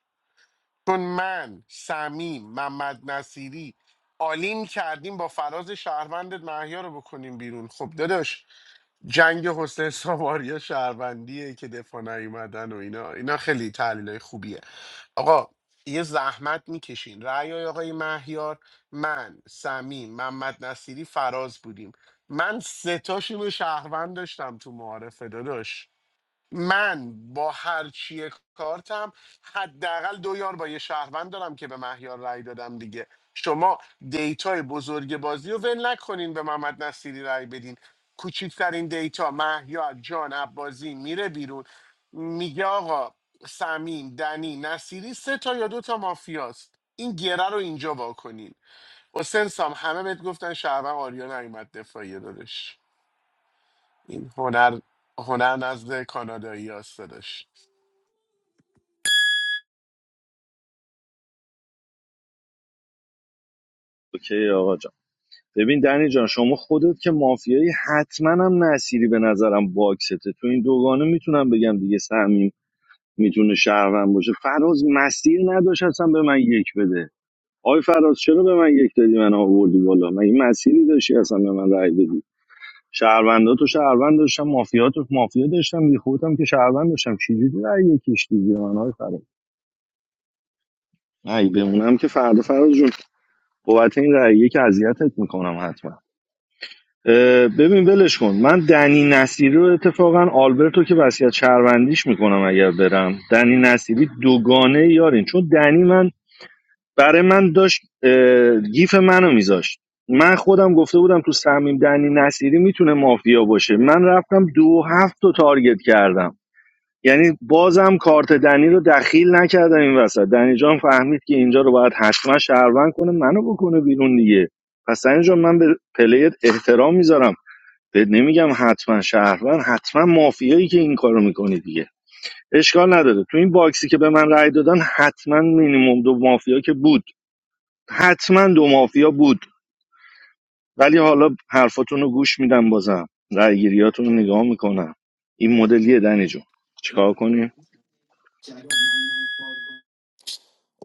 [SPEAKER 1] چون من سمیم محمد نصیری آلیم کردیم با فراز شهروندت محیا رو بکنیم بیرون خب داداش جنگ حسین سواریا شهروندیه که دفاع نیومدن و اینا اینا خیلی تحلیلای خوبیه آقا یه زحمت میکشین رأی های آقای مهیار من سمیم محمد نصیری فراز بودیم من سه تاشون رو شهروند داشتم تو معارفه داداش من با هر چیه کارتم حداقل دو یار با یه شهروند دارم که به مهیار رأی دادم دیگه شما دیتای بزرگ بازی رو ول نکنین به محمد نصیری رأی بدین کوچکترین دیتا مهیار جان عبازی میره بیرون میگه آقا سمیم دنی نصیری سه تا یا دو تا مافیاست این گره رو اینجا واکنین حسین سام همه بهت گفتن شهروند آریا نیومد دفاعیه دادش این هنر هنر نزد کانادایی هست دادش.
[SPEAKER 9] اوکی آقا جان ببین دنی جان شما خودت که مافیایی حتما هم نصیری به نظرم باکسته تو این دوگانه میتونم بگم دیگه سمیم میتونه شهروند باشه فراز مسیر نداشت اصلا به من یک بده آی فراز چرا به من یک دادی من آوردی بالا من این مسیری داشتی اصلا به من رای بدی شهروندا تو شهروند داشتم مافیا تو مافیا داشتم یه خودم که شهروند داشتم چجوری رأی یکیش دیدی من های فراد ای بمونم که فردا فراز جون بابت این رأیه که اذیتت میکنم حتما اه، ببین ولش کن من دنی نصیری رو اتفاقا آلبرتو که وصیت شهروندیش میکنم اگر برم دنی نصیری دوگانه یارین چون دنی من برای من داشت اه، گیف منو میذاشت من خودم گفته بودم تو سمیم دنی نصیری میتونه مافیا باشه من رفتم دو هفت رو تارگت کردم یعنی بازم کارت دنی رو دخیل نکردم این وسط دنی جان فهمید که اینجا رو باید حتما شهروند کنه منو بکنه بیرون دیگه پس دنی جان من به پلیت احترام میذارم بهت نمیگم حتما شهروند حتما مافیایی که این کارو میکنی دیگه اشکال نداره تو این باکسی که به من رأی دادن حتما مینیمم دو مافیا که بود حتما دو مافیا بود ولی حالا حرفاتون رو گوش میدم بازم رأیگیریاتون رو نگاه میکنم این مدلیه دنی جون چیکار کنیم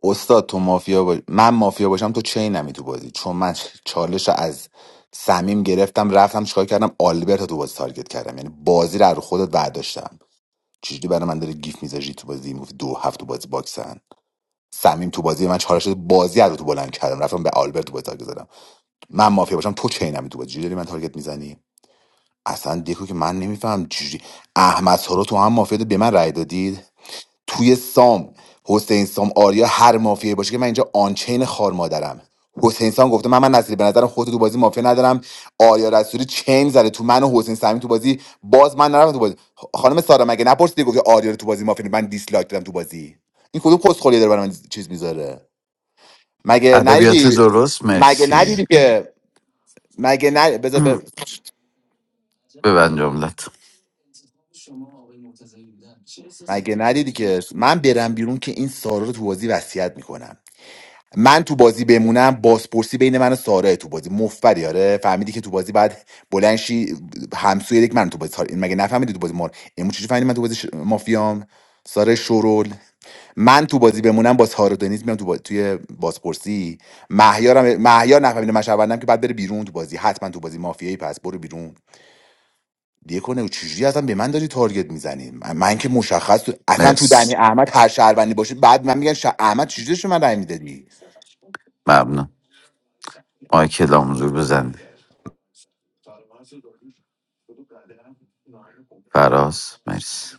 [SPEAKER 10] استاد تو مافیا باش... من مافیا باشم تو چینمی تو بازی چون من چالش رو از سمیم گرفتم رفتم چیکار کردم آلبرت رو تو بازی تارگت کردم یعنی بازی رو از رو خودت برداشتم چجوری برای من داره گیف میذاری تو بازی میگفت دو هفت تو بازی باکسن سمیم تو بازی من چهار شده بازی رو تو بلند کردم رفتم به آلبرت تو بازی تارگت زدم من مافیا باشم تو چینمی تو بازی چجوری داری من تارگت میزنی اصلا دیکو که من نمیفهم چجوری احمد سارا تو هم مافیا ده، به من رأی دادید توی سام حسین سام آریا هر مافیایی باشه که من اینجا آنچین خار مادرم حسین سام گفته من من نصیری به نظرم خودت تو بازی مافیا ندارم آریا رسولی چین زده تو من و حسین سامی تو بازی باز من نرفتم تو بازی خانم سارا مگه نپرسیدی گفتی آریا رو تو بازی مافیا من دیسلایک دادم تو بازی این کدوم کسخلی داره برای من چیز میذاره مگه
[SPEAKER 3] ادبیات
[SPEAKER 10] ندیدی
[SPEAKER 3] درست
[SPEAKER 10] مگه
[SPEAKER 3] مرسی
[SPEAKER 10] ندیدی که مگه ن... بذار ب-
[SPEAKER 3] ببند جملت
[SPEAKER 10] مگه ندیدی که من برم بیرون که این سارا رو تو بازی وصیت میکنم من تو بازی بمونم بازپرسی بین من و ساره تو بازی مفبری آره فهمیدی که تو بازی بعد بلند شی همسوی یک من تو بازی ساره این مگه نفهمیدی تو بازی مار امو چجوری فهمیدی من تو بازی ش... مافیام ساره شورول من تو بازی بمونم با ساره دنیز میام تو باز... توی بازپرسی مهیارم مهیار نفهمیده من شهروندم که بعد بره بیرون تو بازی حتما تو بازی مافیایی پس برو بیرون دیگه کنه و چجوری اصلا به من داری تارگت میزنی من, من که مشخص تو... اصلا تو
[SPEAKER 3] مرسی
[SPEAKER 10] دنی احمد هر شهروندی باشه بعد من میگن شه... احمد چجوری شما رای میدادی
[SPEAKER 3] ممنون مایکل آموزور بزنی فراز مرسی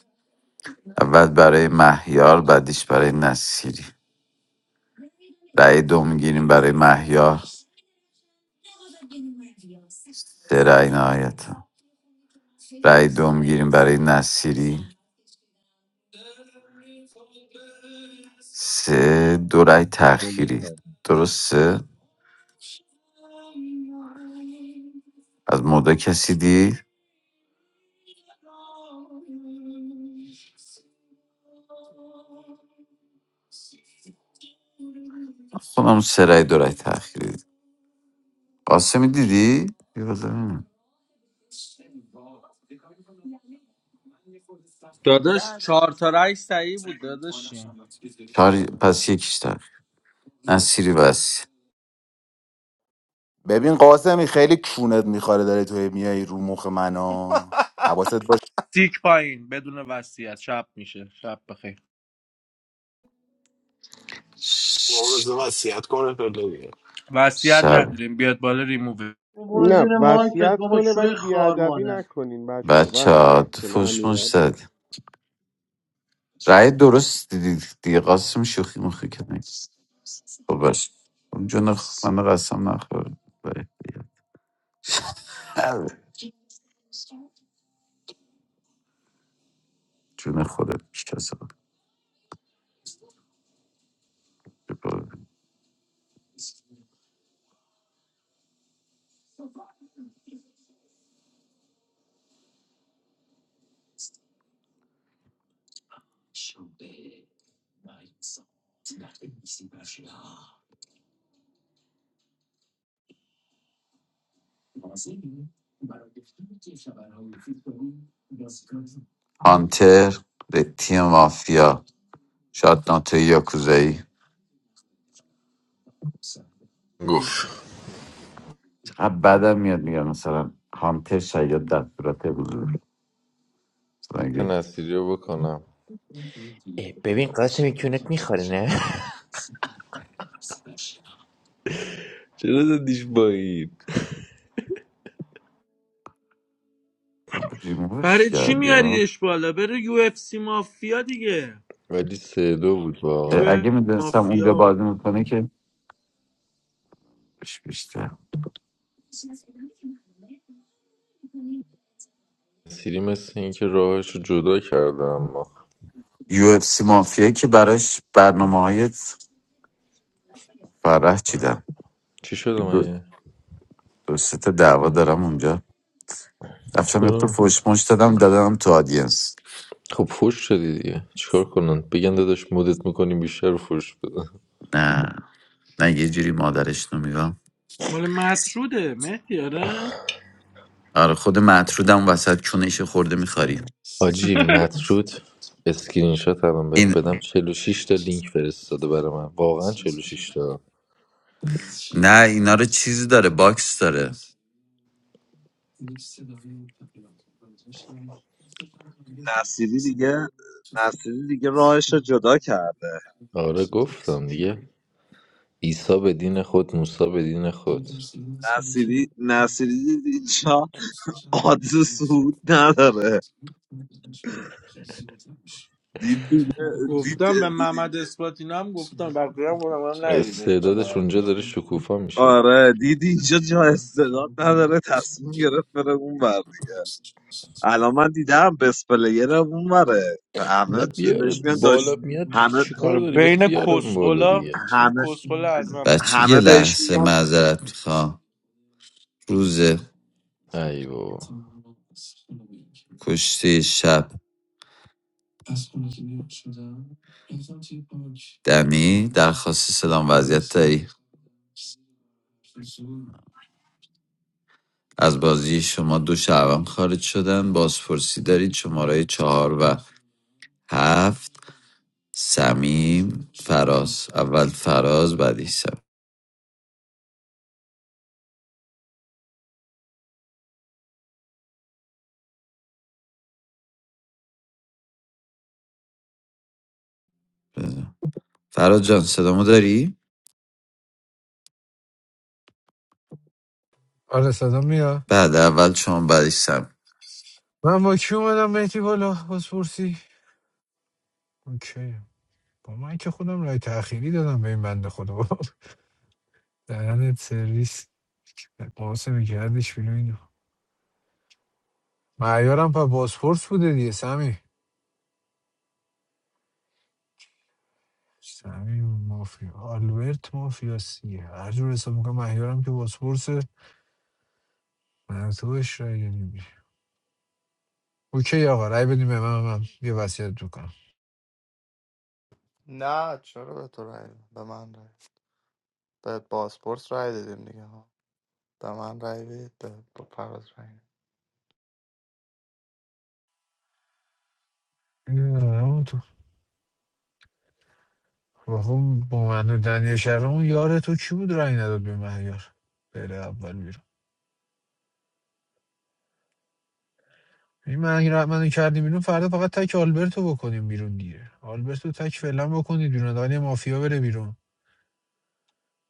[SPEAKER 3] اول برای مهیار بعدیش برای نصیری رأی دو میگیریم برای مهیار سه رای نهایت سه دو رای
[SPEAKER 13] خاموش
[SPEAKER 3] تأخیری
[SPEAKER 13] شو.
[SPEAKER 3] درسته از مودا کسی دید خودم سه رای دو رای تأخیری دید قاسمی دیدی یه بذار ببینم.
[SPEAKER 11] دیگه
[SPEAKER 18] داداش چهار تا رای صحیح بود داداشی
[SPEAKER 3] آره پس یکیش تأخیر نصیری بس
[SPEAKER 10] ببین قاسمی خیلی کونت میخواره داری تو هی میای رو مخ منو حواست
[SPEAKER 18] سیک پایین بدون وصیت شب میشه شب بخیر
[SPEAKER 8] مورز وصیت کنه پلوی
[SPEAKER 18] وصیت
[SPEAKER 3] شب
[SPEAKER 18] نداریم بیاد بالا ریموو
[SPEAKER 4] برو
[SPEAKER 1] نه
[SPEAKER 4] زیر مایکت
[SPEAKER 1] وصیت
[SPEAKER 4] بابا
[SPEAKER 1] کنه
[SPEAKER 4] شوی
[SPEAKER 1] ولی
[SPEAKER 4] خار
[SPEAKER 1] بیادبی
[SPEAKER 4] مادر
[SPEAKER 1] نکنین بچه
[SPEAKER 3] بچه
[SPEAKER 1] وصیت
[SPEAKER 3] ها
[SPEAKER 1] کنه
[SPEAKER 3] فوش مش
[SPEAKER 1] امیرعلی
[SPEAKER 3] زد رای درست دیدی دیگه قاسم شوخی مخی کنی خب باش خب جون خ... من قسم نخور باید بگم. جون خودت کسا هانتر به تیم مافیا شاید ناتوی یاکوزایی
[SPEAKER 19] Goof.
[SPEAKER 3] چقدر بدم میاد میگم مثلا هانتر شاید در صورت حضور مثلا
[SPEAKER 19] Can
[SPEAKER 3] اگه
[SPEAKER 19] I see your book now? Eh, baby, in class they don't want me, huh? What did you buy?
[SPEAKER 3] ریمووش
[SPEAKER 18] برای چی
[SPEAKER 3] کرد یا
[SPEAKER 18] میاریش بالا بره یو اف سی مافیا دیگه
[SPEAKER 19] I just said two books.
[SPEAKER 18] یو اف
[SPEAKER 3] اگه
[SPEAKER 19] Sorry,
[SPEAKER 3] میدونستم اونجا
[SPEAKER 18] مافیا و-
[SPEAKER 3] بازی میکنه که بش بیشتر
[SPEAKER 19] I know that you separated them, but what
[SPEAKER 3] یو اف سی مافیا که براش برنامه های فرح چیدم
[SPEAKER 19] happened to
[SPEAKER 3] دو,
[SPEAKER 19] you?
[SPEAKER 3] دو سه تا دعوا دارم اونجا
[SPEAKER 19] What?
[SPEAKER 3] رفتم یه
[SPEAKER 19] Well,
[SPEAKER 3] فوش مش دادم دادم تو آدینس
[SPEAKER 19] I got divorced. What are you doing? We should spend more time together.
[SPEAKER 3] نه نه یه جوری مادرش نمیگم
[SPEAKER 18] مال مطروده مهدی آره
[SPEAKER 3] آره خود مطرودم وسط کونش خورده میخوری
[SPEAKER 19] Strange. Mature. Excuse me, I'm going to tell you.
[SPEAKER 3] این
[SPEAKER 19] Forty-six links are missing. What? Forty-six?
[SPEAKER 3] نه اینا رو چیزی داره باکس
[SPEAKER 20] نصیری دیگه نصیری دیگه راهش رو جدا کرد
[SPEAKER 19] Oh, goof, I'm telling you. Jesus is God. Jesus is God.
[SPEAKER 20] نصیری نصیری دید اینجا آدز سود نداره دید دیگه
[SPEAKER 18] گفتم به
[SPEAKER 20] دید
[SPEAKER 18] محمد اسپاتینا هم گفتم بقیه هم گفتم من نهیدیش
[SPEAKER 19] Sedade
[SPEAKER 18] بالا آره
[SPEAKER 19] shungedare shukufam ishe.
[SPEAKER 20] آره دید اینجا جا استعداد نداره تصمیم گرفت بره اون بردی الان من دیدم بس پلیر اون بره همه
[SPEAKER 19] Ne biar
[SPEAKER 20] بهش میگن داشت
[SPEAKER 19] bolam ya
[SPEAKER 20] همه
[SPEAKER 19] chikar
[SPEAKER 18] آره
[SPEAKER 19] do, ribas
[SPEAKER 18] بین
[SPEAKER 19] biaram
[SPEAKER 18] کسخلا
[SPEAKER 19] boladiya.
[SPEAKER 18] این
[SPEAKER 20] همه
[SPEAKER 18] کسخلا اعظمه
[SPEAKER 20] همه بهش
[SPEAKER 3] بحث
[SPEAKER 20] میگن
[SPEAKER 19] Ayo.
[SPEAKER 3] کشته شب دمی درخواست سلام وز... از بازی شما دو شهروند خارج شدن بازپرسی دارید شماره چهار و هفت سمیم اول فراز بعدی سم فراز جان صدامو داری؟
[SPEAKER 15] آره صدا میاد
[SPEAKER 3] بعد اول شما بعدی سم
[SPEAKER 15] من با کی اومدم مهدی بالا بازپرسی اوکی با من که خودم رای تأخیری دادم به این بنده خدا دهنت سرویس قاسم کردش بیرون اینو معیارم پر بازپرس بوده دیگه سمی سمی مافیا آلبرت مافیا سیه هر جور حساب میکنم معیارم که بازپرس من تو بهش رای دادیم اوکی آقا رای بدیم به من من یه وصیت
[SPEAKER 11] نه چرا به تو رای دادم؟ به من رای به باسپورس رای دادیم دیگه ها به من رای بدید به به فراز رای ندید.
[SPEAKER 15] میکنم بابا با من و دنیا شهرام یار تو کی بود رای نداد به مهیار بره اول بیرون این مهیار منو کردی بیرون فردا فقط تک آلبرتو بکنیم بیرون دیگه آلبرتو تک فعلا بکنید بیرون دانی مافیا بره بیرون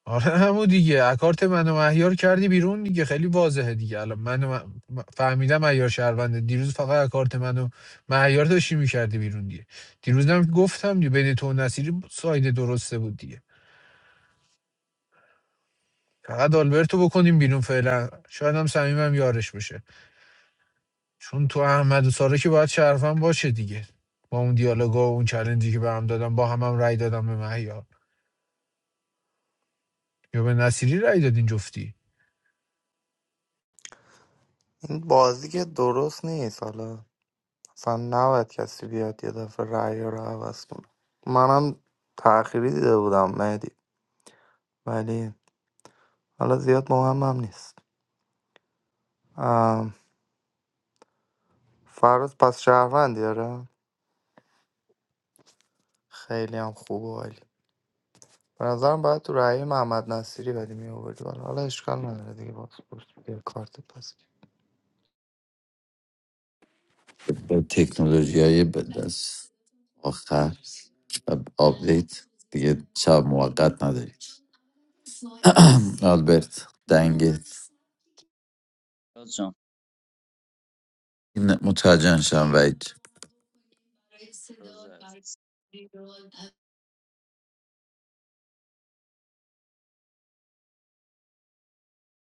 [SPEAKER 15] آره همون دیگه اکارت منو مهیار کردی بیرون دیگه خیلی واضحه دیگه الان منو م... م- فهمیدم مهیار شهرونده دیروز فقط اکارت منو مهیار داشتی میکردی بیرون دیگه دیروزم گفتم دیگه بین تو و نصیری ساید درسته بود دیگه فقط آلبرتو بکنیم بیرون فعلا شاید هم صمیمم یارش بشه چون تو احمد و سارا که باید شرفم باشه دیگه با اون دیالوگا و اون چلنجی که به هم دادم با هم هم رأی دادم به مهیار یا به نصیری رأی دادین جفتی
[SPEAKER 11] این بازی که درست نیست حالا اصلا نباید کسی بیاد یه دفعه رای رو عوض کنه منم تأخیری دیده بودم مهدی ولی حالا زیاد مهمم نیست ام، فراز پس شهروندی داره خیلی هم خوبه به نظرم باید تو رأی محمد نصیری بدی میآوردی بالا حالا اشکال نداره دیگه باز پرس بیا کارت پس
[SPEAKER 3] تک
[SPEAKER 17] فراز جان
[SPEAKER 3] این متوجه شم وید
[SPEAKER 17] فراز عزیز.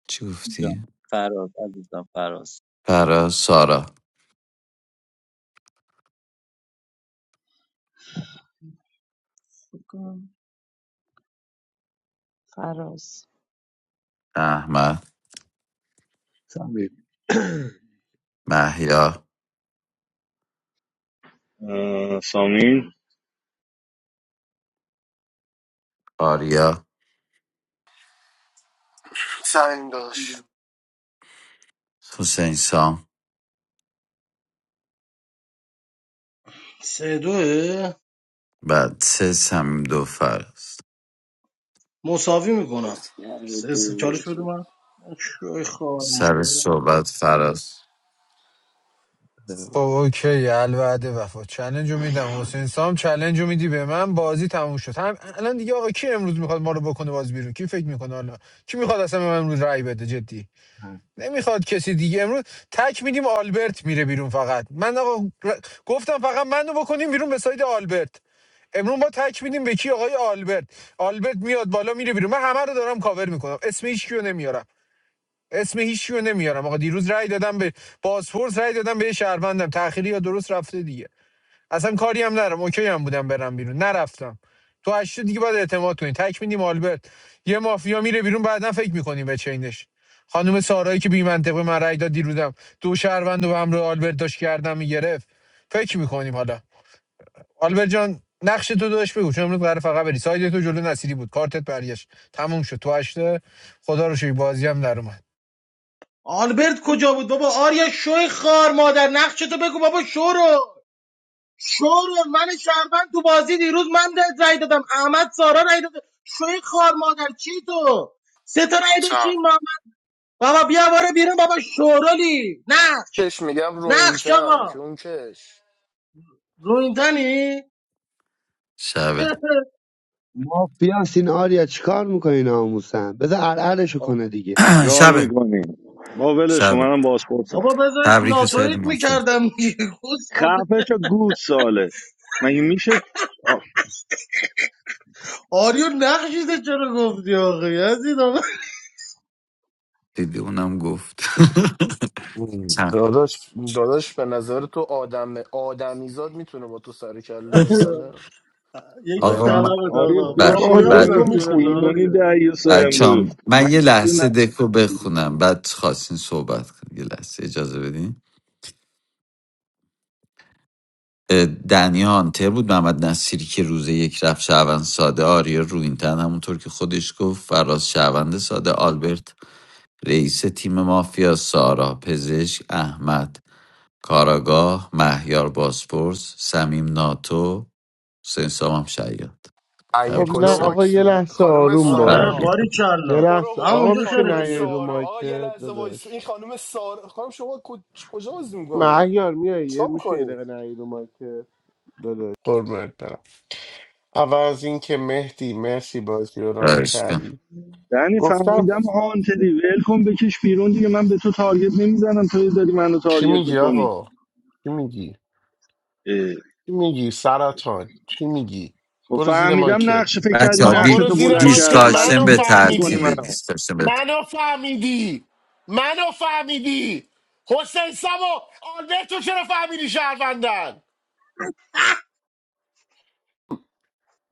[SPEAKER 3] چی گفتی؟
[SPEAKER 17] جان فراز عزیزم فراز
[SPEAKER 3] فراز سارا
[SPEAKER 14] فراز
[SPEAKER 3] احمد
[SPEAKER 13] سمیر.
[SPEAKER 3] محیا
[SPEAKER 9] اه، سامین
[SPEAKER 3] آریا
[SPEAKER 8] سمین داشت
[SPEAKER 3] حسین سام
[SPEAKER 4] سه دوه
[SPEAKER 3] بعد سه سمیم دو فراز
[SPEAKER 4] مساوی میکنم
[SPEAKER 8] بسیار دوری
[SPEAKER 4] سه سه چالش بده
[SPEAKER 8] تو.
[SPEAKER 4] من شوی خار
[SPEAKER 3] سر
[SPEAKER 4] مادر
[SPEAKER 3] صحبت فراز
[SPEAKER 13] بده به
[SPEAKER 15] خب اوکی الوعد وفا چلنج رو میدم حسین سام چلنج رو میدی به من بازی تموم شد هم الان دیگه آقا کی امروز میخواد ما رو بکنه باز بیرون کی فکر میکنه حالا کی میخواد اصلا به من امروز رأی بده جدی
[SPEAKER 13] من.
[SPEAKER 15] نمیخواد کسی دیگه امروز تک میدیم آلبرت میره بیرون فقط من آقا ر- گفتم فقط منو بکنیم بیرون به ساید آلبرت امروز ما تک میدیم به کی آقای آلبرت آلبرت میاد بالا میره بیرون من همه رو دارم کاور میکنم اسم هیچ کیو نمیارم اسم هیچ کیو نمیارم آقا دیروز رأی دادم به پاسپورت رأی دادم به یه شهروندم تأخیری یا درست رفته دیگه اصلا کاری هم نرم اوکی هم بودم برم بیرون نرفتم تو هشت دیگه باید اعتماد کنی تک میدیم آلبرت یه مافیا میره بیرون بعدا فکر میکنیم به چینش خانم سارایی که بی منطقه من رای داد دیروزم دو شهروند و رو آلبرت داشت کردم میگرفت فکر میکنیم حالا آلبرت جان نقش تو داشت بگو چون امروز قرار فقط بری ساید تو جلو نصیری بود کارتت برگشت تموم شد تو هشته خدا رو شکر بازی هم در اومد
[SPEAKER 4] آلبرت کجا بود بابا آریا شوی خار مادر نقشه تو بگو بابا شورو شورو من شهروند تو بازی دیروز من ده- رای دادم احمد سارا رای داد شوی خار مادر چی تو سه تا رای داشتی
[SPEAKER 8] روینتن
[SPEAKER 4] محمد بابا بیا باره بیرون بابا شورولی نه
[SPEAKER 8] کش میگم
[SPEAKER 4] نقش
[SPEAKER 8] روینتن
[SPEAKER 4] آقا
[SPEAKER 8] کیون کش
[SPEAKER 4] رو این تنی
[SPEAKER 3] شبه
[SPEAKER 13] مافیا سین آریا چیکار میکنین آموسن بذار ارعرشو کنه دیگه
[SPEAKER 9] گار
[SPEAKER 3] شبه
[SPEAKER 9] میکنیم با ولش کن
[SPEAKER 3] شبه
[SPEAKER 9] منم بازپرسم
[SPEAKER 4] بابا بذارش
[SPEAKER 3] تبریک به سید
[SPEAKER 4] ناتوریت
[SPEAKER 3] مافیا
[SPEAKER 4] میکردم دیگه گوز خورده.
[SPEAKER 9] خفش گود ساله مگه میشه آ-
[SPEAKER 4] آریو نقشیده چرا گفتی آقا یزید آقا
[SPEAKER 3] دیدی اونم گفت چند-
[SPEAKER 8] داداش داداش به نظر تو آدم آدمیزاد میتونه با تو سر کله بزنه
[SPEAKER 4] یکی
[SPEAKER 3] آقا
[SPEAKER 8] ولم
[SPEAKER 3] من
[SPEAKER 4] طلا بود
[SPEAKER 8] کن
[SPEAKER 9] آره
[SPEAKER 4] آقا
[SPEAKER 8] بابا
[SPEAKER 4] با
[SPEAKER 3] بعد
[SPEAKER 9] بشین
[SPEAKER 4] بیا
[SPEAKER 3] بعد
[SPEAKER 4] بودم
[SPEAKER 9] میکنیمش
[SPEAKER 4] جونت
[SPEAKER 1] میخونی؟
[SPEAKER 9] بیرونی
[SPEAKER 4] آریو
[SPEAKER 9] دریوسا
[SPEAKER 3] بچه‌ام،
[SPEAKER 9] امروز
[SPEAKER 3] من یه
[SPEAKER 9] مگه میشه
[SPEAKER 3] لحظه
[SPEAKER 9] نقشه
[SPEAKER 3] دکو بخونم بعد خواستین صحبت کنید یه لحظه اجازه بدین دنیا هانتر بود محمد نصیری که روز یک رفت شهروند ساده آریا روینتن همونطور که خودش گفت فراز شهروند ساده آلبرت رئیس تیم مافیا سارا پزشک احمد کاراگاه مهیار باسپورس سمیم ناتو حسین سامم شیاد
[SPEAKER 8] ایه
[SPEAKER 1] خب
[SPEAKER 3] تبریک
[SPEAKER 8] کدو
[SPEAKER 1] نه
[SPEAKER 3] حسین.
[SPEAKER 1] آقا
[SPEAKER 8] واکس
[SPEAKER 1] یه
[SPEAKER 8] بودی
[SPEAKER 1] لحظه
[SPEAKER 8] خانم
[SPEAKER 1] آروم
[SPEAKER 4] آره
[SPEAKER 1] باش
[SPEAKER 3] بله
[SPEAKER 8] سارا
[SPEAKER 4] باری
[SPEAKER 1] یه
[SPEAKER 4] کلا
[SPEAKER 8] تو رو
[SPEAKER 1] لحظه
[SPEAKER 8] قرآن
[SPEAKER 1] آقا
[SPEAKER 8] این
[SPEAKER 4] همونجا
[SPEAKER 1] میشه
[SPEAKER 8] خانم
[SPEAKER 4] خیرتو
[SPEAKER 1] نیای رو
[SPEAKER 4] گرفت
[SPEAKER 8] سارا آقا یه
[SPEAKER 1] مایکت
[SPEAKER 8] لحظه وایس این
[SPEAKER 1] داداش
[SPEAKER 8] خانم سارا خانم شما کو- کجا بازی میکنی
[SPEAKER 1] مهیار میای یه-
[SPEAKER 8] چیکار
[SPEAKER 1] میشه یه
[SPEAKER 8] میکنی
[SPEAKER 1] دقیقه نیای رو مایکت داداش قربونت برم اول از اینکه مهدی مرسی بازی رو ران کردی
[SPEAKER 9] دنی
[SPEAKER 1] گفتم
[SPEAKER 9] فهمیدم هانتدی ول کن بکش بیرون دیگه من به تو تارگت نمیزنم تو داری منو
[SPEAKER 1] چی
[SPEAKER 9] تارگت
[SPEAKER 1] میگی
[SPEAKER 9] میکنی
[SPEAKER 1] آقا چی میگی چی میگی سرطان چی میگی
[SPEAKER 9] خب
[SPEAKER 1] برو زیر
[SPEAKER 9] فهمیدم
[SPEAKER 1] مایکت
[SPEAKER 9] نقشه فکر کردی
[SPEAKER 3] بچه ها
[SPEAKER 1] آقا
[SPEAKER 9] نقشه
[SPEAKER 1] برو
[SPEAKER 9] تو
[SPEAKER 1] زیر
[SPEAKER 9] بلند
[SPEAKER 1] مایکت
[SPEAKER 9] کردم برای
[SPEAKER 3] دیسکاشن
[SPEAKER 9] چی
[SPEAKER 1] منو
[SPEAKER 3] به
[SPEAKER 9] بلند میکنی
[SPEAKER 1] فهمیدی
[SPEAKER 9] منو
[SPEAKER 3] ترتیب
[SPEAKER 1] منو فهمیدی منو فهمیدی حسین سامو آلبرتو چرا فهمیدی شهروندن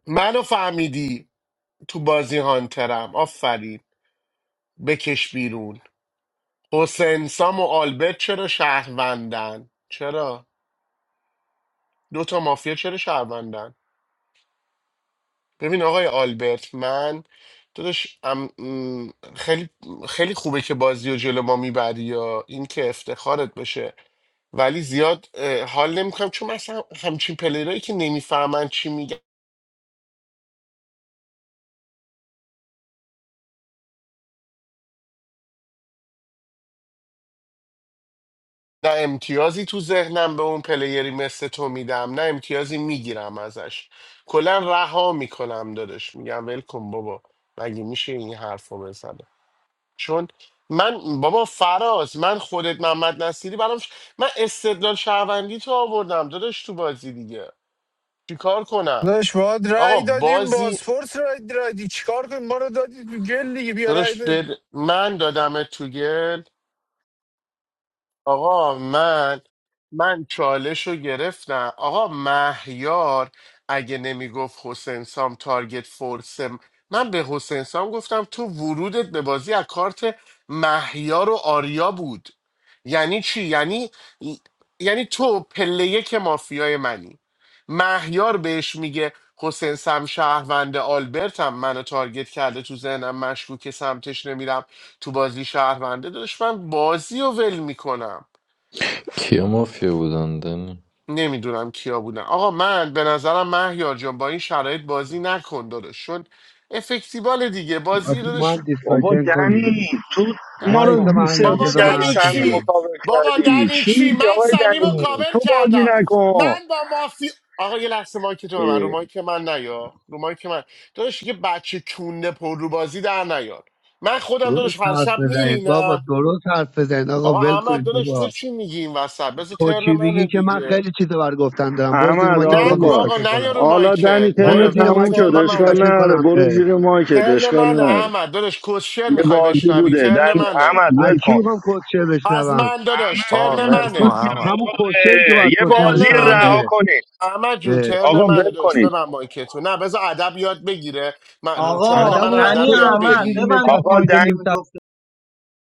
[SPEAKER 1] منو فهمیدی تو بازی هانترم آفرین بکش بیرون حسین سام و آلبرت چرا شهروندن چرا دو تا مافیا چرا شهروندن ببین آقای آلبرت من داداش ام- م، خیلی خیلی خوبه که بازی و جلو ما میبری یا این که افتخارت بشه ولی زیاد اه، حال نمیکنم چون مثلا همچین پلیرایی که نمیفهمن چی میگن نه امتیازی تو ذهنم به اون پلیری مثل تو میدم نه امتیازی میگیرم ازش کلا رها میکنم داداش میگم ول کن بابا مگه میشه این حرفو رو چون من بابا فراز من خودت محمد نصیری برام ش- من استدلال شهروندی تو آوردم داداش تو بازی دیگه چیکار کنم
[SPEAKER 15] داش باید
[SPEAKER 1] آقا
[SPEAKER 15] رای دادیم باز
[SPEAKER 1] بازی
[SPEAKER 15] فورس رای دادی چیکار کنیم ما رو دادی تو گل دیگه بیا رای
[SPEAKER 1] داداش
[SPEAKER 15] ده.
[SPEAKER 1] بد... من دادم تو گل آقا من من چالش رو گرفتم آقا مهیار اگه نمیگفت حسین سام تارگت فورسم من به حسین سام گفتم تو ورودت به بازی از کارت مهیار و آریا بود یعنی چی یعنی یعنی تو پله یک مافیای منی مهیار بهش میگه حسین سم شهروند آلبرتم منو تارگت کرده تو ذهنم مشکوک سمتش نمیرم تو بازی شهرونده داشت من بازی رو ول میکنم
[SPEAKER 19] Kio mafia udandeni.
[SPEAKER 1] نمیدونم کیا بودن آقا من به نظرم مهیار جان با این شرایط بازی نکن داداش چون افکتیبال دیگه بازی
[SPEAKER 13] آسه ما
[SPEAKER 1] داداش
[SPEAKER 13] هم
[SPEAKER 9] بابا
[SPEAKER 13] دیسکاشن کنیم
[SPEAKER 9] دنی تو ما رو
[SPEAKER 13] وایس
[SPEAKER 1] نکن
[SPEAKER 13] من یاد
[SPEAKER 1] بابا
[SPEAKER 9] سرویس
[SPEAKER 13] بذار من
[SPEAKER 9] کردی
[SPEAKER 1] دنی
[SPEAKER 13] حرف
[SPEAKER 9] سمی
[SPEAKER 1] چی
[SPEAKER 13] بزنم
[SPEAKER 9] مکاور
[SPEAKER 1] بابا
[SPEAKER 9] کردی
[SPEAKER 1] دنی
[SPEAKER 9] چی
[SPEAKER 1] چی
[SPEAKER 9] میگی
[SPEAKER 1] من
[SPEAKER 9] آقای
[SPEAKER 1] صمیم و
[SPEAKER 9] دنی
[SPEAKER 1] کاور
[SPEAKER 9] تو بازی
[SPEAKER 1] کردم
[SPEAKER 9] نکن
[SPEAKER 1] من با مافی آقا یه لحظه مایک تو ببر رو
[SPEAKER 9] اه،
[SPEAKER 1] مایک من نیا رو مایک من داداش یه بچه کونه پر رو بازی در نیار من خودم
[SPEAKER 13] درست
[SPEAKER 1] داداش هر
[SPEAKER 13] حرف
[SPEAKER 1] شب
[SPEAKER 13] بزنید بابا
[SPEAKER 1] میرینم
[SPEAKER 13] درست حرف بزنید آقا
[SPEAKER 1] آقا
[SPEAKER 13] ول
[SPEAKER 1] احمد
[SPEAKER 13] کنید
[SPEAKER 1] داداش تو
[SPEAKER 13] بابا
[SPEAKER 1] چی میگی این وسط بذار
[SPEAKER 13] تو
[SPEAKER 1] ترن
[SPEAKER 13] چی بگی
[SPEAKER 1] منه
[SPEAKER 13] که من
[SPEAKER 1] دیگه
[SPEAKER 13] خیلی چیزا بر گفتن دارم برو زیر
[SPEAKER 9] احمد
[SPEAKER 13] مارکت
[SPEAKER 9] آروم
[SPEAKER 13] میخوام
[SPEAKER 1] نگو
[SPEAKER 9] باش
[SPEAKER 1] آقا
[SPEAKER 13] دیسکشن
[SPEAKER 1] نیا
[SPEAKER 13] کنم
[SPEAKER 1] رو
[SPEAKER 9] حالا
[SPEAKER 1] مایکت
[SPEAKER 9] دنی
[SPEAKER 1] نیا
[SPEAKER 9] ترن
[SPEAKER 13] برو زیر
[SPEAKER 1] الان
[SPEAKER 9] تموم
[SPEAKER 13] مارکت
[SPEAKER 9] شد
[SPEAKER 1] ترن
[SPEAKER 13] میخوام
[SPEAKER 9] اشکال
[SPEAKER 1] منه
[SPEAKER 13] دیسکشن
[SPEAKER 9] نره
[SPEAKER 13] کنم اه.
[SPEAKER 9] برو زیر مایکت
[SPEAKER 1] ترن
[SPEAKER 9] اشکال
[SPEAKER 1] منه
[SPEAKER 9] نره
[SPEAKER 1] احمد داداش کوشر
[SPEAKER 9] یه
[SPEAKER 1] میخوای
[SPEAKER 9] بازی
[SPEAKER 1] بشنوی
[SPEAKER 9] بوده
[SPEAKER 1] ترن
[SPEAKER 9] دنی
[SPEAKER 1] منه
[SPEAKER 9] احمد
[SPEAKER 13] از
[SPEAKER 9] ول کن
[SPEAKER 13] کی میخوام کوچر
[SPEAKER 1] از
[SPEAKER 13] بشنوم
[SPEAKER 1] من داداش
[SPEAKER 11] آه
[SPEAKER 1] ترن
[SPEAKER 9] ول
[SPEAKER 11] ول
[SPEAKER 9] کن
[SPEAKER 11] کن
[SPEAKER 13] تو
[SPEAKER 1] منه
[SPEAKER 9] میگم
[SPEAKER 11] احمد.
[SPEAKER 13] همون
[SPEAKER 9] آقا
[SPEAKER 13] کوچری که
[SPEAKER 9] اه،
[SPEAKER 13] باید
[SPEAKER 9] یه
[SPEAKER 13] کوچر
[SPEAKER 9] بازی
[SPEAKER 1] ترن
[SPEAKER 13] بشنوم
[SPEAKER 9] رها
[SPEAKER 1] منه
[SPEAKER 13] دیگه
[SPEAKER 9] کنید
[SPEAKER 1] احمد جون
[SPEAKER 13] اه.
[SPEAKER 1] ترن
[SPEAKER 9] آقا
[SPEAKER 1] منه
[SPEAKER 9] ول
[SPEAKER 1] داداش به
[SPEAKER 9] کنید
[SPEAKER 1] من مایکتو نه بذار ادب یاد بگیره من ترن
[SPEAKER 13] ادب
[SPEAKER 4] آقا
[SPEAKER 1] من
[SPEAKER 13] رو باید
[SPEAKER 1] ادب
[SPEAKER 4] دنی
[SPEAKER 13] تو
[SPEAKER 1] یاد
[SPEAKER 13] یاد
[SPEAKER 4] احمد
[SPEAKER 1] بگیر
[SPEAKER 13] بگیری
[SPEAKER 4] ببندید
[SPEAKER 13] نشستی
[SPEAKER 9] آقا
[SPEAKER 13] میده نیم
[SPEAKER 4] مایکتون رو